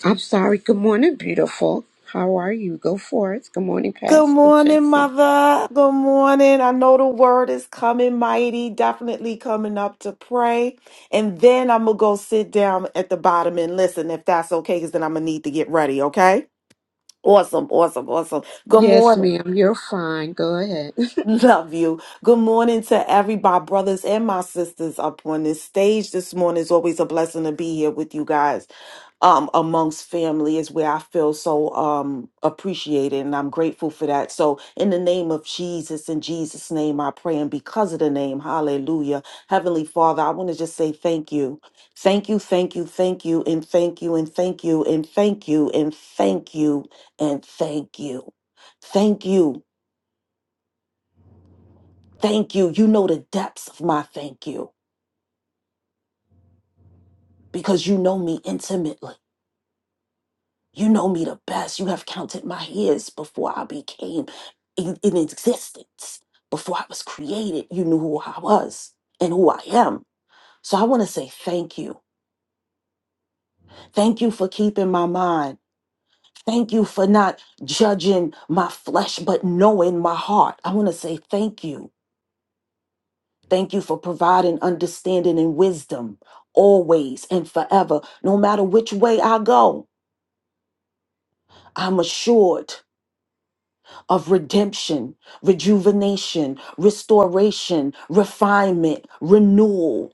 I'm sorry. Good morning, beautiful. How are you? Go forth. Good morning,
Good
Pastor
morning,
Jesse.
Mother. Good morning. I know the word is coming mighty, definitely coming up to pray. And then I'm going to go sit down at the bottom and listen if that's okay, because then I'm going to need to get ready, okay? Awesome, awesome, awesome. Good
Yes,
morning.
ma'am. You're fine. Go ahead.
Love you. Good morning to every my brothers and my sisters up on this stage this morning. It's always a blessing to be here with you guys. um, amongst family is where I feel so um, appreciated, and I'm grateful for that. So, in the name of Jesus, in Jesus' name, I pray, and because of the name, hallelujah. Heavenly Father, I want to just say thank you. Thank you, thank you, thank you, and thank you, and thank you, and thank you, and thank you, and thank you. Thank you, thank you. You know the depths of my thank you because you know me intimately. You know me the best. You have counted my hairs before I became in, in existence, before I was created. You knew who I was and who I am. So I want to say thank you. Thank you for keeping my mind. Thank you for not judging my flesh, but knowing my heart. I want to say thank you. Thank you for providing understanding and wisdom always and forever. No matter which way I go, I'm assured of redemption, rejuvenation, restoration, refinement, renewal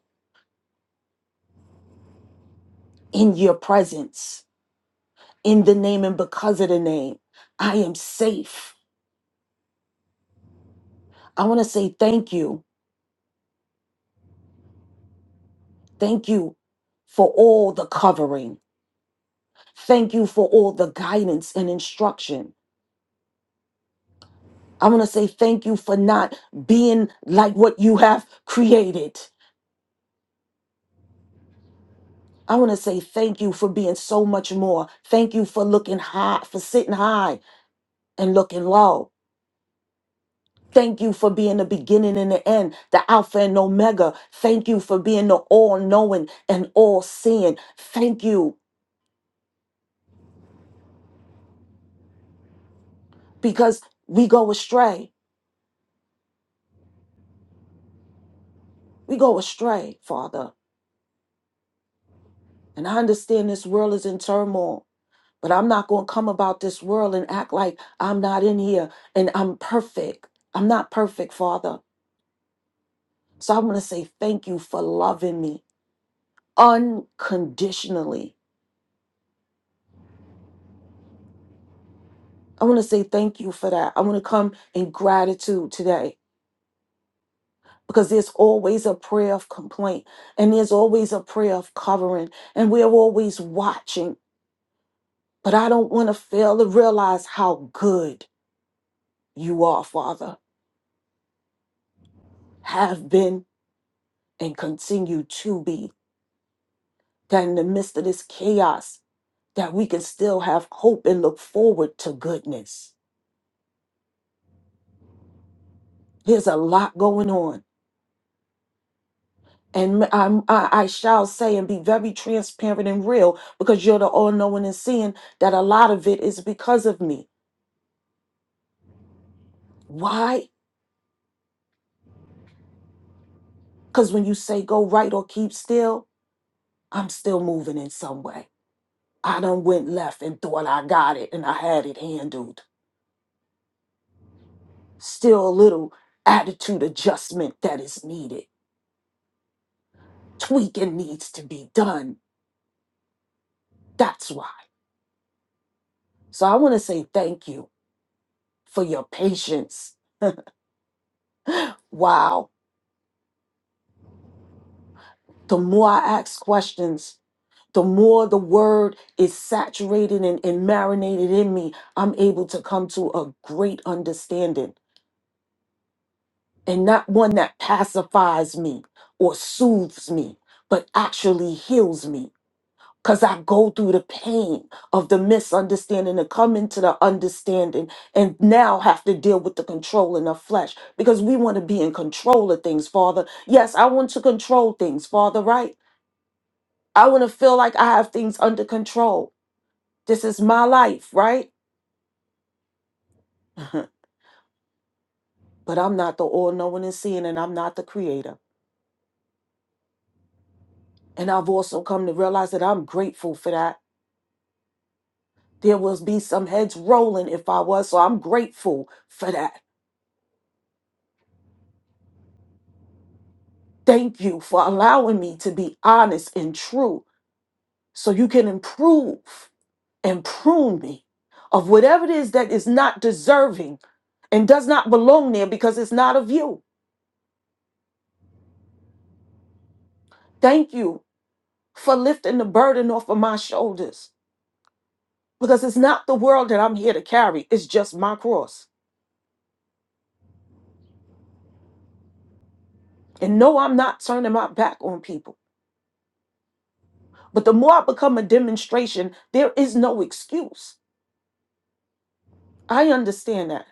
in your presence, in the name and because of the name. I am safe. I want to say thank you. Thank you for all the covering. Thank you for all the guidance and instruction. I want to say thank you for not being like what you have created. I want to say thank you for being so much more. Thank you for looking high, for sitting high and looking low. Thank you for being the beginning and the end, the Alpha and Omega. Thank you for being the all knowing and all seeing. Thank you because we go astray. We go astray, Father. And I understand this world is in turmoil, but I'm not going to come about this world and act like I'm not in here and I'm perfect. I'm not perfect, Father. So I want to say thank you for loving me unconditionally. I want to say thank you for that. I want to come in gratitude today. because there's always a prayer of complaint and there's always a prayer of covering and we're always watching but i don't want to fail to realize how good you are father have been and continue to be that in the midst of this chaos that we can still have hope and look forward to goodness there's a lot going on and I'm- i I shall say and be very transparent and real because you're the all knowing and seeing that a lot of it is because of me. Why? Because when you say go right or keep still, I'm still moving in some way. I done went left and thought I got it and I had it handled. Still a little attitude adjustment that is needed. Tweaking needs to be done. That's why. So I want to say thank you for your patience. Wow. The more I ask questions, the more the word is saturated and, and marinated in me, I'm able to come to a great understanding and not one that pacifies me or soothes me, but actually heals me. Because I go through the pain of the misunderstanding and come into the understanding and now have to deal with the control in the flesh because we want to be in control of things, Father. Yes, I want to control things, Father, right? I want to feel like I have things under control. This is my life, right? but I'm not the all knowing and seeing, and I'm not the creator. And I've also come to realize that I'm grateful for that There will be some heads rolling if I was. So I'm grateful for that. Thank you for allowing me to be honest and true so you can improve and prune me of whatever it is that is not deserving and does not belong there because it's not of you. Thank you for lifting the burden off of my shoulders because it's not the world that I'm here to carry, it's just my cross. And no, I'm not turning my back on people. But the more I become a demonstration, there is no excuse. I understand that.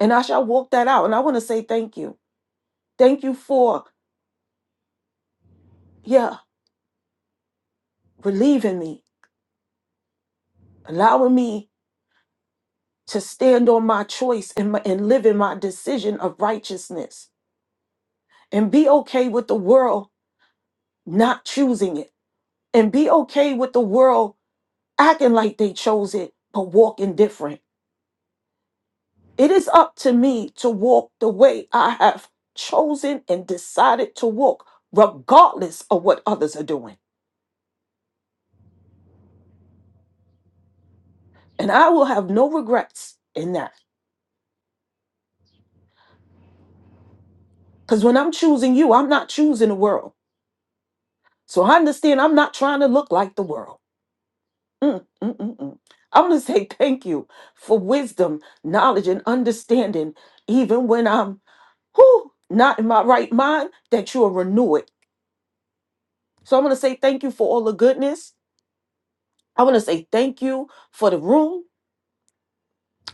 And I shall walk that out. And I want to say thank you. Thank you for, yeah, relieving me, allowing me to stand on my choice and, my, and live in my decision of righteousness and be okay with the world not choosing it and be okay with the world acting like they chose it, but walking different. It is up to me to walk the way I have chosen and decided to walk, regardless of what others are doing. And I will have no regrets in that. Because when I'm choosing you, I'm not choosing the world. So I understand I'm not trying to look like the world. Mm, mm, mm, mm. I want to say thank you for wisdom, knowledge, and understanding, even when I'm whew, not in my right mind, that you'll renew it. So I want to say thank you for all the goodness. I want to say thank you for the room.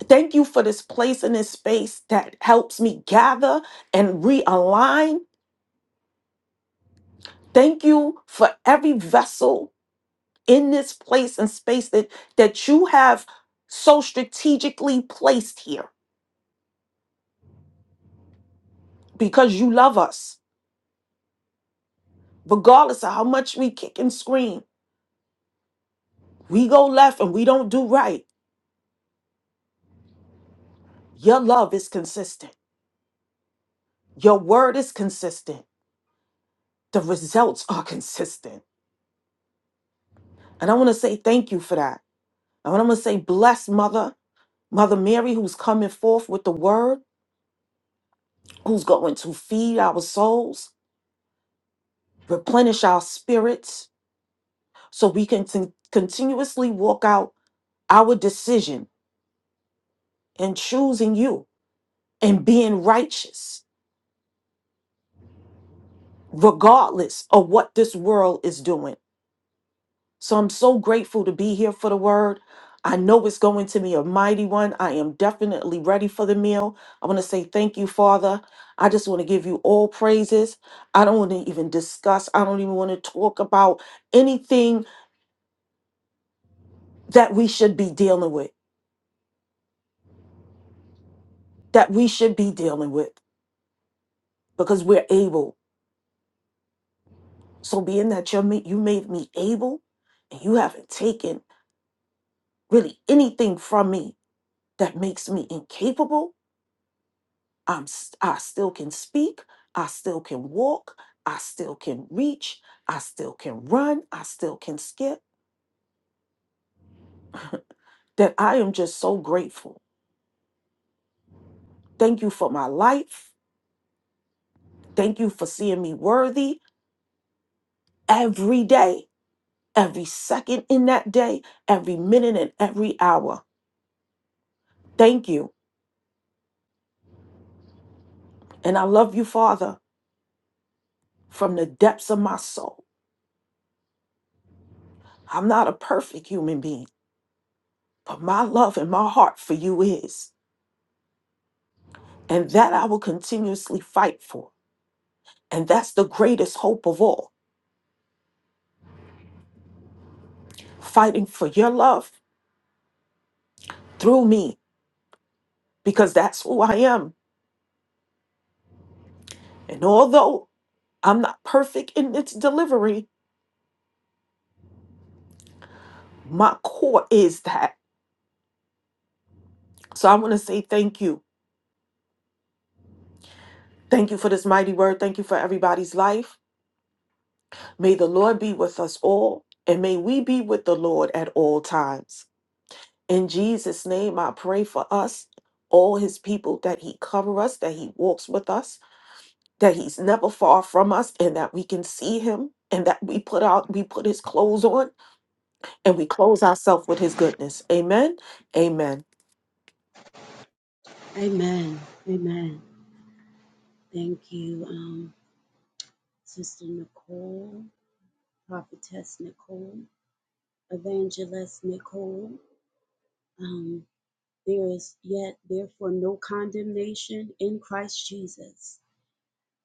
Thank you for this place and this space that helps me gather and realign Thank you for every vessel in this place and space that that you have so strategically placed here because you love us regardless of how much we kick and scream we go left and we don't do right your love is consistent your word is consistent the results are consistent and i want to say thank you for that and i want to say bless mother mother mary who's coming forth with the word who's going to feed our souls replenish our spirits so we can con- continuously walk out Our decision in choosing you and being righteous, regardless of what this world is doing. So I'm so grateful to be here for the word. I know it's going to be a mighty one. I am definitely ready for the meal. I want to say thank you, Father. I just want to give you all praises. I don't want to even discuss, I don't even want to talk about anything that we should be dealing with, that we should be dealing with, because we're able. So being that you made you made me able and you haven't taken really anything from me that makes me incapable, I'm s- I still can speak, I still can walk, I still can reach, I still can run, I still can skip. That I am just so grateful. Thank you for my life. Thank you for seeing me worthy every day, every second in that day, every minute and every hour. Thank you. And I love you, Father, from the depths of my soul. I'm not a perfect human being, but my love and my heart for you is. And that I will continuously fight for. And that's the greatest hope of all fighting for your love through me, because that's who I am. And although I'm not perfect in its delivery, my core is that. So I want to say thank you. Thank you for this mighty word. Thank you for everybody's life. May the Lord be with us all, and may we be with the Lord at all times. In Jesus' name, I pray for us, all his people, that he cover us, that he walks with us, that he's never far from us, and that we can see him, and that we put out, we put his clothes on, and we clothe ourselves with his goodness. Amen. Amen.
Amen. Amen. Thank you, um, Sister Nicole, Prophetess Nicole, Evangelist Nicole. Um, there is yet, therefore, no condemnation in Christ Jesus.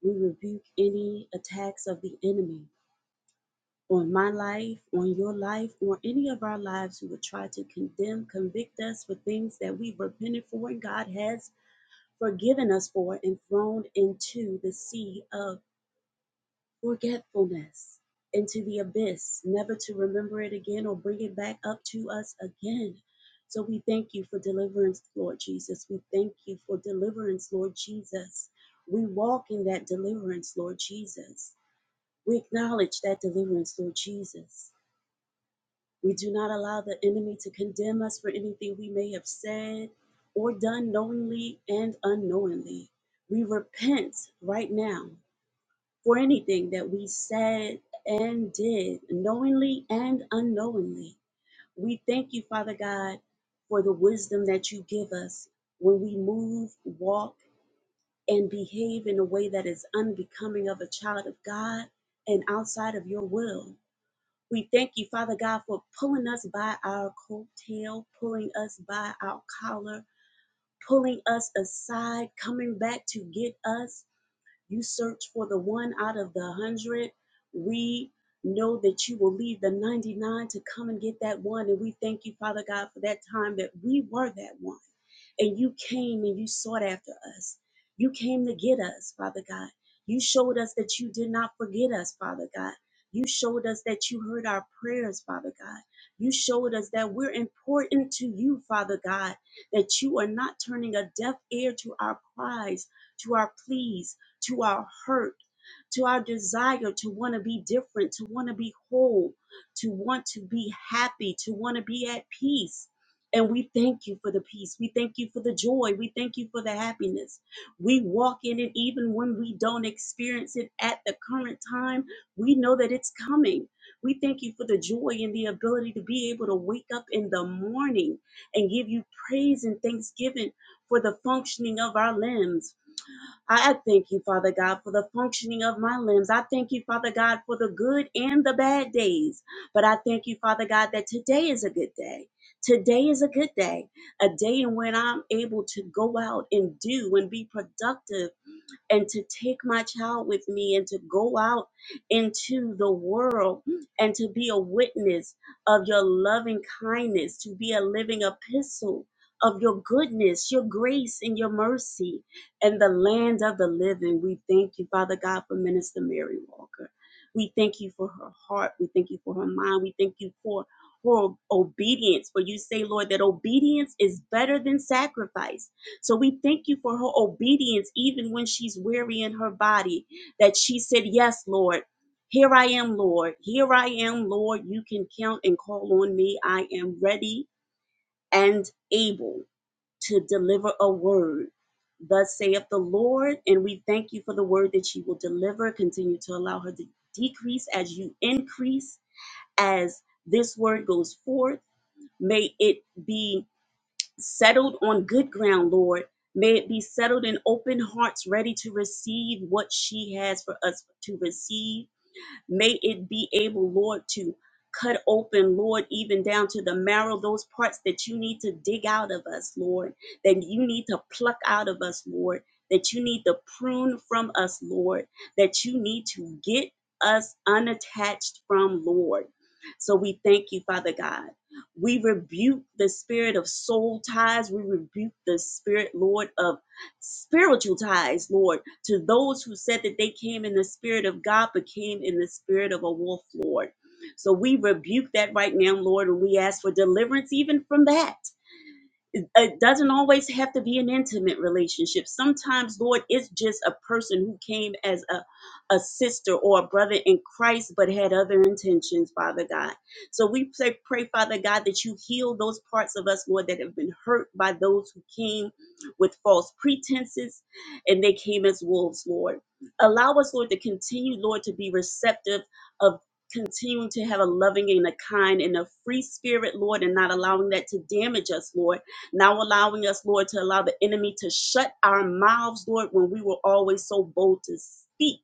We rebuke any attacks of the enemy on my life, on your life, or any of our lives who would try to condemn, convict us for things that we've repented for and God has forgiven us for and thrown into the sea of forgetfulness into the abyss, never to remember it again or bring it back up to us again. So we thank you for deliverance, Lord Jesus. We thank you for deliverance, Lord Jesus. We walk in that deliverance, Lord Jesus. We acknowledge that deliverance, Lord Jesus. We do not allow the enemy to condemn us for anything we may have said or done knowingly and unknowingly. We repent right now for anything that we said and did, knowingly and unknowingly. We thank you, Father God, for the wisdom that you give us when we move, walk, and behave in a way that is unbecoming of a child of God and outside of your will. We thank you, Father God, for pulling us by our coattail, pulling us by our collar, pulling us aside, coming back to get us you search for the one out of the hundred. We know that you will leave the 99 to come and get that one. And we thank you, Father God, for that time that we were that one. And you came and you sought after us. You came to get us, Father God. You showed us that you did not forget us, Father God. You showed us that you heard our prayers, Father God. You showed us that we're important to you, Father God, that you are not turning a deaf ear to our cries, to our pleas, to our hurt, to our desire to want to be different, to want to be whole, to want to be happy, to want to be at peace. And we thank you for the peace. We thank you for the joy. We thank you for the happiness. We walk in it even when we don't experience it at the current time. We know that it's coming. We thank you for the joy and the ability to be able to wake up in the morning and give you praise and thanksgiving for the functioning of our limbs I thank you, Father God, for the functioning of my limbs. I thank you, Father God, for the good and the bad days. But I thank you, Father God, that today is a good day. Today is a good day, a day in when I'm able to go out and do and be productive and to take my child with me and to go out into the world and to be a witness of your loving kindness, to be a living epistle of your goodness, your grace, and your mercy in the land of the living. We thank you, Father God, for Minister Mary Walker. We thank you for her heart. We thank you for her mind. We thank you for her obedience. For you say, Lord, that obedience is better than sacrifice. So we thank you for her obedience, even when she's weary in her body, that she said, Yes, Lord. Here I am, Lord. Here I am, Lord. You can count and call on me. I am ready and able to deliver a word. Thus saith the Lord, and we thank you for the word that she will deliver. Continue to allow her to decrease as you increase, as this word goes forth. May it be settled on good ground, Lord. May it be settled in open hearts, ready to receive what she has for us to receive May it be able, Lord, to cut open, Lord, even down to the marrow, those parts that you need to dig out of us, Lord, that you need to pluck out of us, Lord, that you need to prune from us, Lord, that you need to get us unattached from, Lord. So we thank you, Father God. We rebuke the spirit of soul ties. We rebuke the spirit, Lord, of spiritual ties, Lord to those who said that they came in the spirit of God, but came in the spirit of a wolf, Lord. So we rebuke that right now, Lord, and we ask for deliverance even from that it doesn't always have to be an intimate relationship. Sometimes, Lord, it's just a person who came as a, a sister or a brother in Christ but had other intentions, Father God. So we pray, pray, Father God, that you heal those parts of us, Lord, that have been hurt by those who came with false pretenses and they came as wolves, Lord. Allow us, Lord, to continue, Lord, to be receptive of continuing to have a loving and a kind and a free spirit, Lord, and not allowing that to damage us, Lord now allowing us, Lord, to allow the enemy to shut our mouths, Lord, when we were always so bold to speak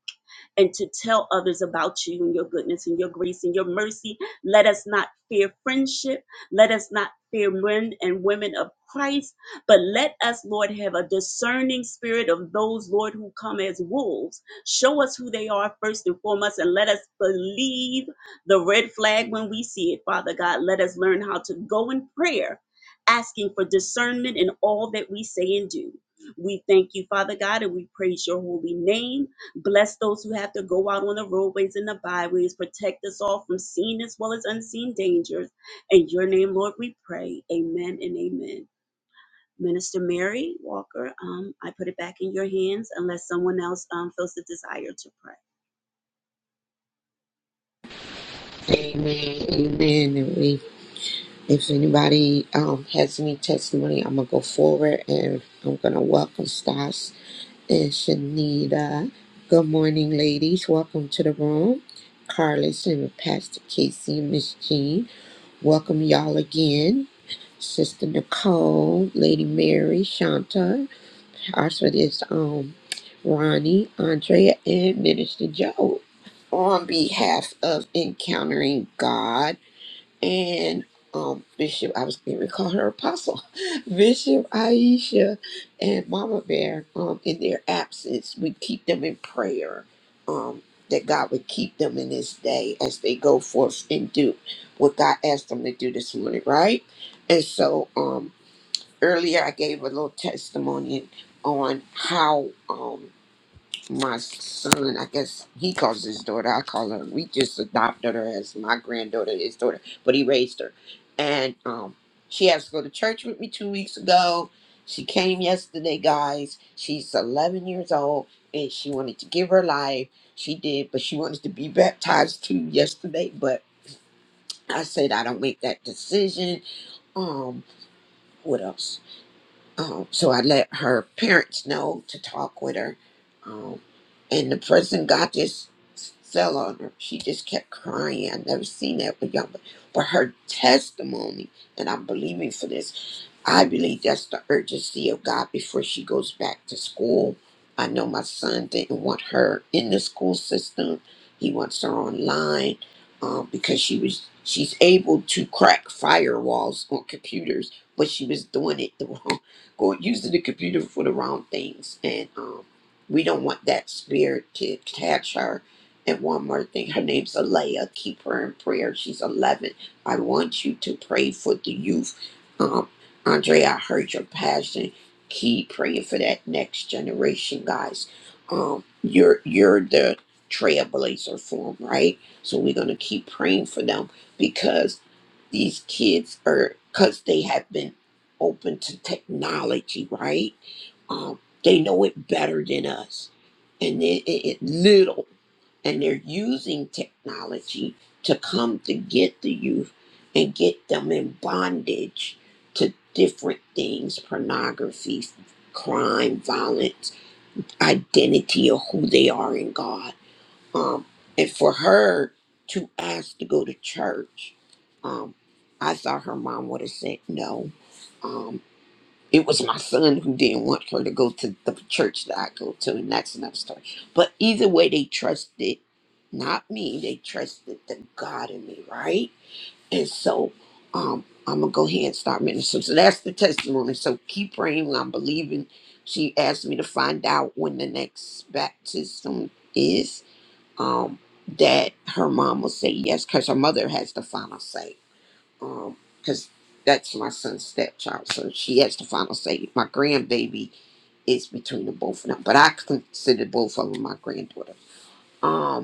and to tell others about you and your goodness and your grace and your mercy. Let us not fear friendship. Let us not fear men and women of Christ, but let us, Lord, have a discerning spirit of those, Lord, who come as wolves. Show us who they are first and foremost, and let us believe the red flag when we see it, Father God. Let us learn how to go in prayer asking for discernment in all that we say and do. We thank you, Father God, and we praise your holy name. Bless those who have to go out on the roadways and the byways. Protect us all from seen as well as unseen dangers. In your name, Lord, we pray. Amen and amen. Minister Mary Walker, um, I put it back in your hands unless someone else um, feels the desire to pray.
Amen, amen. And we, if anybody um, has any testimony, I'm gonna go forward and I'm gonna welcome Stas and Shanita. Good morning, ladies. Welcome to the room. Carlos and Pastor Casey and Miss Jean. Welcome y'all again. Sister Nicole, Lady Mary, Shanta. Also this um Ronnie, Andrea, and Minister Joe. On behalf of Encountering God and um, Bishop, I was going to call her Apostle, Bishop Aisha and Mama Bear, um, in their absence, we keep them in prayer, um, that God would keep them in this day as they go forth and do what God asked them to do this morning, right? And so, um, earlier I gave a little testimony on how, um my son, I guess he calls his daughter, I call her. We just adopted her as my granddaughter, his daughter, but he raised her. And um, she asked to go to church with me two weeks ago. She came yesterday, guys. She's 11 years old and she wanted to give her life. She did, but she wanted to be baptized too yesterday. But I said, I don't make that decision. Um, what else? Um, so I let her parents know to talk with her. Um, and the person got this fell on her. She just kept crying. I've never seen that with young, but, but her testimony, and I'm believing for this I believe that's the urgency of God before she goes back to school. I know my son didn't want her in the school system. He wants her online um, because she was she's able to crack firewalls on computers, but she was doing it the wrong, going using the computer for the wrong things, and um, we don't want that spirit to catch her. And one more thing, her name's Alea. Keep her in prayer. She's 11. I want you to pray for the youth Um, Andre, I heard your passion. Keep praying for that next generation, guys. Um, you're you're the trailblazer for them, right? So we're gonna keep praying for them because these kids are because they have been open to technology, right? Um, they know it better than us, and it, it, it little, and they're using technology to come to get the youth and get them in bondage to different things pornography, crime, violence, identity of who they are in God. Um, and for her to ask to go to church, um, I thought her mom would have said no. Um, it was my son who didn't want her to go to the church that I go to, and that's another story. But either way, they trusted not me, they trusted the God in me, right? And so um, I'm going to go ahead and start ministering. So so that's the testimony. So keep praying. I'm believing. She asked me to find out when the next baptism is. Um, that her mom will say yes, because her mother has the final say. Because that's my son's stepchild. So she has the final say. My grandbaby is between the both of them. But I consider both of them my granddaughter. Um,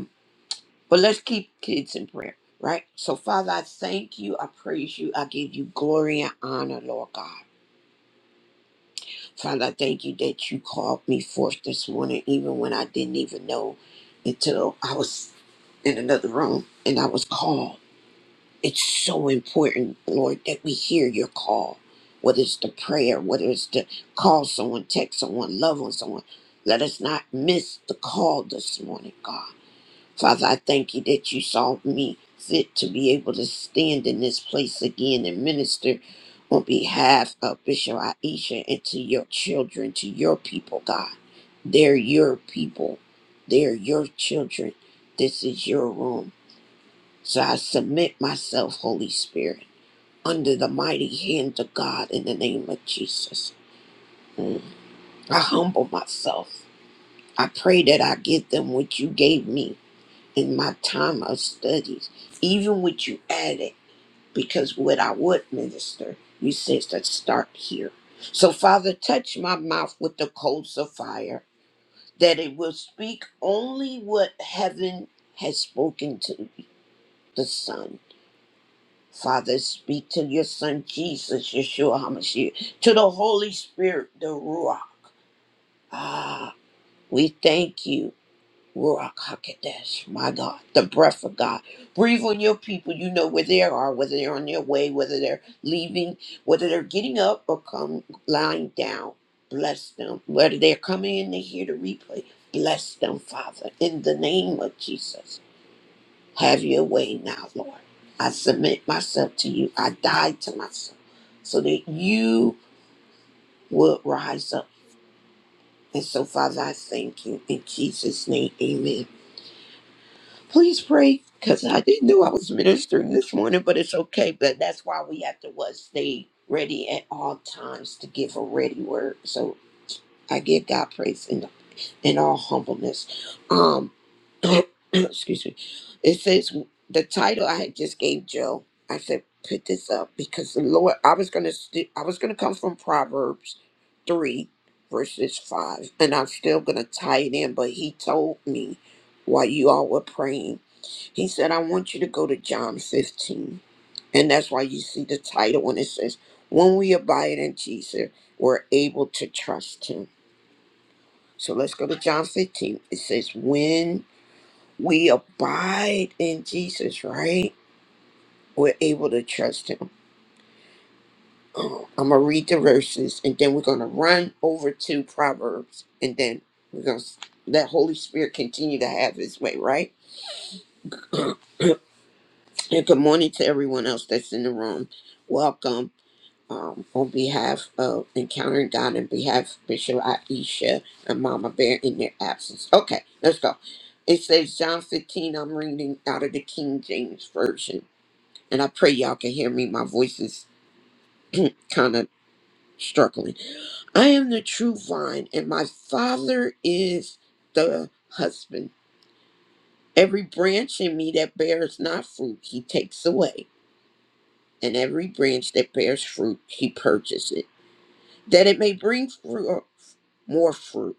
but let's keep kids in prayer, right? So, Father, I thank you. I praise you. I give you glory and honor, Lord God. Father, I thank you that you called me forth this morning, even when I didn't even know until I was in another room and I was called. It's so important, Lord, that we hear your call, whether it's the prayer, whether it's to call someone, text someone, love on someone. Let us not miss the call this morning, God. Father, I thank you that you saw me fit to be able to stand in this place again and minister on behalf of Bishop Aisha and to your children, to your people, God. They're your people, they're your children. This is your room. So I submit myself, Holy Spirit, under the mighty hand of God in the name of Jesus. Mm. I humble myself. I pray that I give them what you gave me in my time of studies, even with you added, because what I would minister, you said to start here. So, Father, touch my mouth with the coals of fire, that it will speak only what heaven has spoken to the Son. Father, speak to your Son Jesus, Yeshua HaMashiach, to the Holy Spirit, the Ruah. Ah, we thank you Ruach HaKodesh, my God, the breath of God. Breathe on your people. You know where they are, whether they're on their way, whether they're leaving, whether they're getting up or come lying down. Bless them. Whether they're coming in to hear the replay, bless them, Father, in the name of Jesus. Have your way now, Lord. I submit myself to you. I die to myself so that you will rise up. And so, Father, I thank you. In Jesus' name, amen. Please pray because I didn't know I was ministering this morning, but it's okay. But that's why we have to what, stay ready at all times to give a ready word. So I give God praise in in all humbleness. Um, excuse me. It says the title I had just gave Joe. I said put this up because the Lord. I was gonna st- I was gonna come from Proverbs three verses five, and I'm still gonna tie it in. But He told me while you all were praying he said, I want you to go to John 15. And that's why you see the title when it says, When we abide in Jesus, we're able to trust him. So let's go to John 15. It says, When we abide in Jesus, right? We're able to trust him. Oh, I'm going to read the verses and then we're going to run over to Proverbs and then we're going to let Holy Spirit continue to have his way, right? and good morning to everyone else that's in the room. Welcome. um, on behalf of Encountering God and behalf of Bishop Aisha and Mama Bear in their absence. Okay, let's go. It says John 15, I'm reading out of the King James Version, and I pray y'all can hear me. My voice is kind of struggling. I am the true vine, and my Father is the husband. Every branch in me that bears not fruit, he takes away, and every branch that bears fruit, he purges it that it may bring fruit, uh, more fruit.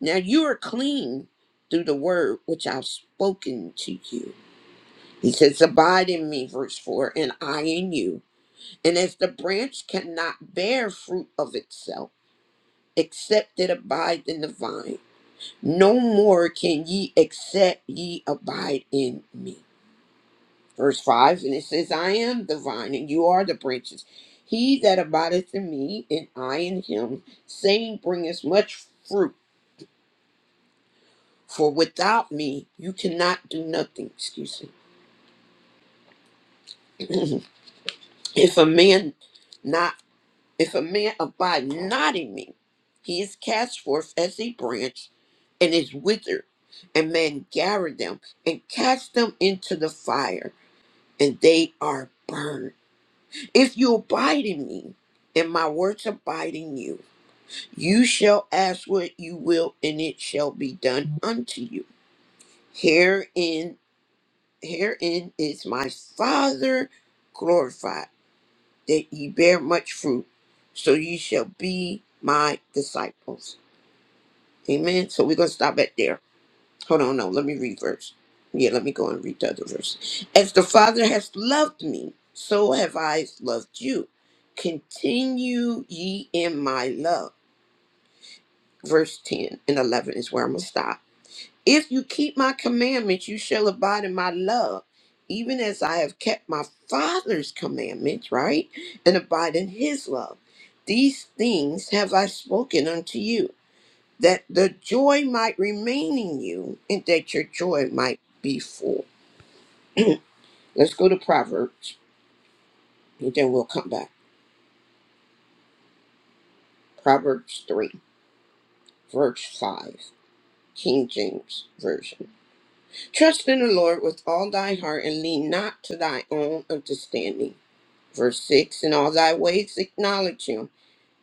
Now you are clean through the word which I've spoken to you. He says, Abide in me, verse 4, and I in you. And as the branch cannot bear fruit of itself, except it abide in the vine, no more can ye except ye abide in me. Verse 5, and it says, I am the vine, and you are the branches. He that abideth in me, and I in him, same bringeth much fruit For without me, you cannot do nothing. Excuse me. if a man not, if a man abide not in me, he is cast forth as a branch, and is withered, and men gather them and cast them into the fire, and they are burned. If you abide in me, and my words abide in you, you shall ask what you will, and it shall be done unto you. Herein Herein is my Father glorified, that ye bear much fruit, so ye shall be my disciples. Amen. So we're going to stop at there. Hold on, no, let me read verse. Yeah, let me go and read the other verse. As the Father has loved me, so have I loved you. Continue ye in my love. Verse 10 and 11 is where I'm going to stop. If you keep my commandments, you shall abide in my love, even as I have kept my Father's commandments, right? And abide in his love. These things have I spoken unto you, that the joy might remain in you, and that your joy might be full. Let's go to Proverbs, and then we'll come back. Proverbs 3, verse 5, King James Version. Trust in the Lord with all thy heart, and lean not to thy own understanding Verse 6 In all thy ways acknowledge him,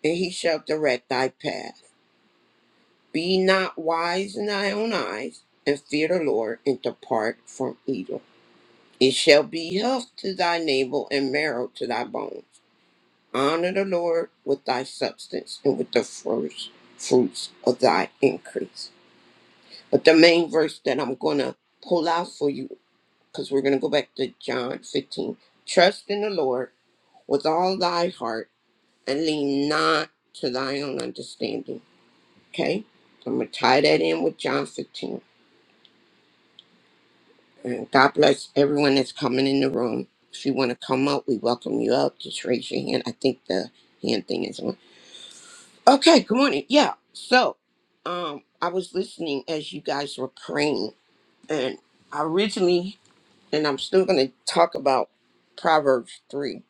and he shall direct thy path. Be not wise in thy own eyes, and fear the Lord, and depart from evil. It shall be health to thy navel, and marrow to thy bones. Honor the Lord with thy substance, and with the first fruits of thy increase. But the main verse that I'm going to pull out for you, because we're going to go back to John 15 Trust in the Lord with all thy heart and lean not to thy own understanding. Okay? So I'm going to tie that in with John 15. And God bless everyone that's coming in the room. If you want to come up, we welcome you up. Just raise your hand. I think the hand thing is on. Okay, good morning. Yeah. So, um, I was listening as you guys were praying, and I originally, and I'm still going to talk about Proverbs 3.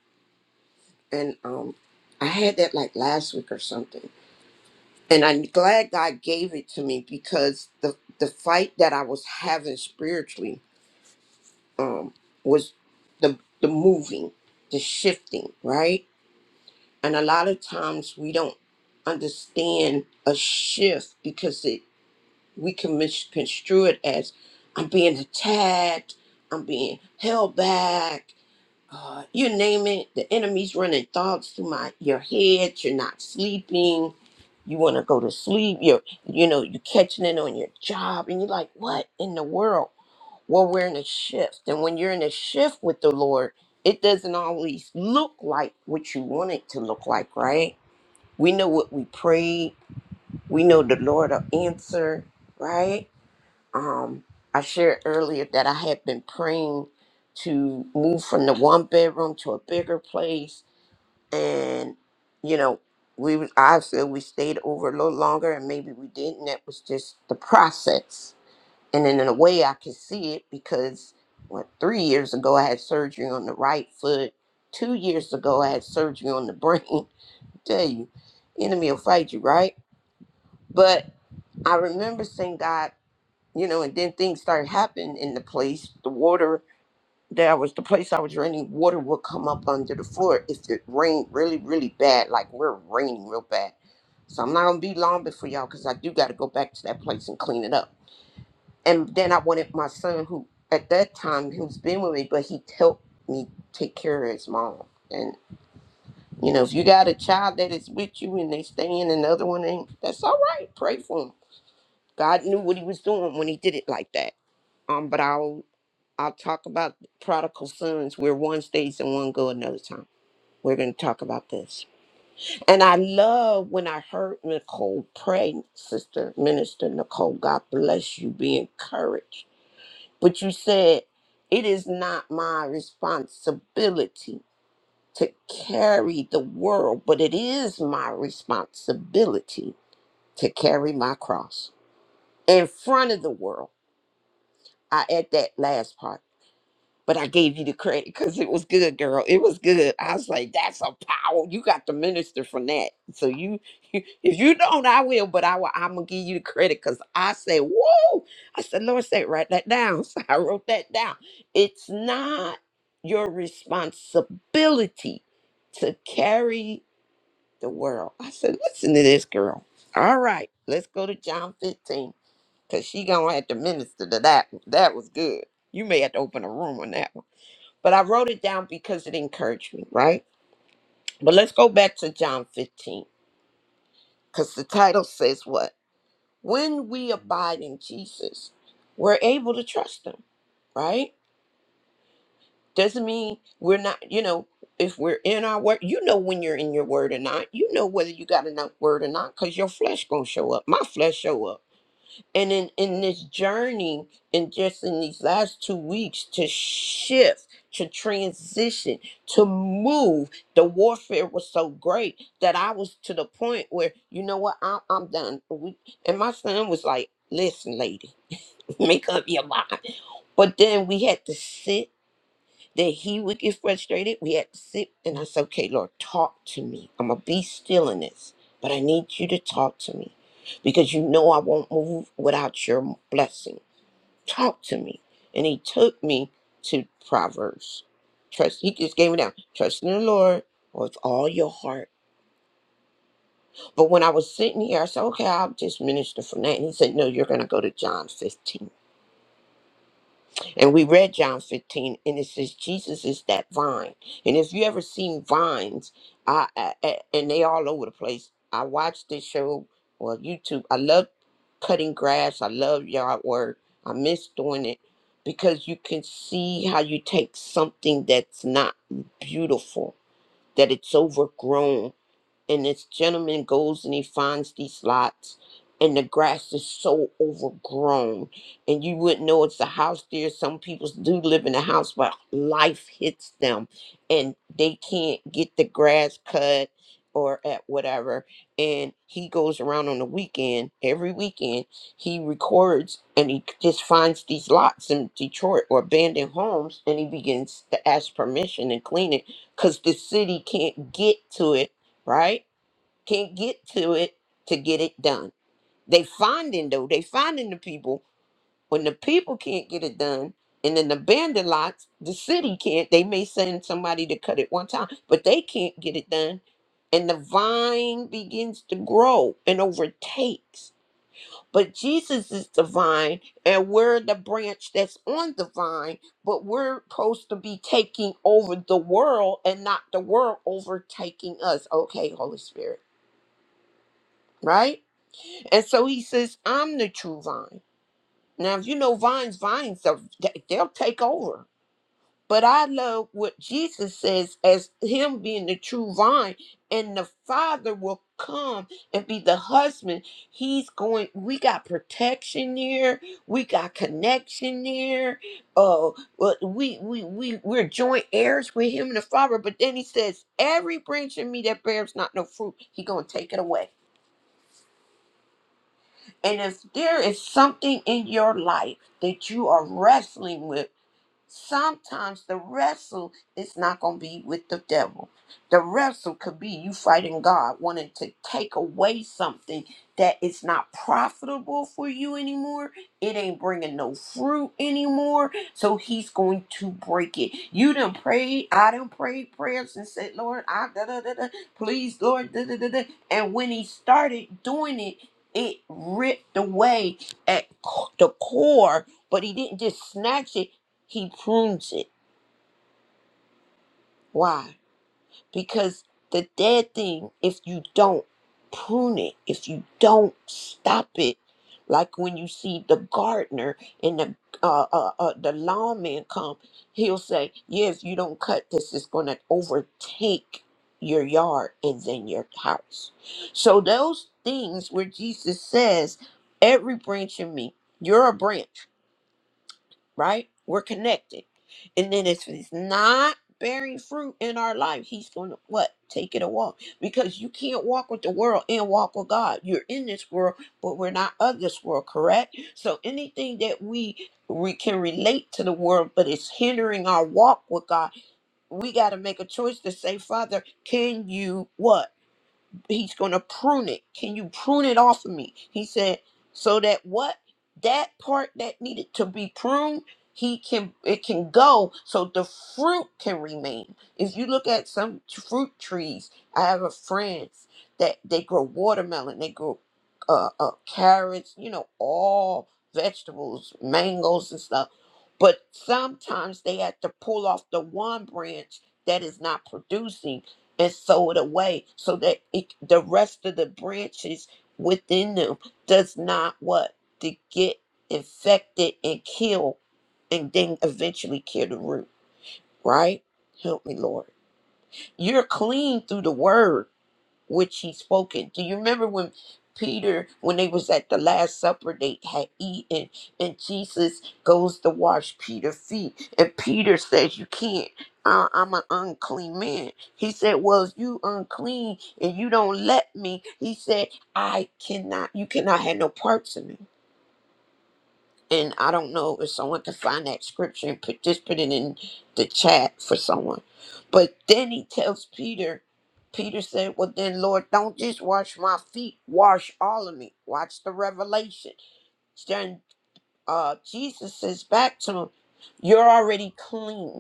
And um, I had that like last week or something and I'm glad God gave it to me because the the fight that I was having spiritually um was the the moving, the shifting, right? And a lot of times we don't understand a shift because it we can misconstrue it as I'm being attacked, I'm being held back, uh, you name it, the enemy's running thoughts through my your head. You're not sleeping. You want to go to sleep. You're you know you're catching it on your job, and you're like, what in the world? Well, we're in a shift, and when you're in a shift with the Lord, it doesn't always look like what you want it to look like, right? We know what we prayed. We know the Lord will answer, right? um, I shared earlier that I had been praying to move from the one bedroom to a bigger place, and you know, we was- I feel we stayed over a little longer, and maybe we didn't. That was just the process, and then in a way, I could see it because what three years ago I had surgery on the right foot. Two years ago, I had surgery on the brain. tell you, enemy will fight you, right? But I remember saying, God you know, and then things started happening in the place. The water that I was, the place I was renting, water would come up under the floor if it rained really, really bad, like we're raining real bad. So I'm not gonna be long before y'all, cause I do got to go back to that place and clean it up. And then I wanted my son, who at that time who's been with me, but he helped me take care of his mom. And you know, if you got a child that is with you and they staying, and the other one ain't, that's all right. Pray for him. God knew what He was doing when He did it like that. Um, but I I'll talk about prodigal sons where one stays and one go another time. We're going to talk about this. And I love when I heard Nicole pray, Sister Minister Nicole, God bless you, be encouraged. But you said, it is not my responsibility to carry the world, but it is my responsibility to carry my cross in front of the world. I add that last part but I gave you the credit because it was good, girl. It was good. I was like, that's a power. You got to minister from that. So you, you if you don't, I will. But I will. I'm gonna give you the credit because I said, whoa. I said, Lord, say write that down. So I wrote that down. It's not your responsibility to carry the world. I said, listen to this, girl. All right, let's go to John 15 because she gonna have to minister to that. one. That was good. You may have to open a room on that. one." But I wrote it down because it encouraged me, right? But let's go back to John 15, because the title says what? When we abide in Jesus, we're able to trust him, right? Doesn't mean we're not, you know, if we're in our word, you know when you're in your word or not. You know whether you got enough word or not, because your flesh gonna show up. My flesh show up and in in this journey in just in these last two weeks to shift to transition to move the warfare was so great that i was to the point where you know what i'm, I'm done we, and my son was like listen lady make up your mind but then we had to sit that he would get frustrated. We had to sit and I said, okay, Lord, talk to me. I'm going to be still in this, but I need you to talk to me because you know I won't move without your blessing. Talk to me. And he took me to Proverbs. Trust, he just gave me down. Trust in the Lord with all your heart. But when I was sitting here, I said, okay, I'll just minister from that. And he said, no, you're going to go to John 15 And we read John 15, and it says Jesus is that vine. And if you ever seen vines, I, I, I- and they all over the place. I watched this show well YouTube. I love cutting grass. I love yard work. I miss doing it because you can see how you take something that's not beautiful, that it's overgrown, and this gentleman goes and he finds these lots and the grass is so overgrown and you wouldn't know it's a house there some people do live in a house but life hits them and they can't get the grass cut or at whatever and he goes around on the weekend every weekend he records and he just finds these lots in detroit or abandoned homes and he begins to ask permission and clean it because the city can't get to it right can't get to it to get it done. They finding though, they finding the people. When the people can't get it done, and then the abandoned lots, the city can't. They may send somebody to cut it one time, but they can't get it done. And the vine begins to grow and overtakes. But Jesus is the vine, and we're the branch that's on the vine, but we're supposed to be taking over the world and not the world overtaking us. Okay, Holy Spirit, right? And so he says, I'm the true vine. Now, if you know vines, vines, they'll, they'll take over. But I love what Jesus says as him being the true vine, and the Father will come and be the husband. He's going, we got protection here, we got connection here. Oh, well, we we we we're joint heirs with him and the Father. But then he says, Every branch in me that bears not no fruit, he gonna take it away. And if there is something in your life that you are wrestling with, sometimes the wrestle is not going to be with the devil. The wrestle could be you fighting God, wanting to take away something that is not profitable for you anymore. It ain't bringing no fruit anymore. So he's going to break it. You done prayed. I done prayed prayers and said, Lord, I da da da da. Please, Lord, da da da da. And when he started doing it, it ripped away at the core, but he didn't just snatch it he prunes it. Why? Because the dead thing, if you don't prune it, if you don't stop it, like when you see the gardener and the uh, uh, uh, the lawman come, he'll say, "Yeah, if you don't cut this, it's going to overtake your yard and then your house." So those things where Jesus says, "Every branch in me, you're a branch." right? We're connected. And then if it's not bearing fruit in our life, he's gonna what? Take it a walk. Because you can't walk with the world and walk with God. You're in this world, but we're not of this world, correct? So anything that we we can relate to the world, but it's hindering our walk with God. We gotta make a choice to say, Father, can you what? he's going to prune it. Can you prune it off of me? He said, so that what that part that needed to be pruned, he can it can go so the fruit can remain. If you look at some t- fruit trees, I have a friends that they grow watermelon, they grow uh, uh carrots, you know, all vegetables, mangoes and stuff. But sometimes they have to pull off the one branch that is not producing and sow it away so that it, the rest of the branches within them does not what to get infected and kill and then eventually kill the root right help me lord you're clean through the word which he spoke it. Do you remember when Peter, when they was at the Last Supper, they had eaten, and Jesus goes to wash Peter's feet, and Peter says, "You can't. I, I'm an unclean man." He said, "Well, you unclean, and you don't let me." He said, "I cannot. You cannot have no parts in me." And I don't know if someone can find that scripture and put just put it in the chat for someone. But then he tells Peter, Peter said, Well then Lord, don't just wash my feet, wash all of me. Watch the revelation. Then uh Jesus says back to him, You're already clean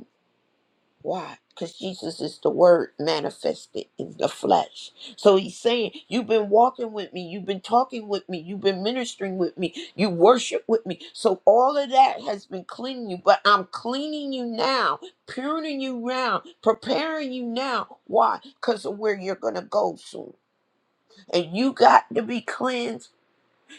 why? Because Jesus is the Word manifested in the flesh. So he's saying, You've been walking with me, you've been talking with me, you've been ministering with me, you worship with me. So all of that has been cleaning you, but I'm cleaning you now, purging you now, preparing you now. Why? Because of where you're going to go soon. And you got to be cleansed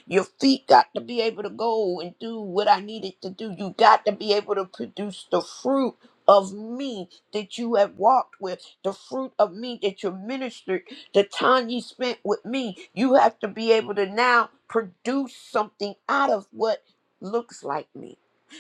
your feet got to be able to go and do what I needed to do. You got to be able to produce the fruit of me that you have walked with, the fruit of me that you ministered, the time you spent with me. You have to be able to now produce something out of what looks like me.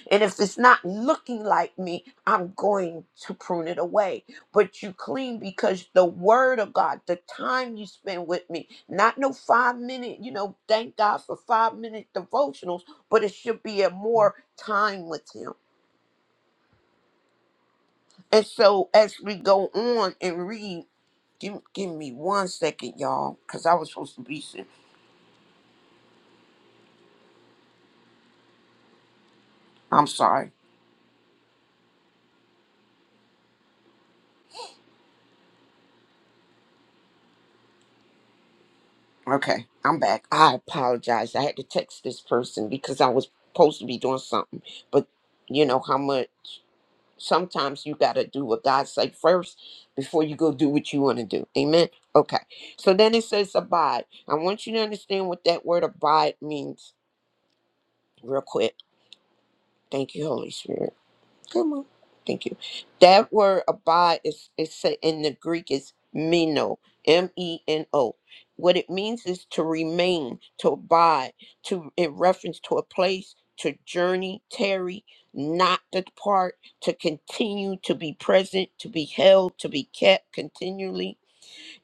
And if it's not looking like me, I'm going to prune it away. But you clean because the word of God, the time you spend with me, not no five minute you know thank god for five minute devotionals but it should be a more time with him and so as we go on and read give, give me one second y'all because i was supposed to be si- i'm sorry okay i'm back i apologize i had to text this person because i was supposed to be doing something but you know how much sometimes you got to do what God say first before you go do what you want to do. Amen. Okay. So then it says abide. I want you to understand what that word abide means real quick. Thank you, Holy Spirit. Come on, Thank you. That word abide is is sa- in the Greek is meno, M E N O. What it means is to remain, to abide, to in reference to a place, to journey, tarry, not depart, to continue, to be present, to be held, to be kept continually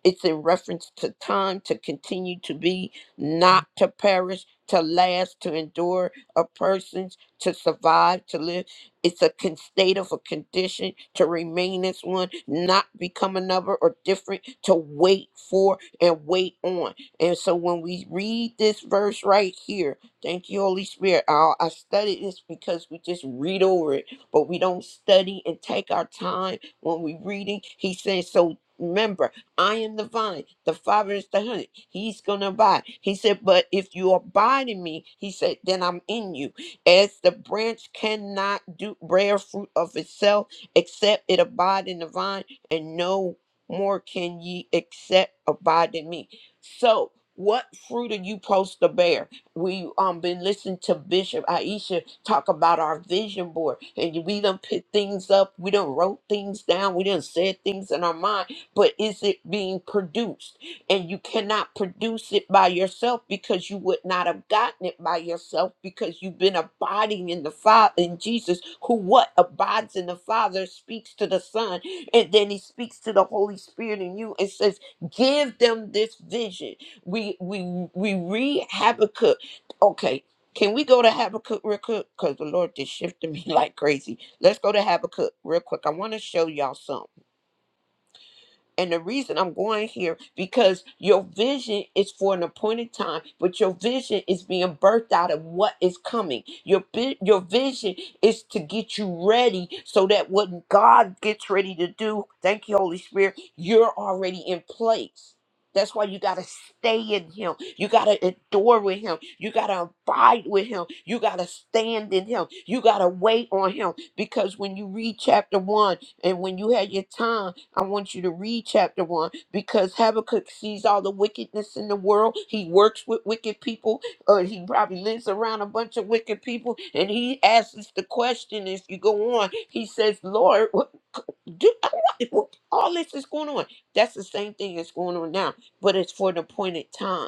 it's in reference to time to continue to be, not to perish, to last, to endure, a person's to survive, to live. It's a con- state of a condition to remain as one, not become another or different, to wait for and wait on. And so when we read this verse right here, thank you, Holy Spirit. I, I studied this because we just read over it, but we don't study and take our time when we reading. He's saying, so remember, I am the vine, the Father is the honey. He's going to abide. He said, But if you abide in me, he said, then I'm in you. As the branch cannot do bear fruit of itself, except it abide in the vine, and no more can ye except abide in me. So, what fruit are you supposed to bear? We um been listening to Bishop Aisha talk about our vision board, and we done put things up, we done wrote things down, we done said things in our mind but is it being produced? And you cannot produce it by yourself because you would not have gotten it by yourself because you've been abiding in the Father, in Jesus, who what abides in the Father speaks to the Son, and then he speaks to the Holy Spirit in you and says, Give them this vision. We we we read Habakkuk. Okay. Can we go to Habakkuk real quick? Because the Lord just shifted me like crazy. Let's go to Habakkuk real quick. I want to show y'all something. And the reason I'm going here because your vision is for an appointed time, but your vision is being birthed out of what is coming. Your bi- your vision is to get you ready so that when God gets ready to do, thank you, Holy Spirit, you're already in place. That's why you got to stay in him. You got to adore with him. You got to abide with him. You got to stand in him. You got to wait on him. Because when you read chapter one and when you had your time, I want you to read chapter 1 because Habakkuk sees all the wickedness in the world. He works with wicked people. Uh, he probably lives around a bunch of wicked people. And he asks the question as you go on. He says, Lord, what, do, I want- what- all this is going on. That's the same thing that's going on now, but it's for an appointed time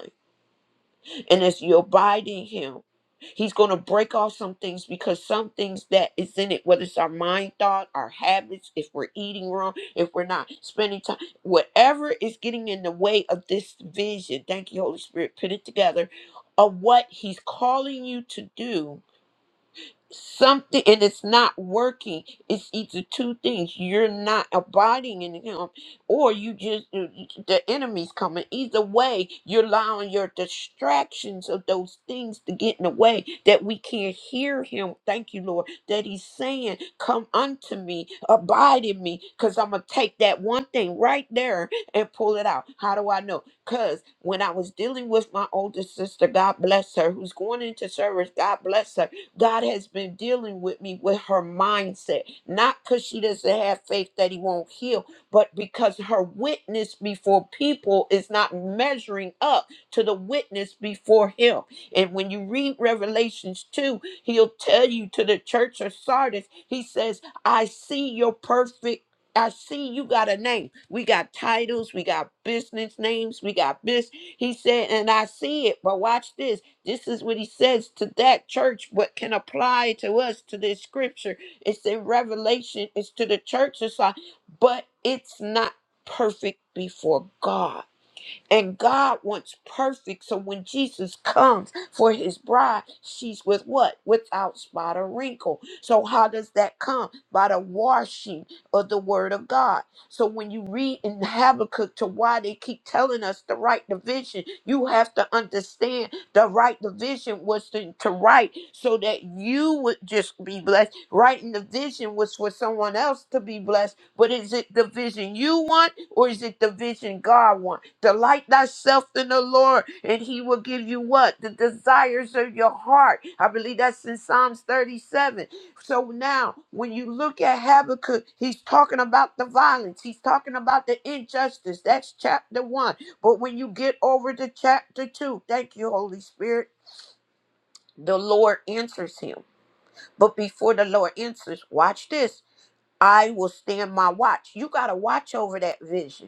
and as you abide in him, he's going to break off some things because some things that is in it, whether it's our mind thought, our habits, if we're eating wrong, if we're not spending time, whatever is getting in the way of this vision, thank you, Holy Spirit, put it together of what he's calling you to do something and it's not working it's either two things you're not abiding in him or you just the enemy's coming either way you're allowing your distractions of those things to get in the way that we can't hear him thank you lord that he's saying come unto me abide in me because i'm gonna take that one thing right there and pull it out how do i know because when i was dealing with my older sister god bless her who's going into service god bless her God has been dealing with me with her mindset, not because she doesn't have faith that He won't heal, but because her witness before people is not measuring up to the witness before Him. And when you read Revelations 2, He'll tell you to the church of Sardis, He says, I see your perfect. I see you got a name. We got titles. We got business names. We got this. He said, and I see it, but watch this. This is what he says to that church. What can apply to us to this scripture? It's in Revelation. It's to the church. It's like, but it's not perfect before God. And God wants perfect. So when Jesus comes for his bride, she's with what? Without spot or wrinkle. So how does that come? By the washing of the word of God. So when you read in Habakkuk to why they keep telling us the right division, you have to understand the right division was to, to write so that you would just be blessed. Writing the vision was for someone else to be blessed but is it the vision you want or is it the vision God wants? Delight thyself in the Lord and he will give you what? The desires of your heart. I believe that's in Psalms 37. So now when you look at Habakkuk, he's talking about the violence. He's talking about the injustice. That's chapter one. But when you get over to chapter two, thank you, Holy Spirit, the Lord answers him. But before the Lord answers, watch this. I will stand my watch. You got to watch over that vision.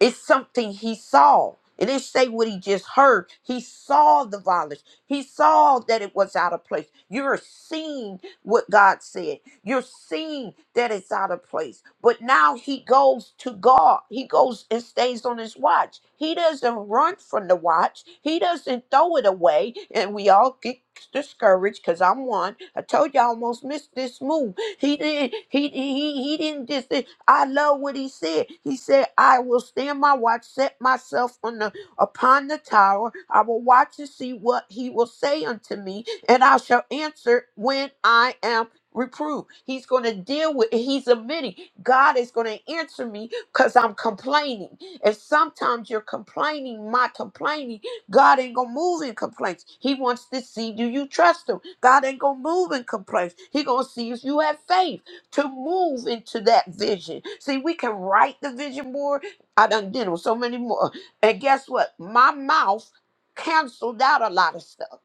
It's something he saw. It didn't say what he just heard. He saw the violence. He saw that it was out of place. You're seeing what God said. You're seeing that it's out of place. But now he goes to God. He goes and stays on his watch. He doesn't run from the watch. He doesn't throw it away. And we all get discouraged because I'm one. I told you I almost missed this move. He didn't. He he he didn't just. I love what he said. He said, I will stand my watch, set myself on the upon the tower. I will watch to see what he will say unto me, and I shall answer when I am reproved. He's going to deal with it. He's admitting God is going to answer me because I'm complaining. And sometimes you're complaining, my complaining. God ain't going to move in complaints. He wants to see do you trust him. God ain't going to move in complaints. He going to see if you have faith to move into that vision. See, we can write the vision board. I done did with so many more. And guess what? My mouth canceled out a lot of stuff.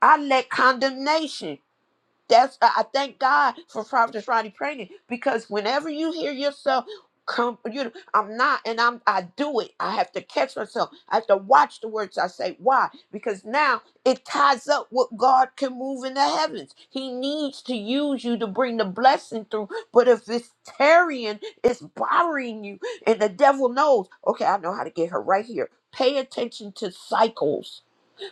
I let condemnation. That's I I thank God for Prophetess Ronnie Praying because whenever you hear yourself come, you know, I'm not and I'm I do it. I have to catch myself. I have to watch the words I say. Why? Because now it ties up what God can move in the heavens. He needs to use you to bring the blessing through. But if it's tarrying, it's bothering you, and the devil knows, okay, I know how to get her right here. Pay attention to cycles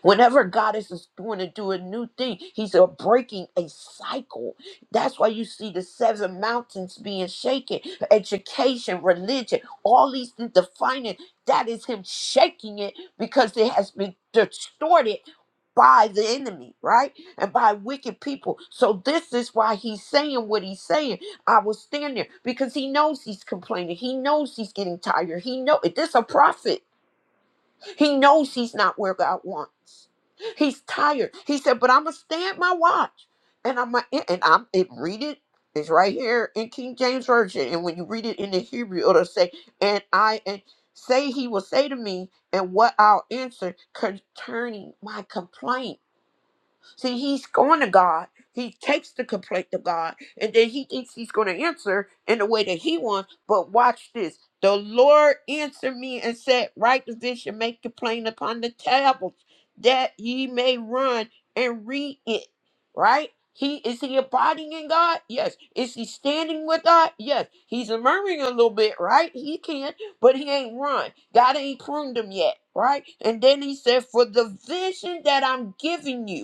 Whenever God is just going to do a new thing, He's uh, breaking a cycle. That's why you see the seven mountains being shaken, education, religion, all these things, the finance. That is Him shaking it because it has been distorted by the enemy, right? And by wicked people. So this is why he's saying what he's saying. I will stand there because he knows he's complaining. He knows he's getting tired. He know this a prophet. He knows he's not where God wants. He's tired. He said, "But I'm gonna stand my watch, and I'm gonna, and I'm it, read it. It's right here in King James version, and when you read it in the Hebrew, it'll say, "And I and say he will say to me, and what I'll answer concerning my complaint." See, he's going to God. He takes the complaint to God, and then he thinks he's going to answer in the way that he wants. But watch this. The Lord answered me and said, Write the vision, make the plain upon the tablets, that ye may run and read it. Right? He is he abiding in God? Yes. Is he standing with God? Yes. He's murmuring a little bit, right? He can, but he ain't run. God ain't pruned him yet, right? And then he said, For the vision that I'm giving you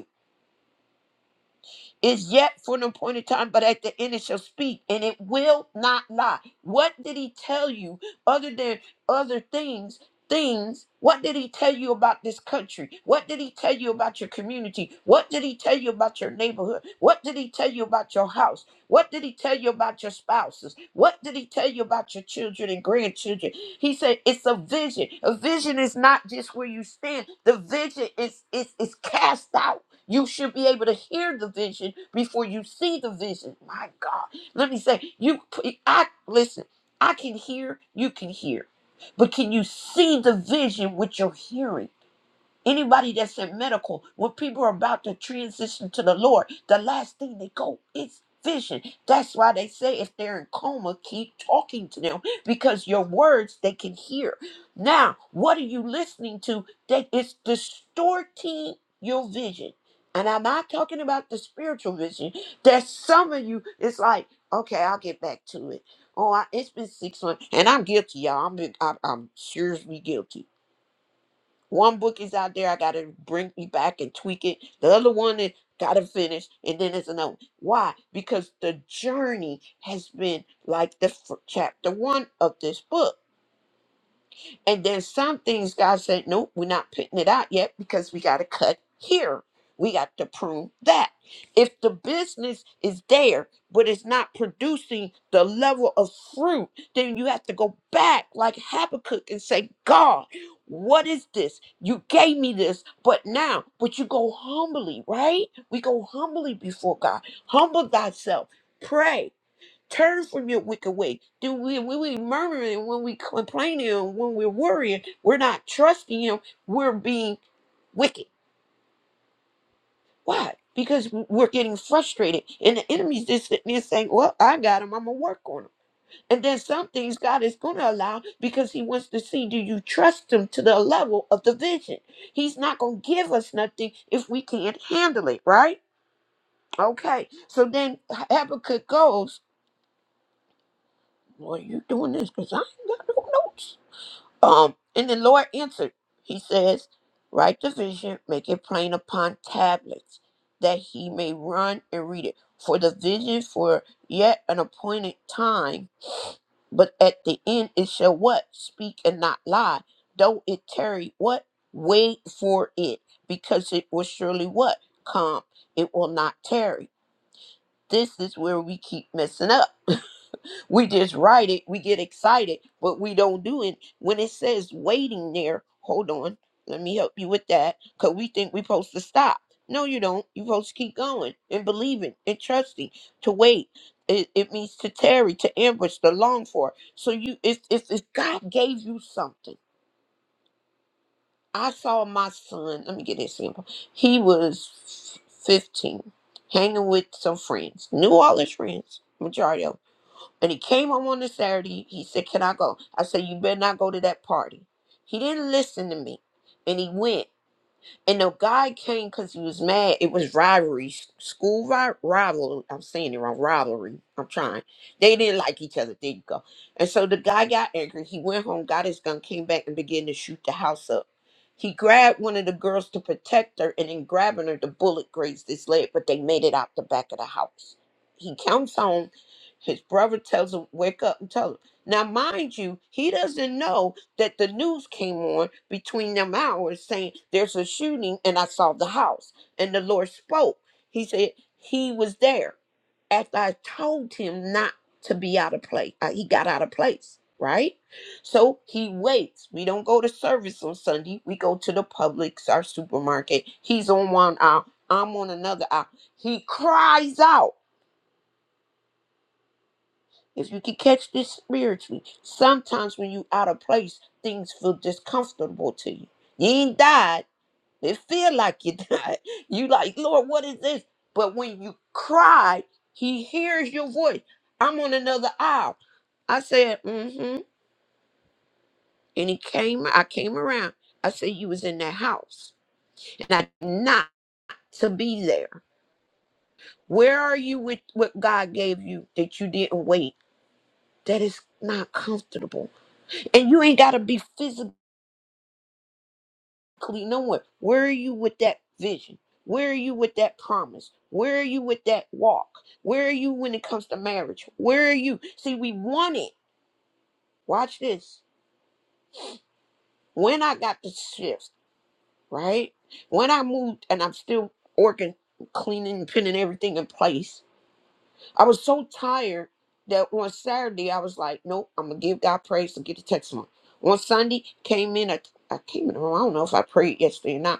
is yet for an appointed time, but at the end it shall speak, and it will not lie. What did he tell you other than other things? Things, what did he tell you about this country? What did he tell you about your community? What did he tell you about your neighborhood? What did he tell you about your house? What did he tell you about your spouses? What did he tell you about your children and grandchildren? He said it's a vision. A vision is not just where you stand. The vision is is is cast out. You should be able to hear the vision before you see the vision. My God. Let me say, you I listen, I can hear, you can hear. But can you see the vision with your hearing? Anybody that's in medical, when people are about to transition to the Lord, the last thing they go is vision. That's why they say if they're in coma, keep talking to them because your words they can hear. Now, what are you listening to that is distorting your vision? And I'm not talking about the spiritual vision. That some of you, it's like, okay, I'll get back to it. Oh, I, it's been six months, and I'm guilty, y'all. I'm, been, I, I'm seriously guilty. One book is out there. I got to bring me back and tweak it. The other one is got to finish, and then there's another. one. Why? Because the journey has been like the fir- chapter one of this book. And then some things God said, nope, we're not putting it out yet because we got to cut here. We got to prune that. If the business is there, but it's not producing the level of fruit, then you have to go back like Habakkuk and say, God, what is this? You gave me this, but now, but you go humbly, right? We go humbly before God. Humble thyself. Pray Turn from your wicked way. Do we when we murmuring, when we complaining, or when we're worrying, we're not trusting him, we're being wicked. Why? Because we're getting frustrated. And the enemy's just sitting there saying, Well, I got him, I'm gonna work on him. And then some things God is gonna allow because he wants to see do you trust him to the level of the vision? He's not gonna give us nothing if we can't handle it, right? Okay. So then Habakkuk goes, Well, you doing this because I ain't got no notes. Um, and the Lord answered, He says, Write the vision, make it plain upon tablets, that he may run and read it. For the vision for yet an appointed time, but at the end it shall what? Speak and not lie. Though it tarry, what? Wait for it, because it will surely what? Come. It will not tarry. This is where we keep messing up. We just write it, we get excited, but we don't do it. When it says waiting there, hold on, let me help you with that. Cause we think we're supposed to stop. No, you don't. You're supposed to keep going and believing and trusting to wait. It, it means to tarry, to ambush, to long for. So you if if, if God gave you something. I saw my son, let me get this simple. He was 15, hanging with some friends, New Orleans friends, majority of 'em and he came home on the Saturday. He said, Can I go? I said, You better not go to that party. He didn't listen to me. And he went. And the guy came because he was mad. It was rivalry, s- school ri- rivalry. I'm saying it wrong, rivalry. I'm trying. They didn't like each other. There you go. And so the guy got angry. He went home, got his gun, came back, and began to shoot the house up. He grabbed one of the girls to protect her, and in grabbing her, the bullet grazed his leg, but they made it out the back of the house. He comes home. His brother tells him, Wake up and tell him. Now, mind you, he doesn't know that the news came on between them hours saying there's a shooting and I saw the house. And the Lord spoke. He said he was there after I told him not to be out of place. Uh, he got out of place, right? So he waits. We don't go to service on Sunday. We go to the Publix, our supermarket. He's on one aisle. I'm on another aisle. He cries out. If you can catch this spiritually, sometimes when you out of place, things feel discomfortable to you. You ain't died. It feel like you died. You like, Lord, what is this? But when you cry, he hears your voice. I'm on another aisle. I said, mm-hmm. And he came, I came around. I said, you was in that house. And I did not to be there. Where are you with what God gave you that you didn't wait? That is not comfortable. And you ain't gotta be physical clean. No one. Where are you with that vision? Where are you with that promise? Where are you with that walk? Where are you when it comes to marriage? Where are you? See, we want it. Watch this. When I got the shift, right? When I moved and I'm still working, cleaning, pinning everything in place, I was so tired that on Saturday I was like, nope, I'm going to give God praise and get the text on. On Sunday, came in, I, I came in, I don't know if I prayed yesterday or not.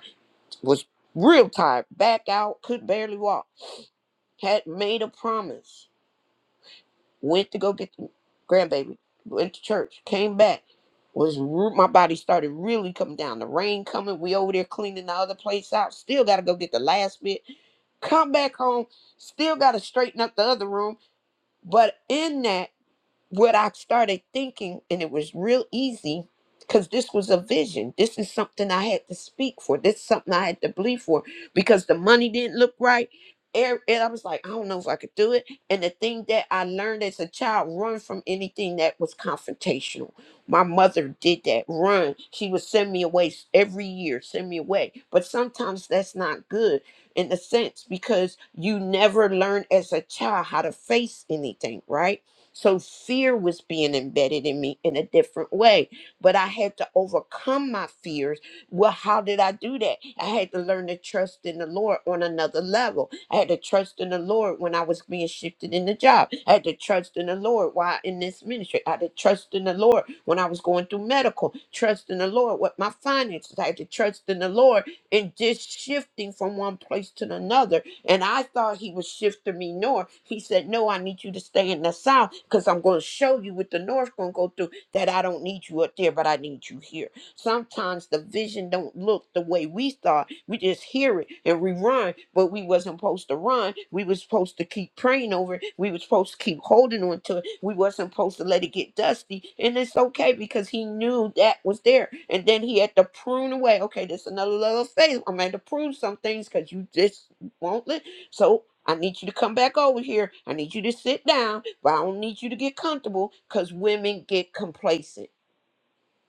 was real tired, back out, could barely walk. Had made a promise, went to go get the grandbaby, went to church, came back. Was re- my body started really coming down. The rain coming, we over there cleaning the other place out. Still gotta go get the last bit. Come back home, still gotta straighten up the other room. But in that what I started thinking, and it was real easy because this was a vision. This is something I had to speak for. This is something I had to believe for because the money didn't look right. And and I was like, I don't know if I could do it. And the thing that I learned as a child, run from anything that was confrontational. My mother did that. Run. She would send me away s- every year, send me away. But sometimes that's not good in a sense because you never learn as a child how to face anything, right? So fear was being embedded in me in a different way, but I had to overcome my fears. Well, how did I do that? I had to learn to trust in the Lord on another level. I had to trust in the Lord when I was being shifted in the job. I had to trust in the Lord while in this ministry. I had to trust in the Lord when I was going through medical. Trust in the Lord with my finances. I had to trust in the Lord in just shifting from one place to another and I thought he was shifting me north. He said, No, I need you to stay in the south because I'm going to show you what the north going to go through that I don't need you up there, but I need you here. Sometimes the vision don't look the way we thought. We just hear it and we run, but we wasn't supposed to run. We was supposed to keep praying over it. We was supposed to keep holding on to it. We wasn't supposed to let it get dusty. And it's okay because he knew that was there. And then he had to prune away. Okay, this another level of faith. I'm going to prune some things because you just won't let. So I need you to come back over here. I need you to sit down, but I don't need you to get comfortable because women get complacent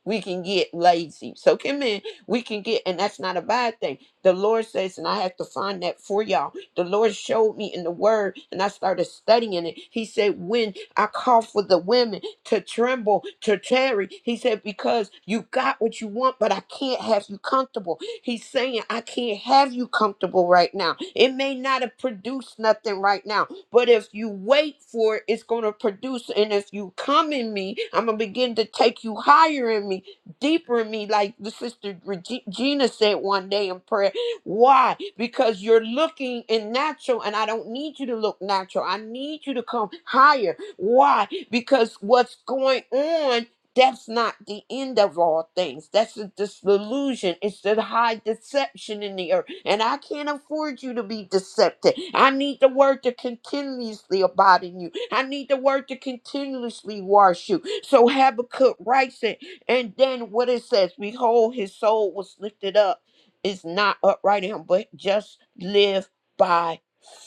we can get lazy. So come in, we can get, and that's not a bad thing. The Lord says, and I have to find that for y'all. The Lord showed me in the word, and I started studying it. He said, When I call for the women to tremble, to tarry, he said, Because you got what you want, but I can't have you comfortable. He's saying, I can't have you comfortable right now. It may not have produced nothing right now. But if you wait for it, it's going to produce. And if you come in me, I'm going to begin to take you higher in me, deeper in me, like the sister Reg- Gina said one day in prayer. Why? Because you're looking in natural, and I don't need you to look natural. I need you to come higher. Why? Because what's going on? that's not the end of all things. That's the disillusion. It's the high deception in the earth. And I can't afford you to be deceptive. I need the word to continuously abide in you. I need the word to continuously wash you. So Habakkuk writes it. And then what it says, behold, his soul was lifted up. Is not upright in him, but just live by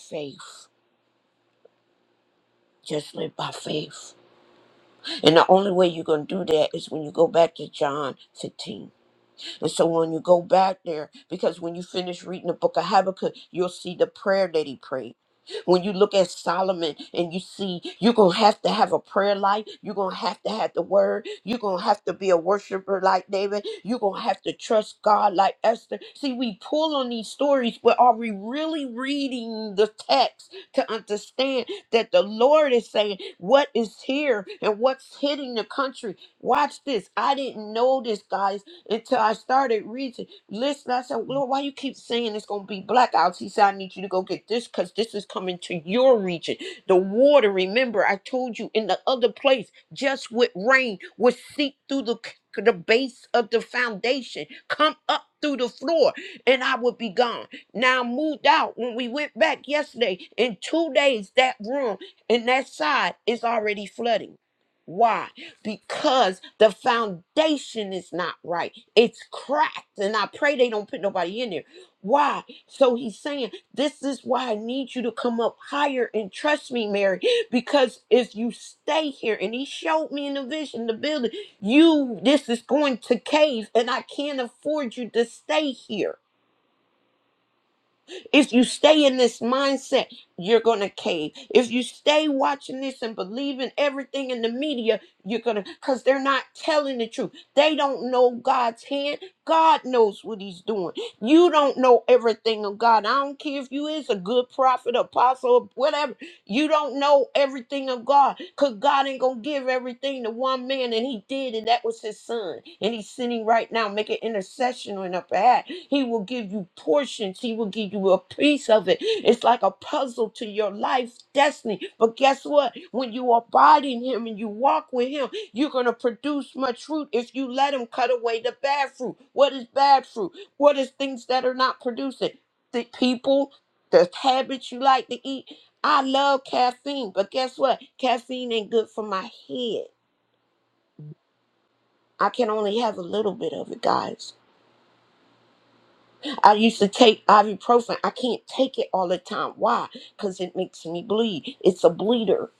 faith. Just live by faith. And the only way you're going to do that is when you go back to John 15 And so when you go back there, because when you finish reading the book of Habakkuk, you'll see the prayer that he prayed. When you look at Solomon and you see you're going to have to have a prayer life, you're going to have to have the word, you're going to have to be a worshiper like David, you're going to have to trust God like Esther. See, we pull on these stories, but are we really reading the text to understand that the Lord is saying what is here and what's hitting the country? Watch this. I didn't know this, guys until I started reading. Listen, I said, Lord, why you keep saying it's gonna be blackouts? He said, I need you to go get this because this is coming to your region. The water, remember, I told you in the other place, just with rain, would seep through the the base of the foundation, come up through the floor, and I would be gone. Now I moved out when we went back yesterday. In two days, that room and that side is already flooding. Why? because the foundation is not right. It's cracked. And I pray they don't put nobody in there. Why? So he's saying, This is why I need you to come up higher and trust me, Mary, because if you stay here, and he showed me in the vision, the building, you, this is going to cave, and I can't afford you to stay here. If you stay in this mindset, you're going to cave. If you stay watching this and believing everything in the media, you're going to, because they're not telling the truth. They don't know God's hand. God knows what he's doing. You don't know everything of God. I don't care if you is a good prophet, apostle, whatever. You don't know everything of God because God ain't going to give everything to one man, and He did, and that was His Son. And He's sitting right now making intercession on our behalf. He will give you portions, He will give you a piece of it. It's like a puzzle to your life destiny. But guess what? When you abide in Him and you walk with Him, you're going to produce much fruit if you let Him cut away the bad fruit. What is bad fruit? What is things that are not producing? The people, the habits you like to eat, I love caffeine, but guess what? Caffeine ain't good for my head. I can only have a little bit of it, guys. I used to take ibuprofen. I can't take it all the time. Why? Because it makes me bleed. It's a bleeder.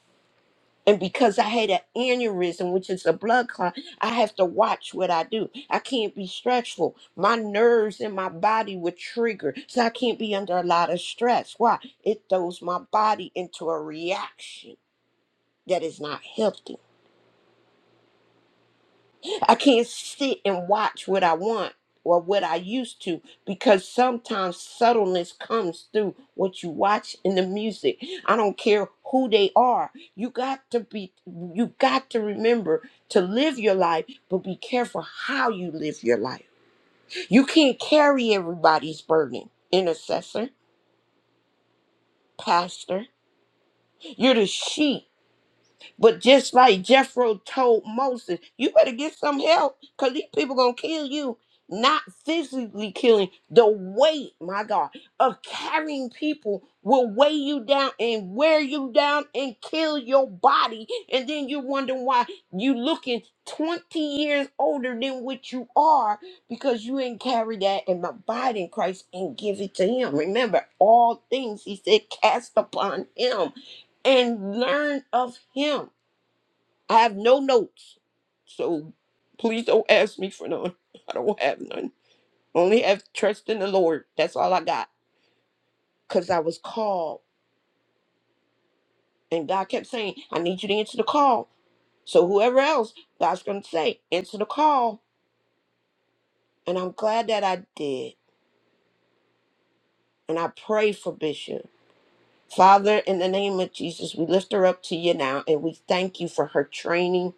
And because I had an aneurysm, which is a blood clot, I have to watch what I do. I can't be stressful. My nerves and my body would trigger. So I can't be under a lot of stress. Why? It throws my body into a reaction that is not healthy. I can't sit and watch what I want or what I used to because sometimes subtleness comes through what you watch in the music. I don't care who they are. You got to be you got to remember to live your life, but be careful how you live your life. You can't carry everybody's burden, intercessor, pastor. You're the sheep But just like Jethro told Moses, you better get some help because these people gonna kill you. Not physically killing, the weight, my God, of carrying people will weigh you down and wear you down and kill your body. And then you wonder why you looking 20 years older than what you are because you ain't carry that and abide in Christ and give it to him. Remember, all things he said cast upon him and learn of him I have no notes. So please don't ask me for none. I don't have none. Only have trust in the Lord. That's all I got. Because I was called. And God kept saying, I need you to answer the call. So whoever else, God's going to say, answer the call. And I'm glad that I did. And I pray for Bishop. Father, in the name of Jesus, we lift her up to you now and we thank you for her training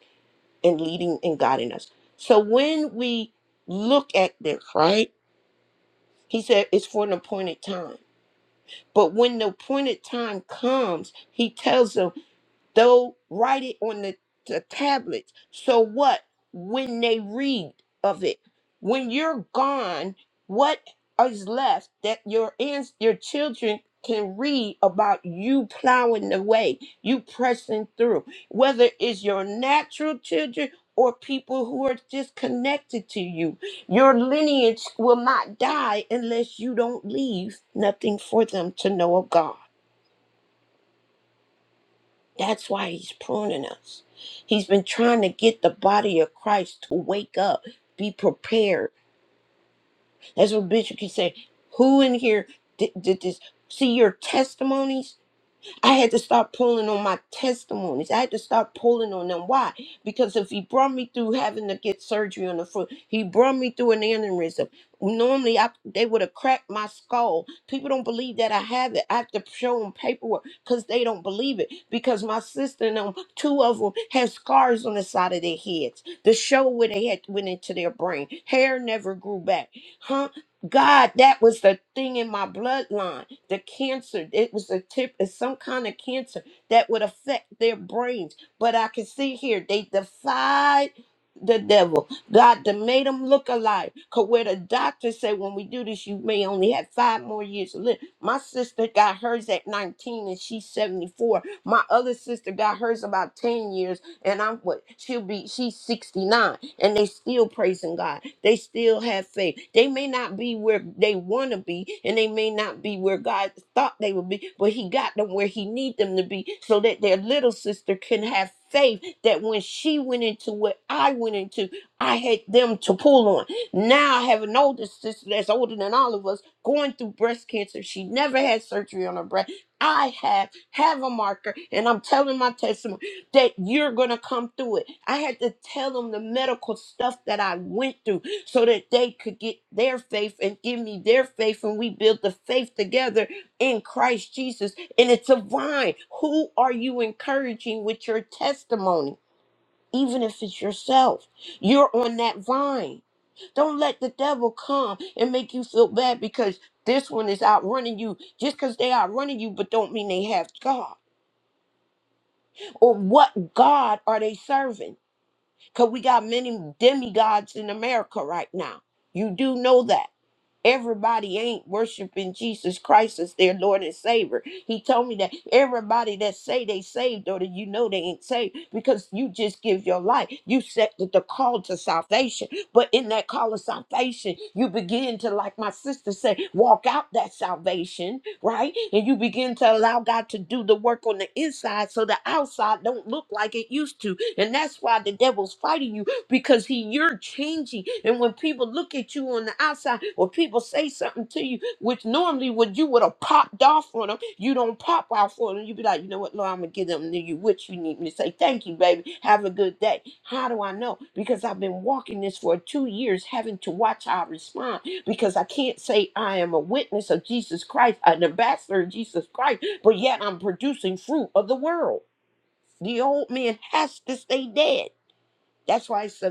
and leading and guiding us. So when we look at this, right? He said it's for an appointed time. But when the appointed time comes, he tells them They'll write it on the, the tablets. So what? When they read of it, when you're gone, what is left that your ans- your children can read about you plowing the way, you pressing through, whether it's your natural children or people who are just connected to you. Your lineage will not die unless you don't leave nothing for them to know of God. That's why he's pruning us. He's been trying to get the body of Christ to wake up, be prepared. That's what Bishop keeps saying. Who in here did, did this? See your testimonies? I had to start pulling on my testimonies. I had to start pulling on them. Why? Because if he brought me through having to get surgery on the foot, he brought me through an aneurysm. Normally, I, they would have cracked my skull. People don't believe that I have it. I have to show them paperwork because they don't believe it. Because my sister and them, two of them, have scars on the side of their heads. The show where they had went into their brain. Hair never grew back. Huh? God, that was the thing in my bloodline. The cancer, it was a tip, it's some kind of cancer that would affect their brains. But I can see here, they defied the devil. God they made them look alive. Cause where the doctor said, when we do this, you may only have five more years to live. My sister got hers at 19 and she's 74. My other sister got hers about 10 years and I'm what she'll be she's 69 and they still praising God. They still have faith. They may not be where they want to be and they may not be where God thought they would be, but he got them where he need them to be so that their little sister can have faith that when she went into what I went into, I had them to pull on. Now I have an older sister that's older than all of us going through breast cancer. She never had surgery on her breast. I have have a marker and I'm telling my testimony that you're going to come through it. I had to tell them the medical stuff that I went through so that they could get their faith and give me their faith. And we build the faith together in Christ Jesus. And it's a vine. Who are you encouraging with your testimony? Even if it's yourself, you're on that vine. Don't let the devil come and make you feel bad because this one is outrunning you just because they outrunning you, but don't mean they have God. Or what God are they serving? Because we got many demigods in America right now. You do know that. Everybody ain't worshiping Jesus Christ as their Lord and Savior. He told me that everybody that say they saved or that you know they ain't saved because you just give your life. You set the, the call to salvation. But in that call of salvation, you begin to, like my sister said, walk out that salvation, right? And you begin to allow God to do the work on the inside so the outside don't look like it used to. And that's why the devil's fighting you because he you're changing and when people look at you on the outside or people say something to you which normally would you would have popped off on them you don't pop off on them you be like you know what lord i'm gonna give them to you what you need me to say thank you baby have a good day how do i know because i've been walking this for two years having to watch how i respond because i can't say i am a witness of jesus christ an ambassador of jesus christ but yet i'm producing fruit of the world the old man has to stay dead that's why it's a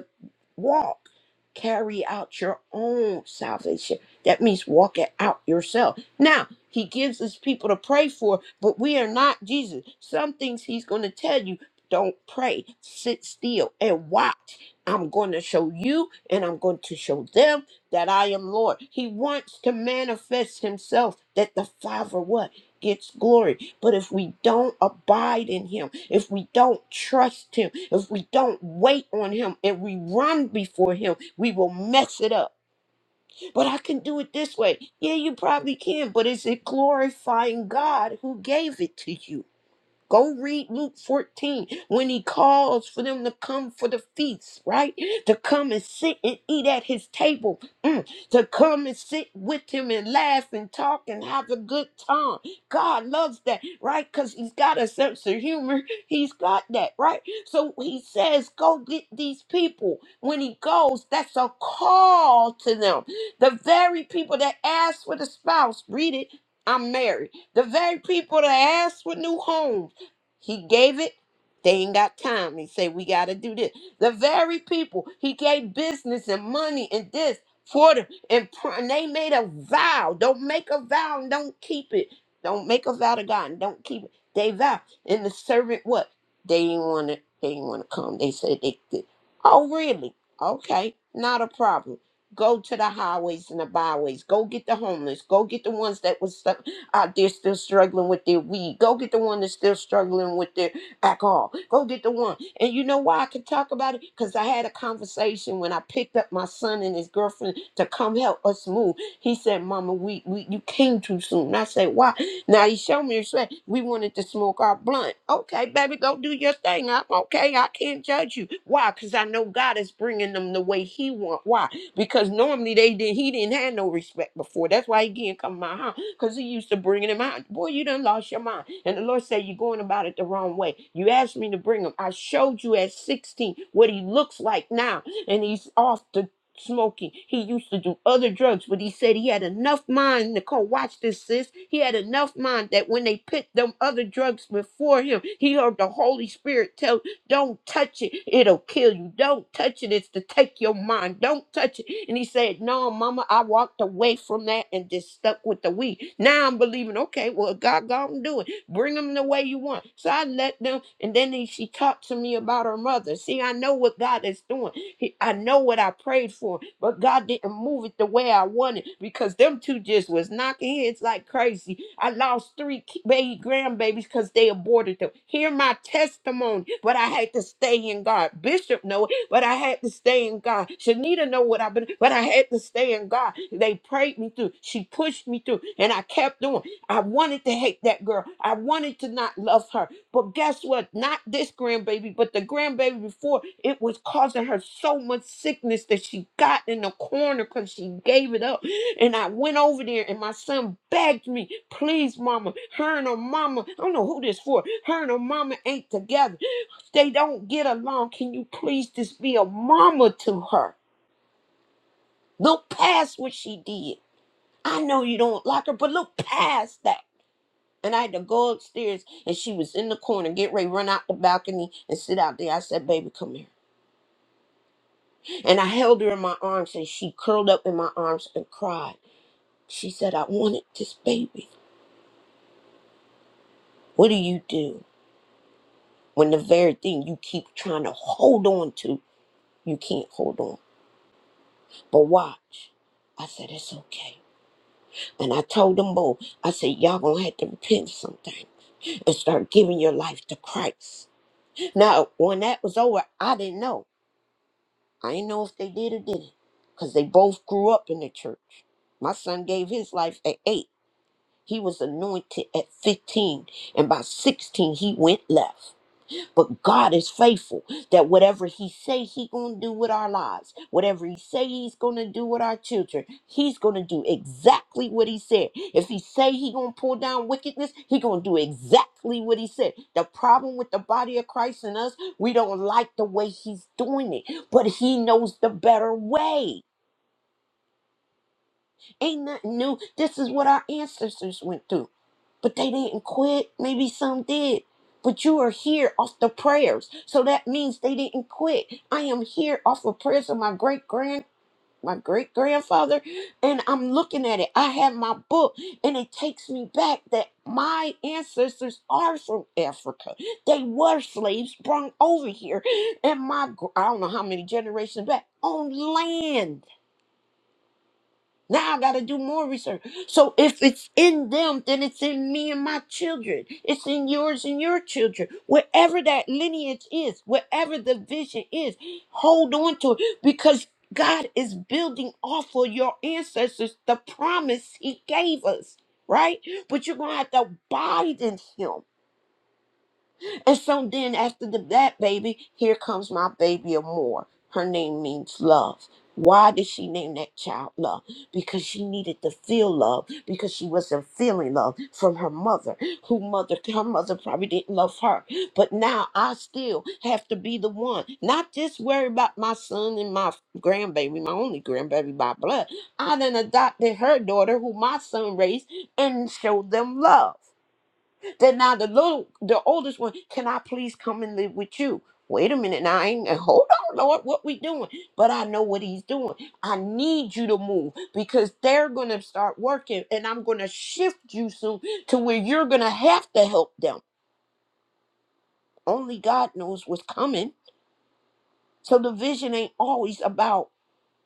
walk, carry out your own salvation. That means walk it out yourself. Now, he gives us people to pray for, but we are not Jesus. Some things he's going to tell you don't pray, sit still and watch. I'm going to show you and I'm going to show them that I am Lord. He wants to manifest himself that the Father what? Gets glory. But if we don't abide in him, if we don't trust him, if we don't wait on him and we run before him, we will mess it up. But I can do it this way. Yeah, you probably can, but is it glorifying God who gave it to you? Go read Luke 14 when he calls for them to come for the feast, right? To come and sit and eat at his table, Mm. to come and sit with him and laugh and talk and have a good time. God loves that, right? Because he's got a sense of humor. He's got that, right? So he says, Go get these people. When he goes, that's a call to them. The very people that asked for the spouse, read it, I'm married. The very people that asked for new homes he gave it. They ain't got time. He say We got to do this. The very people he gave business and money and this for them. And, pr- and they made a vow. Don't make a vow and don't keep it. Don't make a vow to God and don't keep it. They vow. And the servant, what? They didn't want to. They didn't want to come. They said they did. Oh, really? Okay, not a problem. Go to the highways and the byways. Go get the homeless. Go get the ones that was stuck out there still struggling with their weed. Go get the one that's still struggling with their alcohol. Go get the one. And you know why I can talk about it? Because I had a conversation when I picked up my son and his girlfriend to come help us move. He said, Mama, we, we you came too soon. And I said, Why? Now he showed me respect. We wanted to smoke our blunt. Okay, baby, go do your thing. I'm okay. I can't judge you. Why? Because I know God is bringing them the way He want. Why? because normally they did he didn't have no respect before. That's why he can't come to my house because he used to bringing him out. Boy, you done lost your mind. And the Lord said, You're going about it the wrong way. You asked me to bring him. I showed you at 16 what he looks like now, and he's off the smoking. He used to do other drugs, but he said he had enough mind. Nicole, watch this, sis. He had enough mind that when they put them other drugs before him, he heard the Holy Spirit tell don't touch it. It'll kill you. Don't touch it. It's to take your mind. Don't touch it. And he said, No, mama, I walked away from that and just stuck with the weed. Now I'm believing, okay, well, God, God and do it. Bring them the way you want. So I let them. And then he, she talked to me about her mother. See, I know what God is doing. He, I know what I prayed for, but God didn't move it the way I wanted because them two just was knocking heads like crazy I lost three ki- baby grandbabies because they aborted them. Hear my testimony, but I had to stay in God. Bishop know it, but I had to stay in God. Shanita know what I've been, but I had to stay in God. They prayed me through. She pushed me through, and I kept doing. I wanted to hate that girl. I wanted to not love her. But guess what? Not this grandbaby, but the grandbaby before, it was causing her so much sickness that she got in the corner because she gave it up and I went over there and my son begged me, please, mama, her and her mama, I don't know who this for, her and her mama ain't together. They don't get along. Can you please just be a mama to her? Look past what she did. I know you don't like her, but look past that. And I had to go upstairs and she was in the corner, get ready, run out the balcony and sit out there. I said, baby, come here. And I held her in my arms and she curled up in my arms and cried. She said, I wanted this baby. What do you do? when the very thing you keep trying to hold on to, you can't hold on. But watch. I said, it's okay. And I told them both, I said, y'all gonna have to repent of something and start giving your life to Christ. Now, when that was over, I didn't know. I didn't know if they did or didn't. Because they both grew up in the church. My son gave his life at eight. He was anointed at 15. And by 16, he went left. But God is faithful that whatever he say he going to do with our lives, whatever he say he's going to do with our children, he's going to do exactly what he said. If he say he going to pull down wickedness, he going to do exactly what he said. The problem with the body of Christ and us, we don't like the way he's doing it, but he knows the better way. Ain't nothing new. This is what our ancestors went through but they didn't quit. Maybe some did. But you are here off the prayers. So that means they didn't quit. I am here off of prayers of my great grand my great grandfather and I'm looking at it. I have my book and it takes me back that my ancestors are from Africa. They were slaves brought over here and my gr- I don't know how many generations back on land now I got to do more research. So if it's in them, then it's in me and my children. It's in yours and your children. Wherever that lineage is, wherever the vision is, hold on to it because God is building off of your ancestors the promise He gave us, right? But you're going to have to abide in Him. And so then after the, that baby, here comes my baby Amore. Her name means love. Why did she name that child love? Because she needed to feel love because she wasn't feeling love from her mother, who mother her mother probably didn't love her. But now I still have to be the one, not just worry about my son and my grandbaby, my only grandbaby by blood. I then adopted her daughter, who my son raised, and showed them love. Then now the little, the oldest one, can I please come and live with you? Wait a minute, now I ain't, and hold on, Lord, what we doing? But I know what he's doing. I need you to move because they're going to start working and I'm going to shift you soon to where you're going to have to help them. Only God knows what's coming. So the vision ain't always about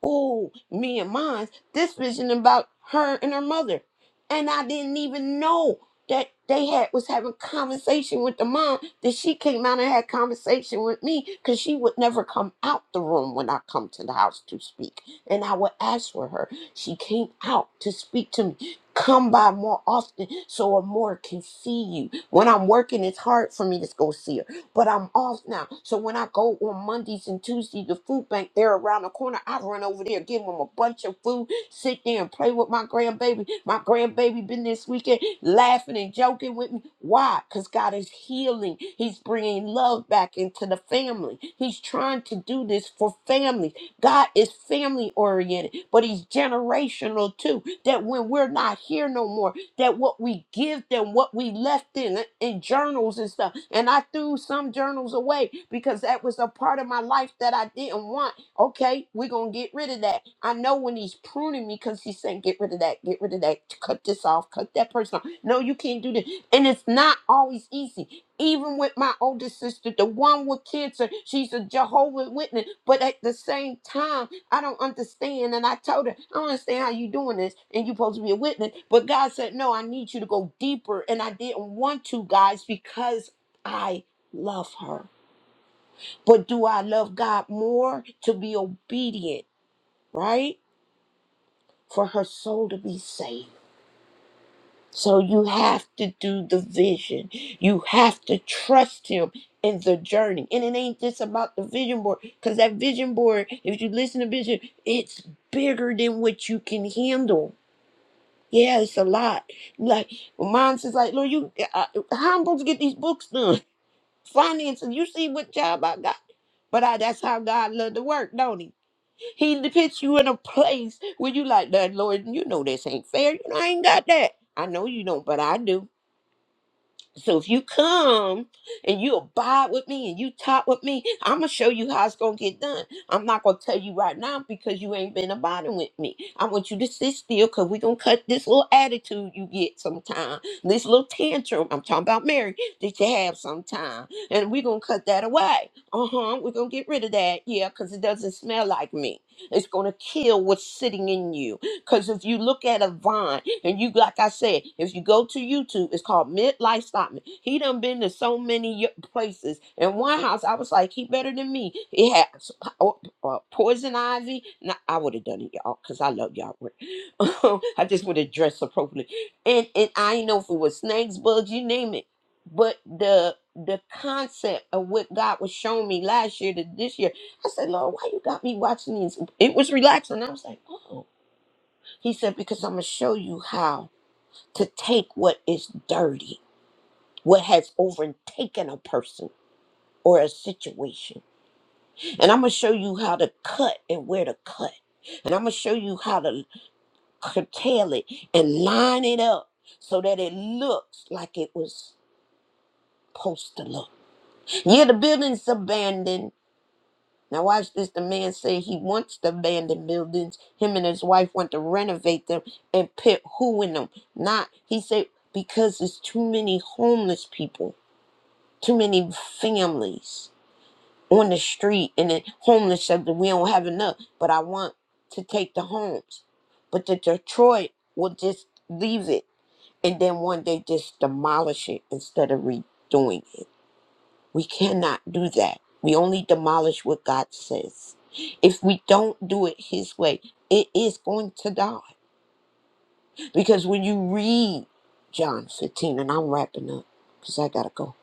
oh, me and mine, this vision about her and her mother. And I didn't even know that they had was having conversation with the mom that she came out and had conversation with me because she would never come out the room when I come to the house to speak. And I would ask for her. She came out to speak to me. Come by more often so a more can see you. When I'm working, it's hard for me to go see but I'm off now. So when I go on Mondays and Tuesdays, the food bank, they're around the corner. I run over there, give them a bunch of food, sit there and play with my grandbaby. My grandbaby been this weekend laughing and joking with me. Why? Because God is healing. He's bringing love back into the family. He's trying to do this for families. God is family oriented, but he's generational too. That when we're not here no more, that what we give them, what we left in in journals and stuff. And I threw some journals away because that was a part of my life that I didn't want. Okay, we're gonna get rid of that. I know when he's pruning me because he's saying, get rid of that, get rid of that, cut this off, cut that person off. No, you can't do this. And it's not always easy even with my older sister, the one with cancer, she's a Jehovah Witness. But at the same time, I don't understand. And I told her, I don't understand how you doing this. And you supposed to be a witness. But God said, No, I need you to go deeper. And I didn't want to, guys, because I love her. But do I love God more to be obedient, right? For her soul to be saved. So you have to do the vision. You have to trust him in the journey. And it ain't just about the vision board. Because that vision board, if you listen to vision, it's bigger than what you can handle Yeah, it's a lot. Like well, mom says, like, Lord, you, uh, uh, how I'm supposed to get these books done? Finances, you see what job I got. But I, that's how God love to work, don't he? He puts you in a place where you like that, Lord, you know this ain't fair. You know, I ain't got that. I know you don't, but I do. So if you come and you abide with me and you talk with me, I'm gonna show you how it's gonna get done. I'm not gonna tell you right now because you ain't been abiding with me. I want you to sit still because we're gonna cut this little attitude you get sometime, this little tantrum. I'm talking about Mary that you have sometime, and we're gonna cut that away. Uh huh. We're gonna get rid of that, yeah, because it doesn't smell like me. It's gonna kill what's sitting in you. Because if you look at a vine, and you, like I said, if you go to YouTube, it's called Midlife Stockman. He done been to so many y- places. In one house, I was like, he better than me. It had s- po- uh, poison ivy. Nah, I would have done it, y'all, because I love y'all. I just would have dressed appropriately. And, and I ain't know if it was snakes, bugs, you name it. But the the concept of what God was showing me last year to this year, I said, Lord, why you got me watching these? It was relaxing. I was like, oh. He said, Because I'm going to show you how to take what is dirty, what has overtaken a person or a situation. And I'm going to show you how to cut and where to cut. And I'm going to show you how to curtail it and line it up so that it looks like it was supposed to look. Yeah, the building's abandoned. Now watch this. The man said he wants the abandoned buildings. Him and his wife want to renovate them and put who in them. Not he said because there's too many homeless people, too many families on the street and the homeless said we don't have enough. But I want to take the homes. But the Detroit will just leave it and then one day just demolish it instead of redoing it. We cannot do that. We only demolish what God says. If we don't do it His way, it is going to die. Because when you read John 15, and I'm wrapping up because I got to go,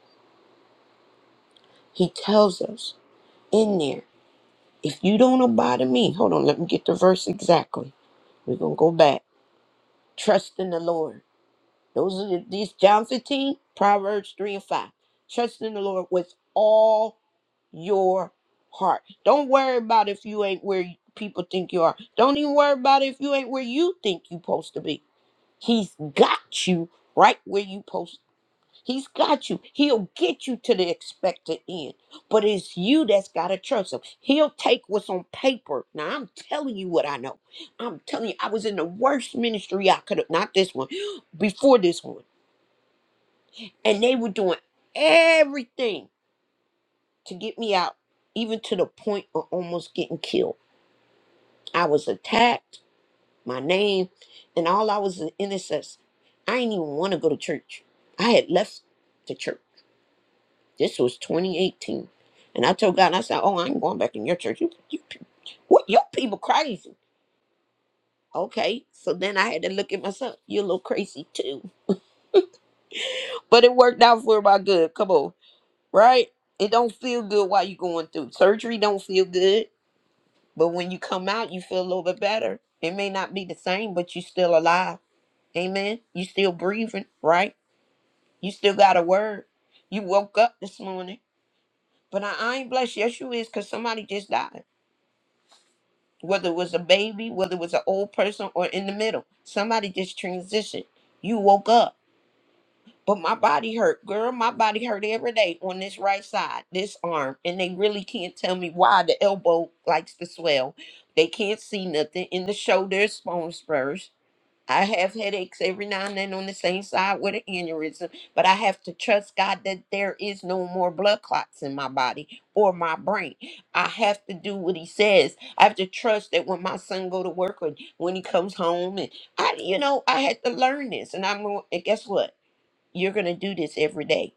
He tells us in there, if you don't abide in me, hold on, let me get the verse exactly. We're going to go back. Trust in the Lord. Those are the, these John 15, Proverbs 3 and 5. Trust in the Lord with all your heart. Don't worry about if you ain't where people think you are. Don't even worry about if you ain't where you think you supposed to be. He's got you right where you post. He's got you. He'll get you to the expected end. But it's you that's gotta trust him. He'll take what's on paper. Now I'm telling you what I know. I'm telling you, I was in the worst ministry I could have not this one, before this one and they were doing everything to get me out, even to the point of almost getting killed. I was attacked, my name, and all I was an intercessor. I didn't even want to go to church. I had left the church. This was 2018. And I told God, I said, Oh, I ain't going back in your church. You, you, pe- what, your people crazy. Okay, so then I had to look at myself. You're a little crazy too. But it worked out for my good. Come on, right? It don't feel good while you're going through. Surgery don't feel good But when you come out, you feel a little bit better. It may not be the same, but you still alive. Amen. You still breathing, right? You still got a word. You woke up this morning. But I, I ain't blessed. Yes, you is, because somebody just died. Whether it was a baby, whether it was an old person, or in the middle. Somebody just transitioned. You woke up. But my body hurt, girl. My body hurt every day on this right side, this arm. And they really can't tell me why the elbow likes to swell. They can't see nothing in the shoulders, bone spurs. I have headaches every now and then on the same side with an aneurysm, but I have to trust God that there is no more blood clots in my body or my brain. I have to do what He says. I have to trust that when my son go to work or when he comes home, and I, you know, I had to learn this. And I'm going. And guess what? You're going to do this every day.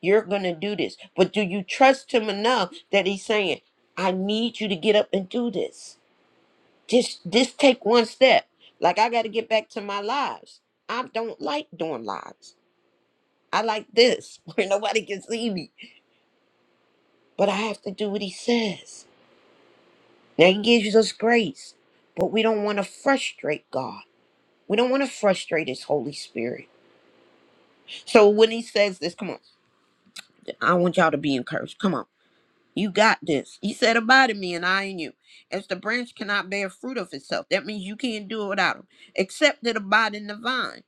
You're going to do this. But do you trust him enough that he's saying, I need you to get up and do this? Just just take one step. Like I got to get back to my lives. I don't like doing lives. I like this where nobody can see me. But I have to do what he says. Now he gives us grace, but we don't want to frustrate God. We don't want to frustrate his Holy Spirit. So when he says this, come on, I want y'all to be encouraged. Come on. You got this. He said, Abide in me, and I in you. As the branch cannot bear fruit of itself, that means you can't do it without him. Except it abide in the vine.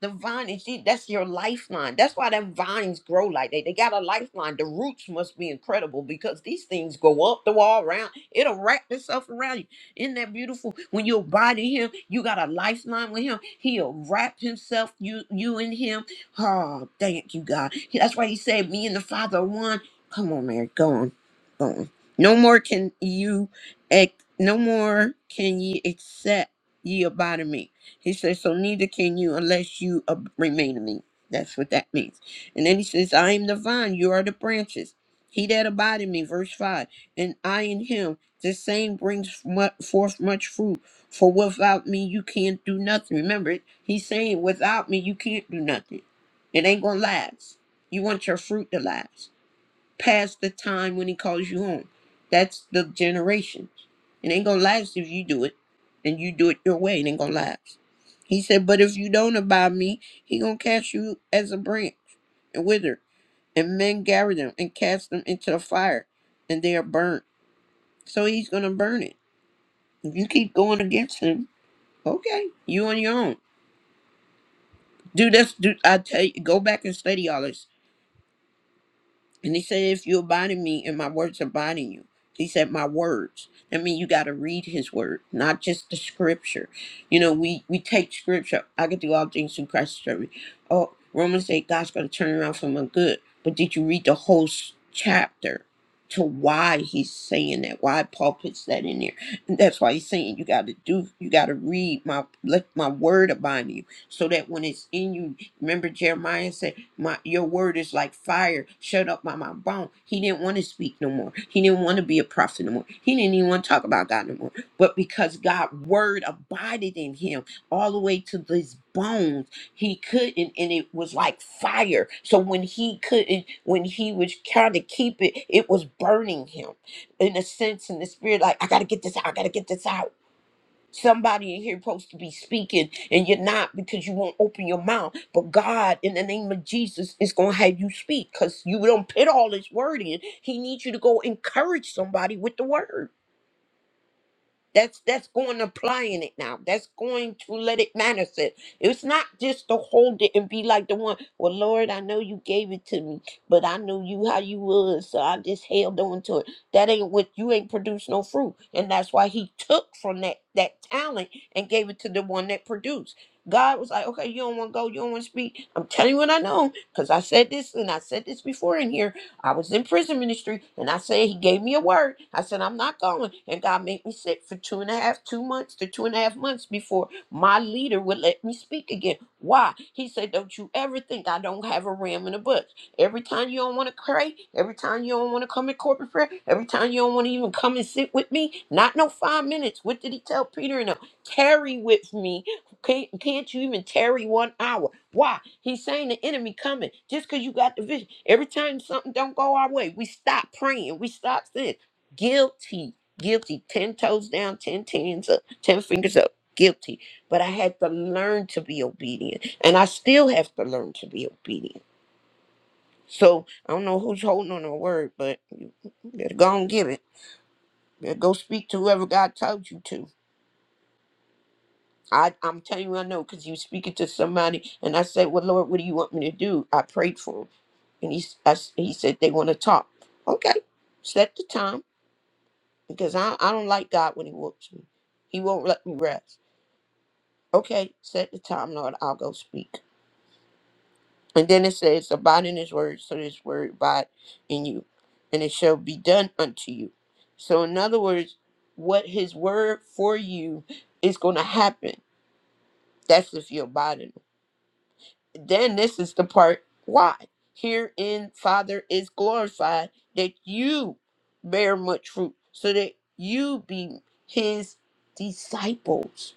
The vine is see, that's your lifeline. That's why them vines grow like they they got a lifeline. The roots must be incredible because these things go up the wall around. It'll wrap itself around you. Isn't that beautiful? When you abide in him, you got a lifeline with him. He'll wrap himself, you you in him. Oh, thank you, God. That's why he said, Me and the Father are one. Come on, Mary. Go on. Go on. No more can you ex- no more can ye accept ye abide in me. He says, So neither can you unless you ab- remain in me. That's what that means. And then he says, I am the vine, you are the branches. He that abide in me, verse 5, and I in him, the same brings mu- forth much fruit. For without me, you can't do nothing. Remember, he's saying, Without me, you can't do nothing. It ain't going to last. You want your fruit to last past the time when he calls you home. That's the generations. It ain't gonna last if you do it, and you do it your way. It ain't gonna last. He said, but if you don't abide me, he gonna cast you as a branch and wither, and men gather them and cast them into the fire, and they are burnt. So he's gonna burn it. If you keep going against him, okay, you on your own. Do this. Do I tell you? Go back and study all this. And he said, If you abide in me and my words abide in you. He said, My words. That means you gotta read his word, not just the scripture. You know, we we take scripture. I can do all things through Christ who strengthens me. Oh, Romans 8, God's gonna turn around for my good. But did you read the whole s- chapter to why he's saying that? Why Paul puts that in there. And that's why he's saying you gotta do you gotta read my let my word abide in you. So that when it's in you, remember Jeremiah said my your word is like fire shut up by my bone. He didn't want to speak no more. He didn't want to be a prophet no more. He didn't even want to talk about God no more. But because God's word abided in him all the way to these bones, he couldn't, and it was like fire. So when he couldn't, when he was trying to keep it, it was burning him in a sense in the spirit, like, I gotta get this out, I gotta get this out Somebody in here supposed to be speaking, and you're not because you won't open your mouth. But God, in the name of Jesus, is gonna have you speak because you don't put all His word in. He needs you to go encourage somebody with the word. That's that's going to applying it now. That's going to let it manifest. It's not just to hold it and be like the one, well, Lord, I know you gave it to me, but I know you how you was, so I just held on to it. That ain't what you ain't produced no fruit. And that's why he took from that that talent and gave it to the one that produced. God was like, okay, you don't want to go, you don't want to speak. I'm telling you what I know, because I said this and I said this before in here I was in prison ministry and I said, He gave me a word. I said, I'm not going. And God made me sit for two and a half, two months to two and a half months before my leader would let me speak again. Why? He said, Don't you ever think I don't have a ram in the bush. Every time you don't want to pray, every time you don't want to come in corporate prayer, every time you don't want to even come and sit with me, not no five minutes. What did he tell Peter and them? Tarry with me. Can't, can't you even tarry one hour? Why? He's saying the enemy coming just because you got the vision. Every time something don't go our way, we stop praying. We stop saying, guilty, guilty. Ten toes down, ten tens up, ten fingers up, guilty. But I had to learn to be obedient. And I still have to learn to be obedient. So I don't know who's holding on to the word, but you better go and give it. Better go speak to whoever God told you to. I, I'm telling you, I know because you speaking to somebody, and I said, "Well, Lord, what do you want me to do?" I prayed for him, and he s- I s- he said they want to talk. Okay, set the time because I I don't like God when He whoops me. He won't let me rest. Okay, set the time, Lord. I'll go speak. And then it says, "Abide in His word, so His word abide in you, and it shall be done unto you." So, in other words, what His word for you is going to happen. That's if you abide in Him. then this is the part why herein father is glorified that you bear much fruit so that you be his disciples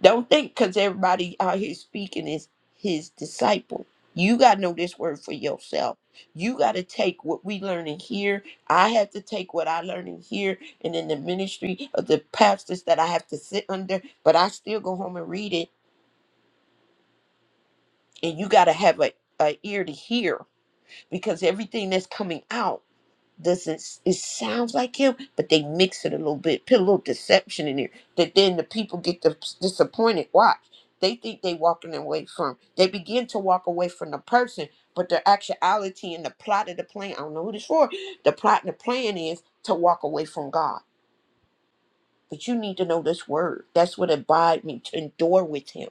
don't think because everybody out here speaking is his disciple you got to know this word for yourself you got to take what we learning here i have to take what i learning here and in the ministry of the pastors that i have to sit under but i still go home and read it and you got to have a, a ear to hear because everything that's coming out doesn't it sounds like him but they mix it a little bit put a little deception in there that then the people get dis- disappointed watch they think they walking away from they begin to walk away from the person but the actuality and the plot of the plan i don't know what it's for the plot and the plan is to walk away from god but you need to know this word that's what abide me to endure with him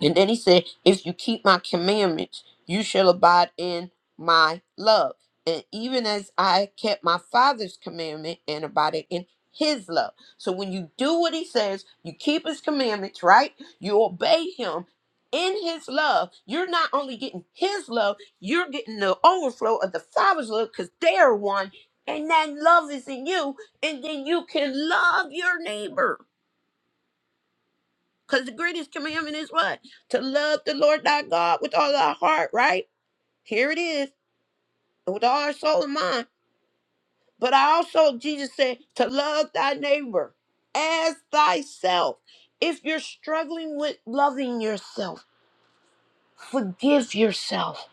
And then he said, If you keep my commandments, you shall abide in my love. And even as I kept my father's commandment and abided in his love. So when you do what he says, you keep his commandments, right? You obey him in his love. You're not only getting his love, you're getting the overflow of the father's love because they're one. And that love is in you. And then you can love your neighbor. Because the greatest commandment is what? To love the Lord thy God with all thy heart, right? Here it is, with all our soul and mind. But I also, Jesus said, to love thy neighbor as thyself. If you're struggling with loving yourself, forgive yourself.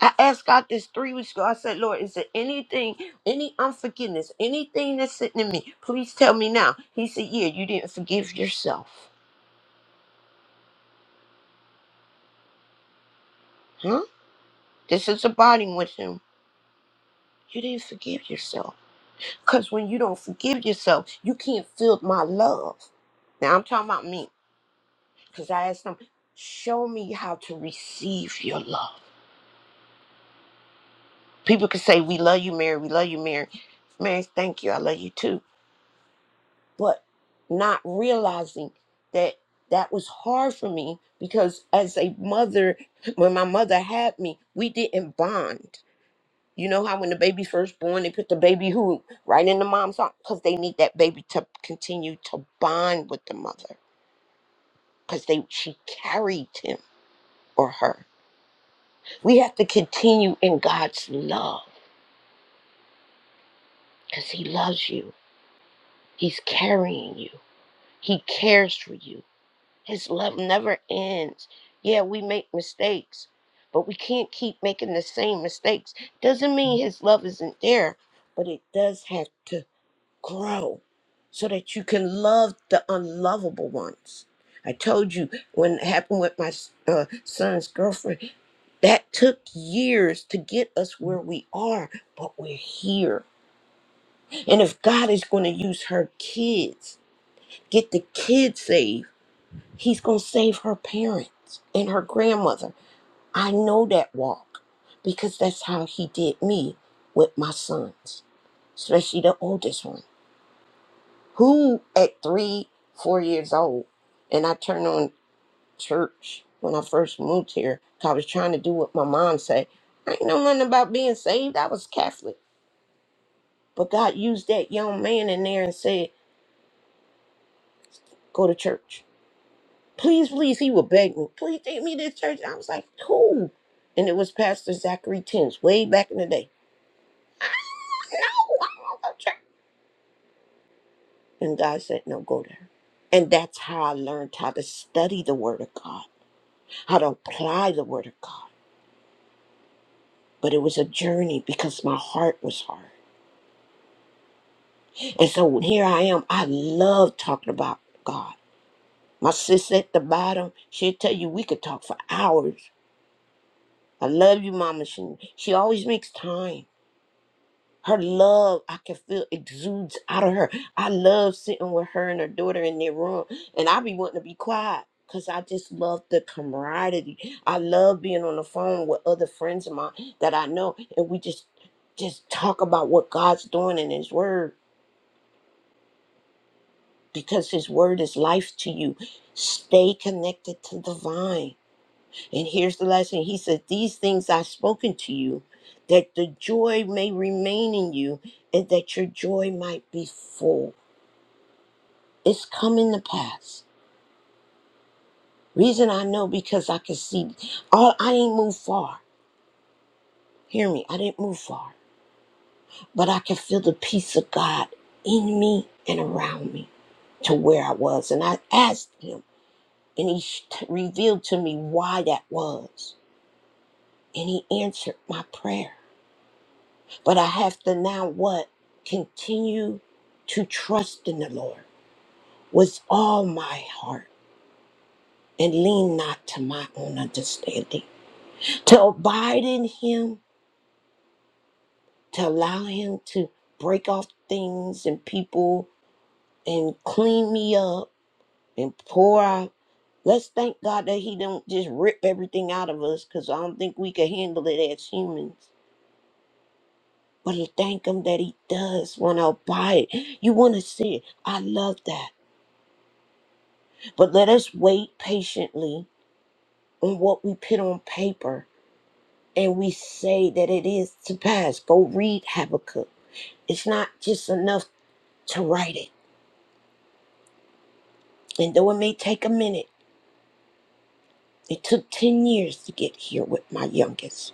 I asked God this three weeks ago. I said, Lord, is there anything, any unforgiveness, anything that's sitting in me? Please tell me now. He said, Yeah, you didn't forgive yourself. Huh? This is abiding with him. You didn't forgive yourself. Because when you don't forgive yourself, you can't feel my love. Now I'm talking about me. Because I asked them, show me how to receive your love. People can say, we love you, Mary. We love you, Mary. Mary, thank you. I love you too. But not realizing that that was hard for me because as a mother, when my mother had me, we didn't bond. You know how when the baby first born, they put the baby who right in the mom's arm because they need that baby to continue to bond with the mother because they she carried him or her. We have to continue in God's love because He loves you. He's carrying you. He cares for you. His love never ends. Yeah, we make mistakes, but we can't keep making the same mistakes. Doesn't mean His love isn't there, but it does have to grow so that you can love the unlovable ones. I told you when it happened with my uh, son's girlfriend, that took years to get us where we are, but we're here. And if God is going to use her kids, get the kids saved, He's going to save her parents and her grandmother. I know that walk because that's how He did me with my sons, especially the oldest one. Who at three, four years old, and I turned on church when I first moved here 'cause I was trying to do what my mom said. I ain't know nothing about being saved. I was Catholic. But God used that young man in there and said, Go to church. Please, please, he would beg me, please take me to church. I was like, cool. And it was Pastor Zachary Tins way back in the day. No, I don't want to go to church. And God said, No, go there. And that's how I learned how to study the word of God, how to apply the word of God. but it was a journey because my heart was hard. And so here I am. I love talking about God. My sis at the bottom, she'll tell you we could talk for hours. I love you, Mama. She, she always makes time. Her love, I can feel exudes out of her. I love sitting with her and her daughter in their room, and I be wanting to be quiet because I just love the camaraderie. I love being on the phone with other friends of mine that I know, and we just just talk about what God's doing in His Word because his word is life to you. Stay connected to the vine. And here's the last thing he said, These things I've spoken to you, that the joy may remain in you, and that your joy might be full. It's coming to pass. Reason I know because I can see all I ain't moved far. Hear me, I didn't move far. But I can feel the peace of God in me and around me to where I was. And I asked him, and he sh- revealed to me why that was and he answered my prayer. But I have to now what? Continue to trust in the Lord with all my heart and lean not to my own understanding. To abide in him, to allow him to break off things and people and clean me up and pour out. Let's thank God that he don't just rip everything out of us because I don't think we can handle it as humans But to thank him that he does want to abide. You want to see it. I love that. But let us wait patiently on what we put on paper and we say that it is to pass. Go read Habakkuk. It's not just enough to write it. And though it may take a minute, it took 10 years to get here with my youngest.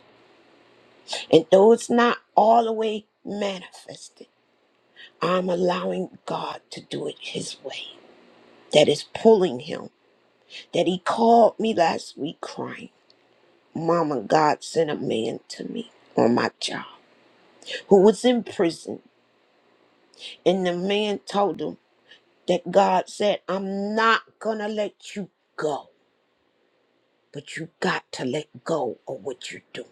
And though it's not all the way manifested, I'm allowing God to do it His way. That is pulling him. that he called me last week crying. Mama, God sent a man to me on my job who was in prison. And the man told him that God said, I'm not going to let you go, but you got to let go of what you're doing.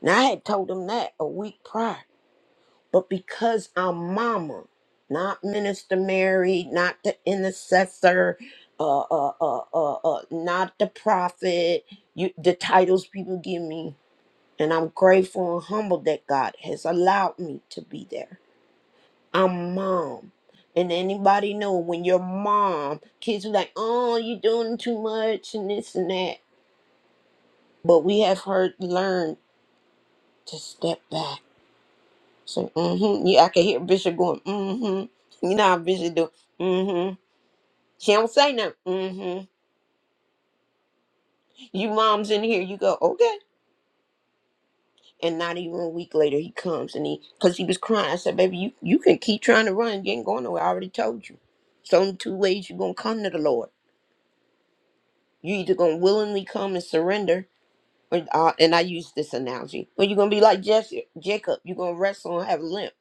Now, I had told him that a week prior, but because I'm mama, not Minister Mary, not the intercessor, uh, uh, uh, uh, uh, not the prophet, you, the titles people give me, And I'm grateful and humbled that God has allowed me to be there. I'm mom. And anybody know when you're mom, kids are like, oh, you doing too much and this and that. But we have heard learned to step back. So, mm-hmm. Yeah, I can hear Bishop going, mm-hmm. You know how Bishop do, mm-hmm. She don't say nothing. Mm-hmm. You moms in here, you go, okay. And not even a week later, he comes and he, because he was crying. I said, baby, you, you can keep trying to run. You ain't going nowhere. I already told you. It's only two ways you're going to come to the Lord. you either going to willingly come and surrender, or, uh, and I use this analogy, or you're going to be like Jesse, Jacob. You're going to wrestle and have a limp,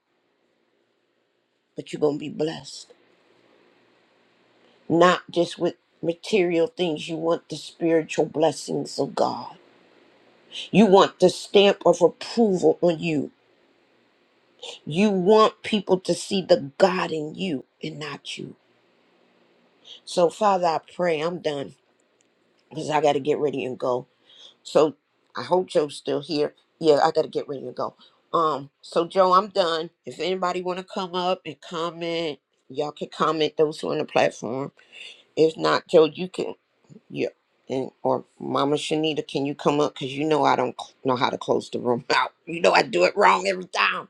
but you're going to be blessed. Not just with material things. You want the spiritual blessings of God. You want the stamp of approval on you. You want people to see the God in you and not you. So, Father, I pray I'm done because I got to get ready and go. So, I hope Joe's still here. Yeah, I got to get ready and go. Um, so Joe, I'm done. If anybody want to come up and comment, y'all can comment. Those who on the platform. If not, Joe, you can yeah. And or Mama Shanita, can you come up? Cause you know I don't cl- know how to close the room out. You know I do it wrong every time.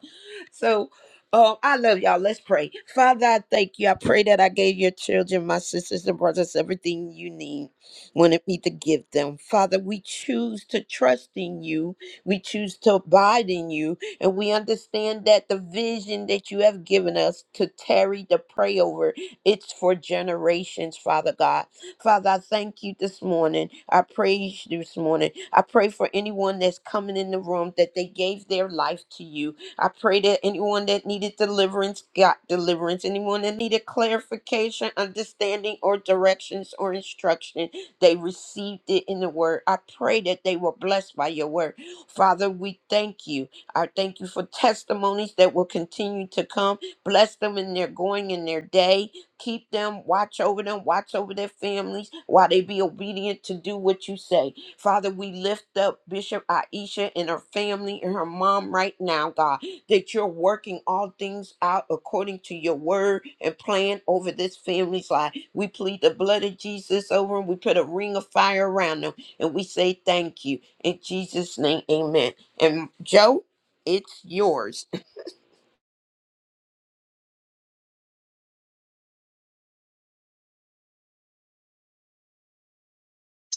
So um, I love y'all. Let's pray. Father, I thank you. I pray that I gave your children, my sisters and brothers, everything you need when it need to give them. Father, we choose to trust in you. We choose to abide in you. And we understand that the vision that you have given us to tarry to pray over, it's for generations, Father God. Father, I thank you this morning. I praise you this morning. I pray for anyone that's coming in the room that they gave their life to you. I pray that anyone that needed deliverance got deliverance. Anyone that needed clarification, understanding, or directions or instruction, they received it in the word. I pray that they were blessed by your word. Father, we thank you. I thank you for testimonies that will continue to come. Bless them in their going in their day. Keep them, watch over them, watch over their families while they be obedient to do what you say. Father, we lift up Bishop Aisha and her family and her mom right now, God, that you're working all things out according to your word and plan over this family's life. We plead the blood of Jesus over them. We put a ring of fire around them and we say thank you. In Jesus' name, amen. And Joe, it's yours.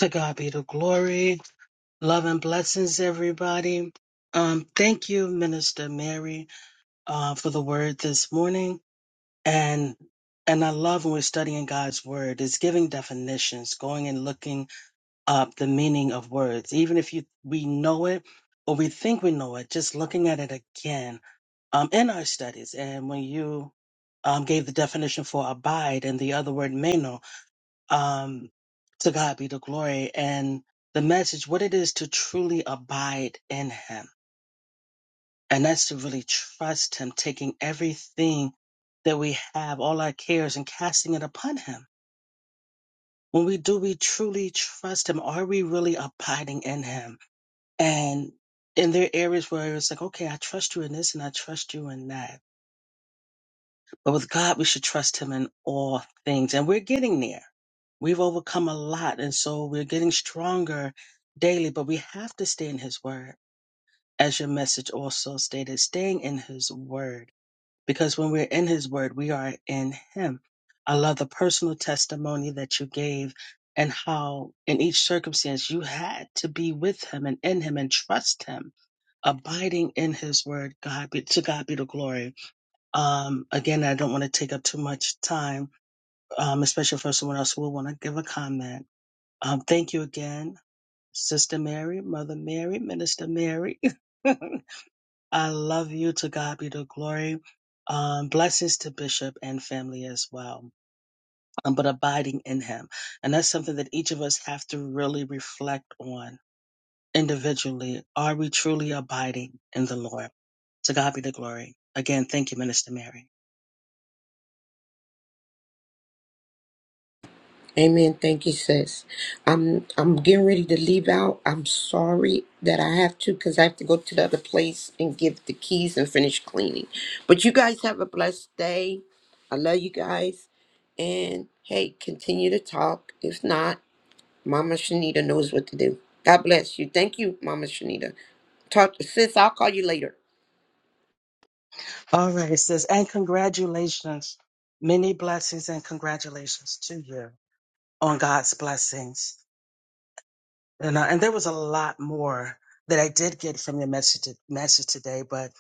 To God be the glory. Love and blessings, everybody. Um, thank you, Minister Mary, uh, for the word this morning. And and I love when we're studying God's word. It's giving definitions, going and looking up the meaning of words, even if you we know it or we think we know it. Just looking at it again um, in our studies. And when you um, gave the definition for abide and the other word meno, um, to God be the glory and the message, what it is to truly abide in Him. And that's to really trust Him, taking everything that we have, all our cares, and casting it upon Him. When we do, we truly trust Him. Are we really abiding in Him? And in there are areas where it's like, okay, I trust you in this and I trust you in that But with God, we should trust Him in all things. And we're getting there. We've overcome a lot. And so we're getting stronger daily, but we have to stay in His Word. As your message also stated, staying in His Word. Because when we're in His Word, we are in Him. I love the personal testimony that you gave and how in each circumstance you had to be with Him and in Him and trust Him, abiding in His Word. God be, to God be the glory um, again, I don't want to take up too much time, um, especially for someone else who will want to give a comment. Um, thank you again, Sister Mary, Mother Mary, Minister Mary. I love you. To God be the glory. Um, blessings to Bishop and family as well, um, but abiding in Him. And that's something that each of us have to really reflect on individually. Are we truly abiding in the Lord? To God be the glory. Again, thank you, Minister Mary.
Amen. Thank you, sis. I'm I'm getting ready to leave out. I'm sorry that I have to because I have to go to the other place and give the keys and finish cleaning. But you guys have a blessed day. I love you guys. And hey, continue to talk. If not, Mama Shanita knows what to do. God bless you. Thank you, Mama Shanita. Talk sis, I'll call you later.
All right, it says, and congratulations. Many blessings and congratulations to you on God's blessings. And, uh, and there was a lot more that I did get from your message, to- message today, but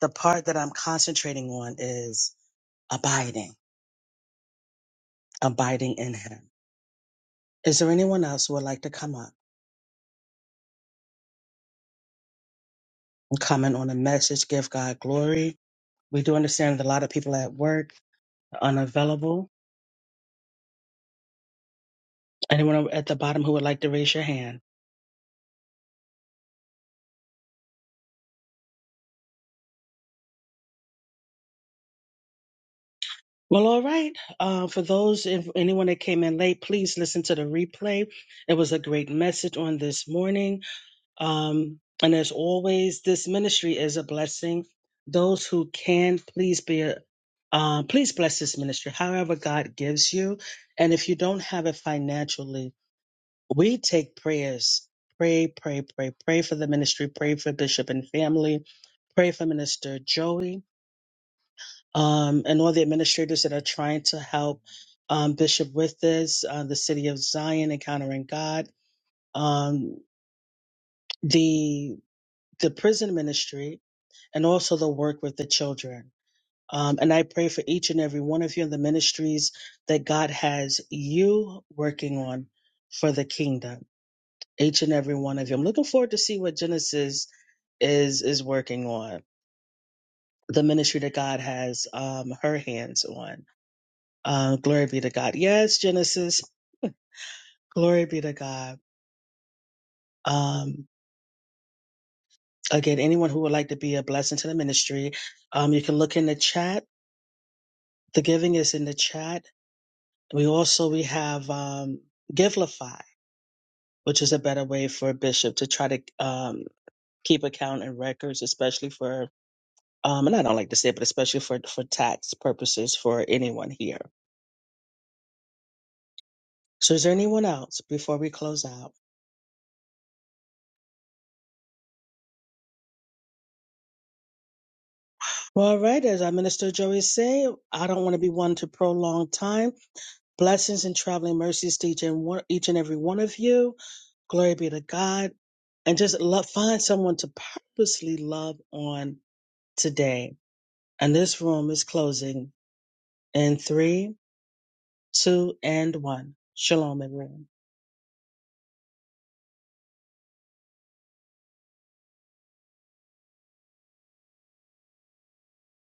the part that I'm concentrating on is abiding, abiding in Him. Is there anyone else who would like to come up and comment on the message, give God glory? We do understand that a lot of people at work are unavailable. Anyone at the bottom who would like to raise your hand? Well, all right. Uh, for those, if anyone that came in late, please listen to the replay. It was a great message on this morning. Um, and as always, this ministry is a blessing. Those who can, please be a uh, please bless this ministry, however God gives you. And if you don't have it financially, we take prayers. Pray, pray, pray, pray for the ministry. Pray for Bishop and family. Pray for Minister Joey um, and all the administrators that are trying to help um, Bishop with this, uh, the City of Zion, Encountering God, um, the the prison ministry, and also the work with the children. Um, and I pray for each and every one of you in the ministries that God has you working on for the kingdom. Each and every one of you. I'm looking forward to see what Genesis is is working on. The ministry that God has um, her hands on Uh, glory be to God. Yes, Genesis. Glory be to God. Um, again, anyone who would like to be a blessing to the ministry, um, you can look in the chat. The giving is in the chat. We also we have um, Givelify, which is a better way for a bishop to try to um, keep account and records, especially for um, and I don't like to say, it, but especially for for tax purposes for anyone here. So, is there anyone else before we close out? Well, all right, as our minister Joey say, I don't want to be one to prolong time. Blessings and traveling mercies to each and, one, each and every one of you. Glory be to God. And just love, find someone to purposely love on today. And this room is closing in three, two, and one. Shalom, everyone.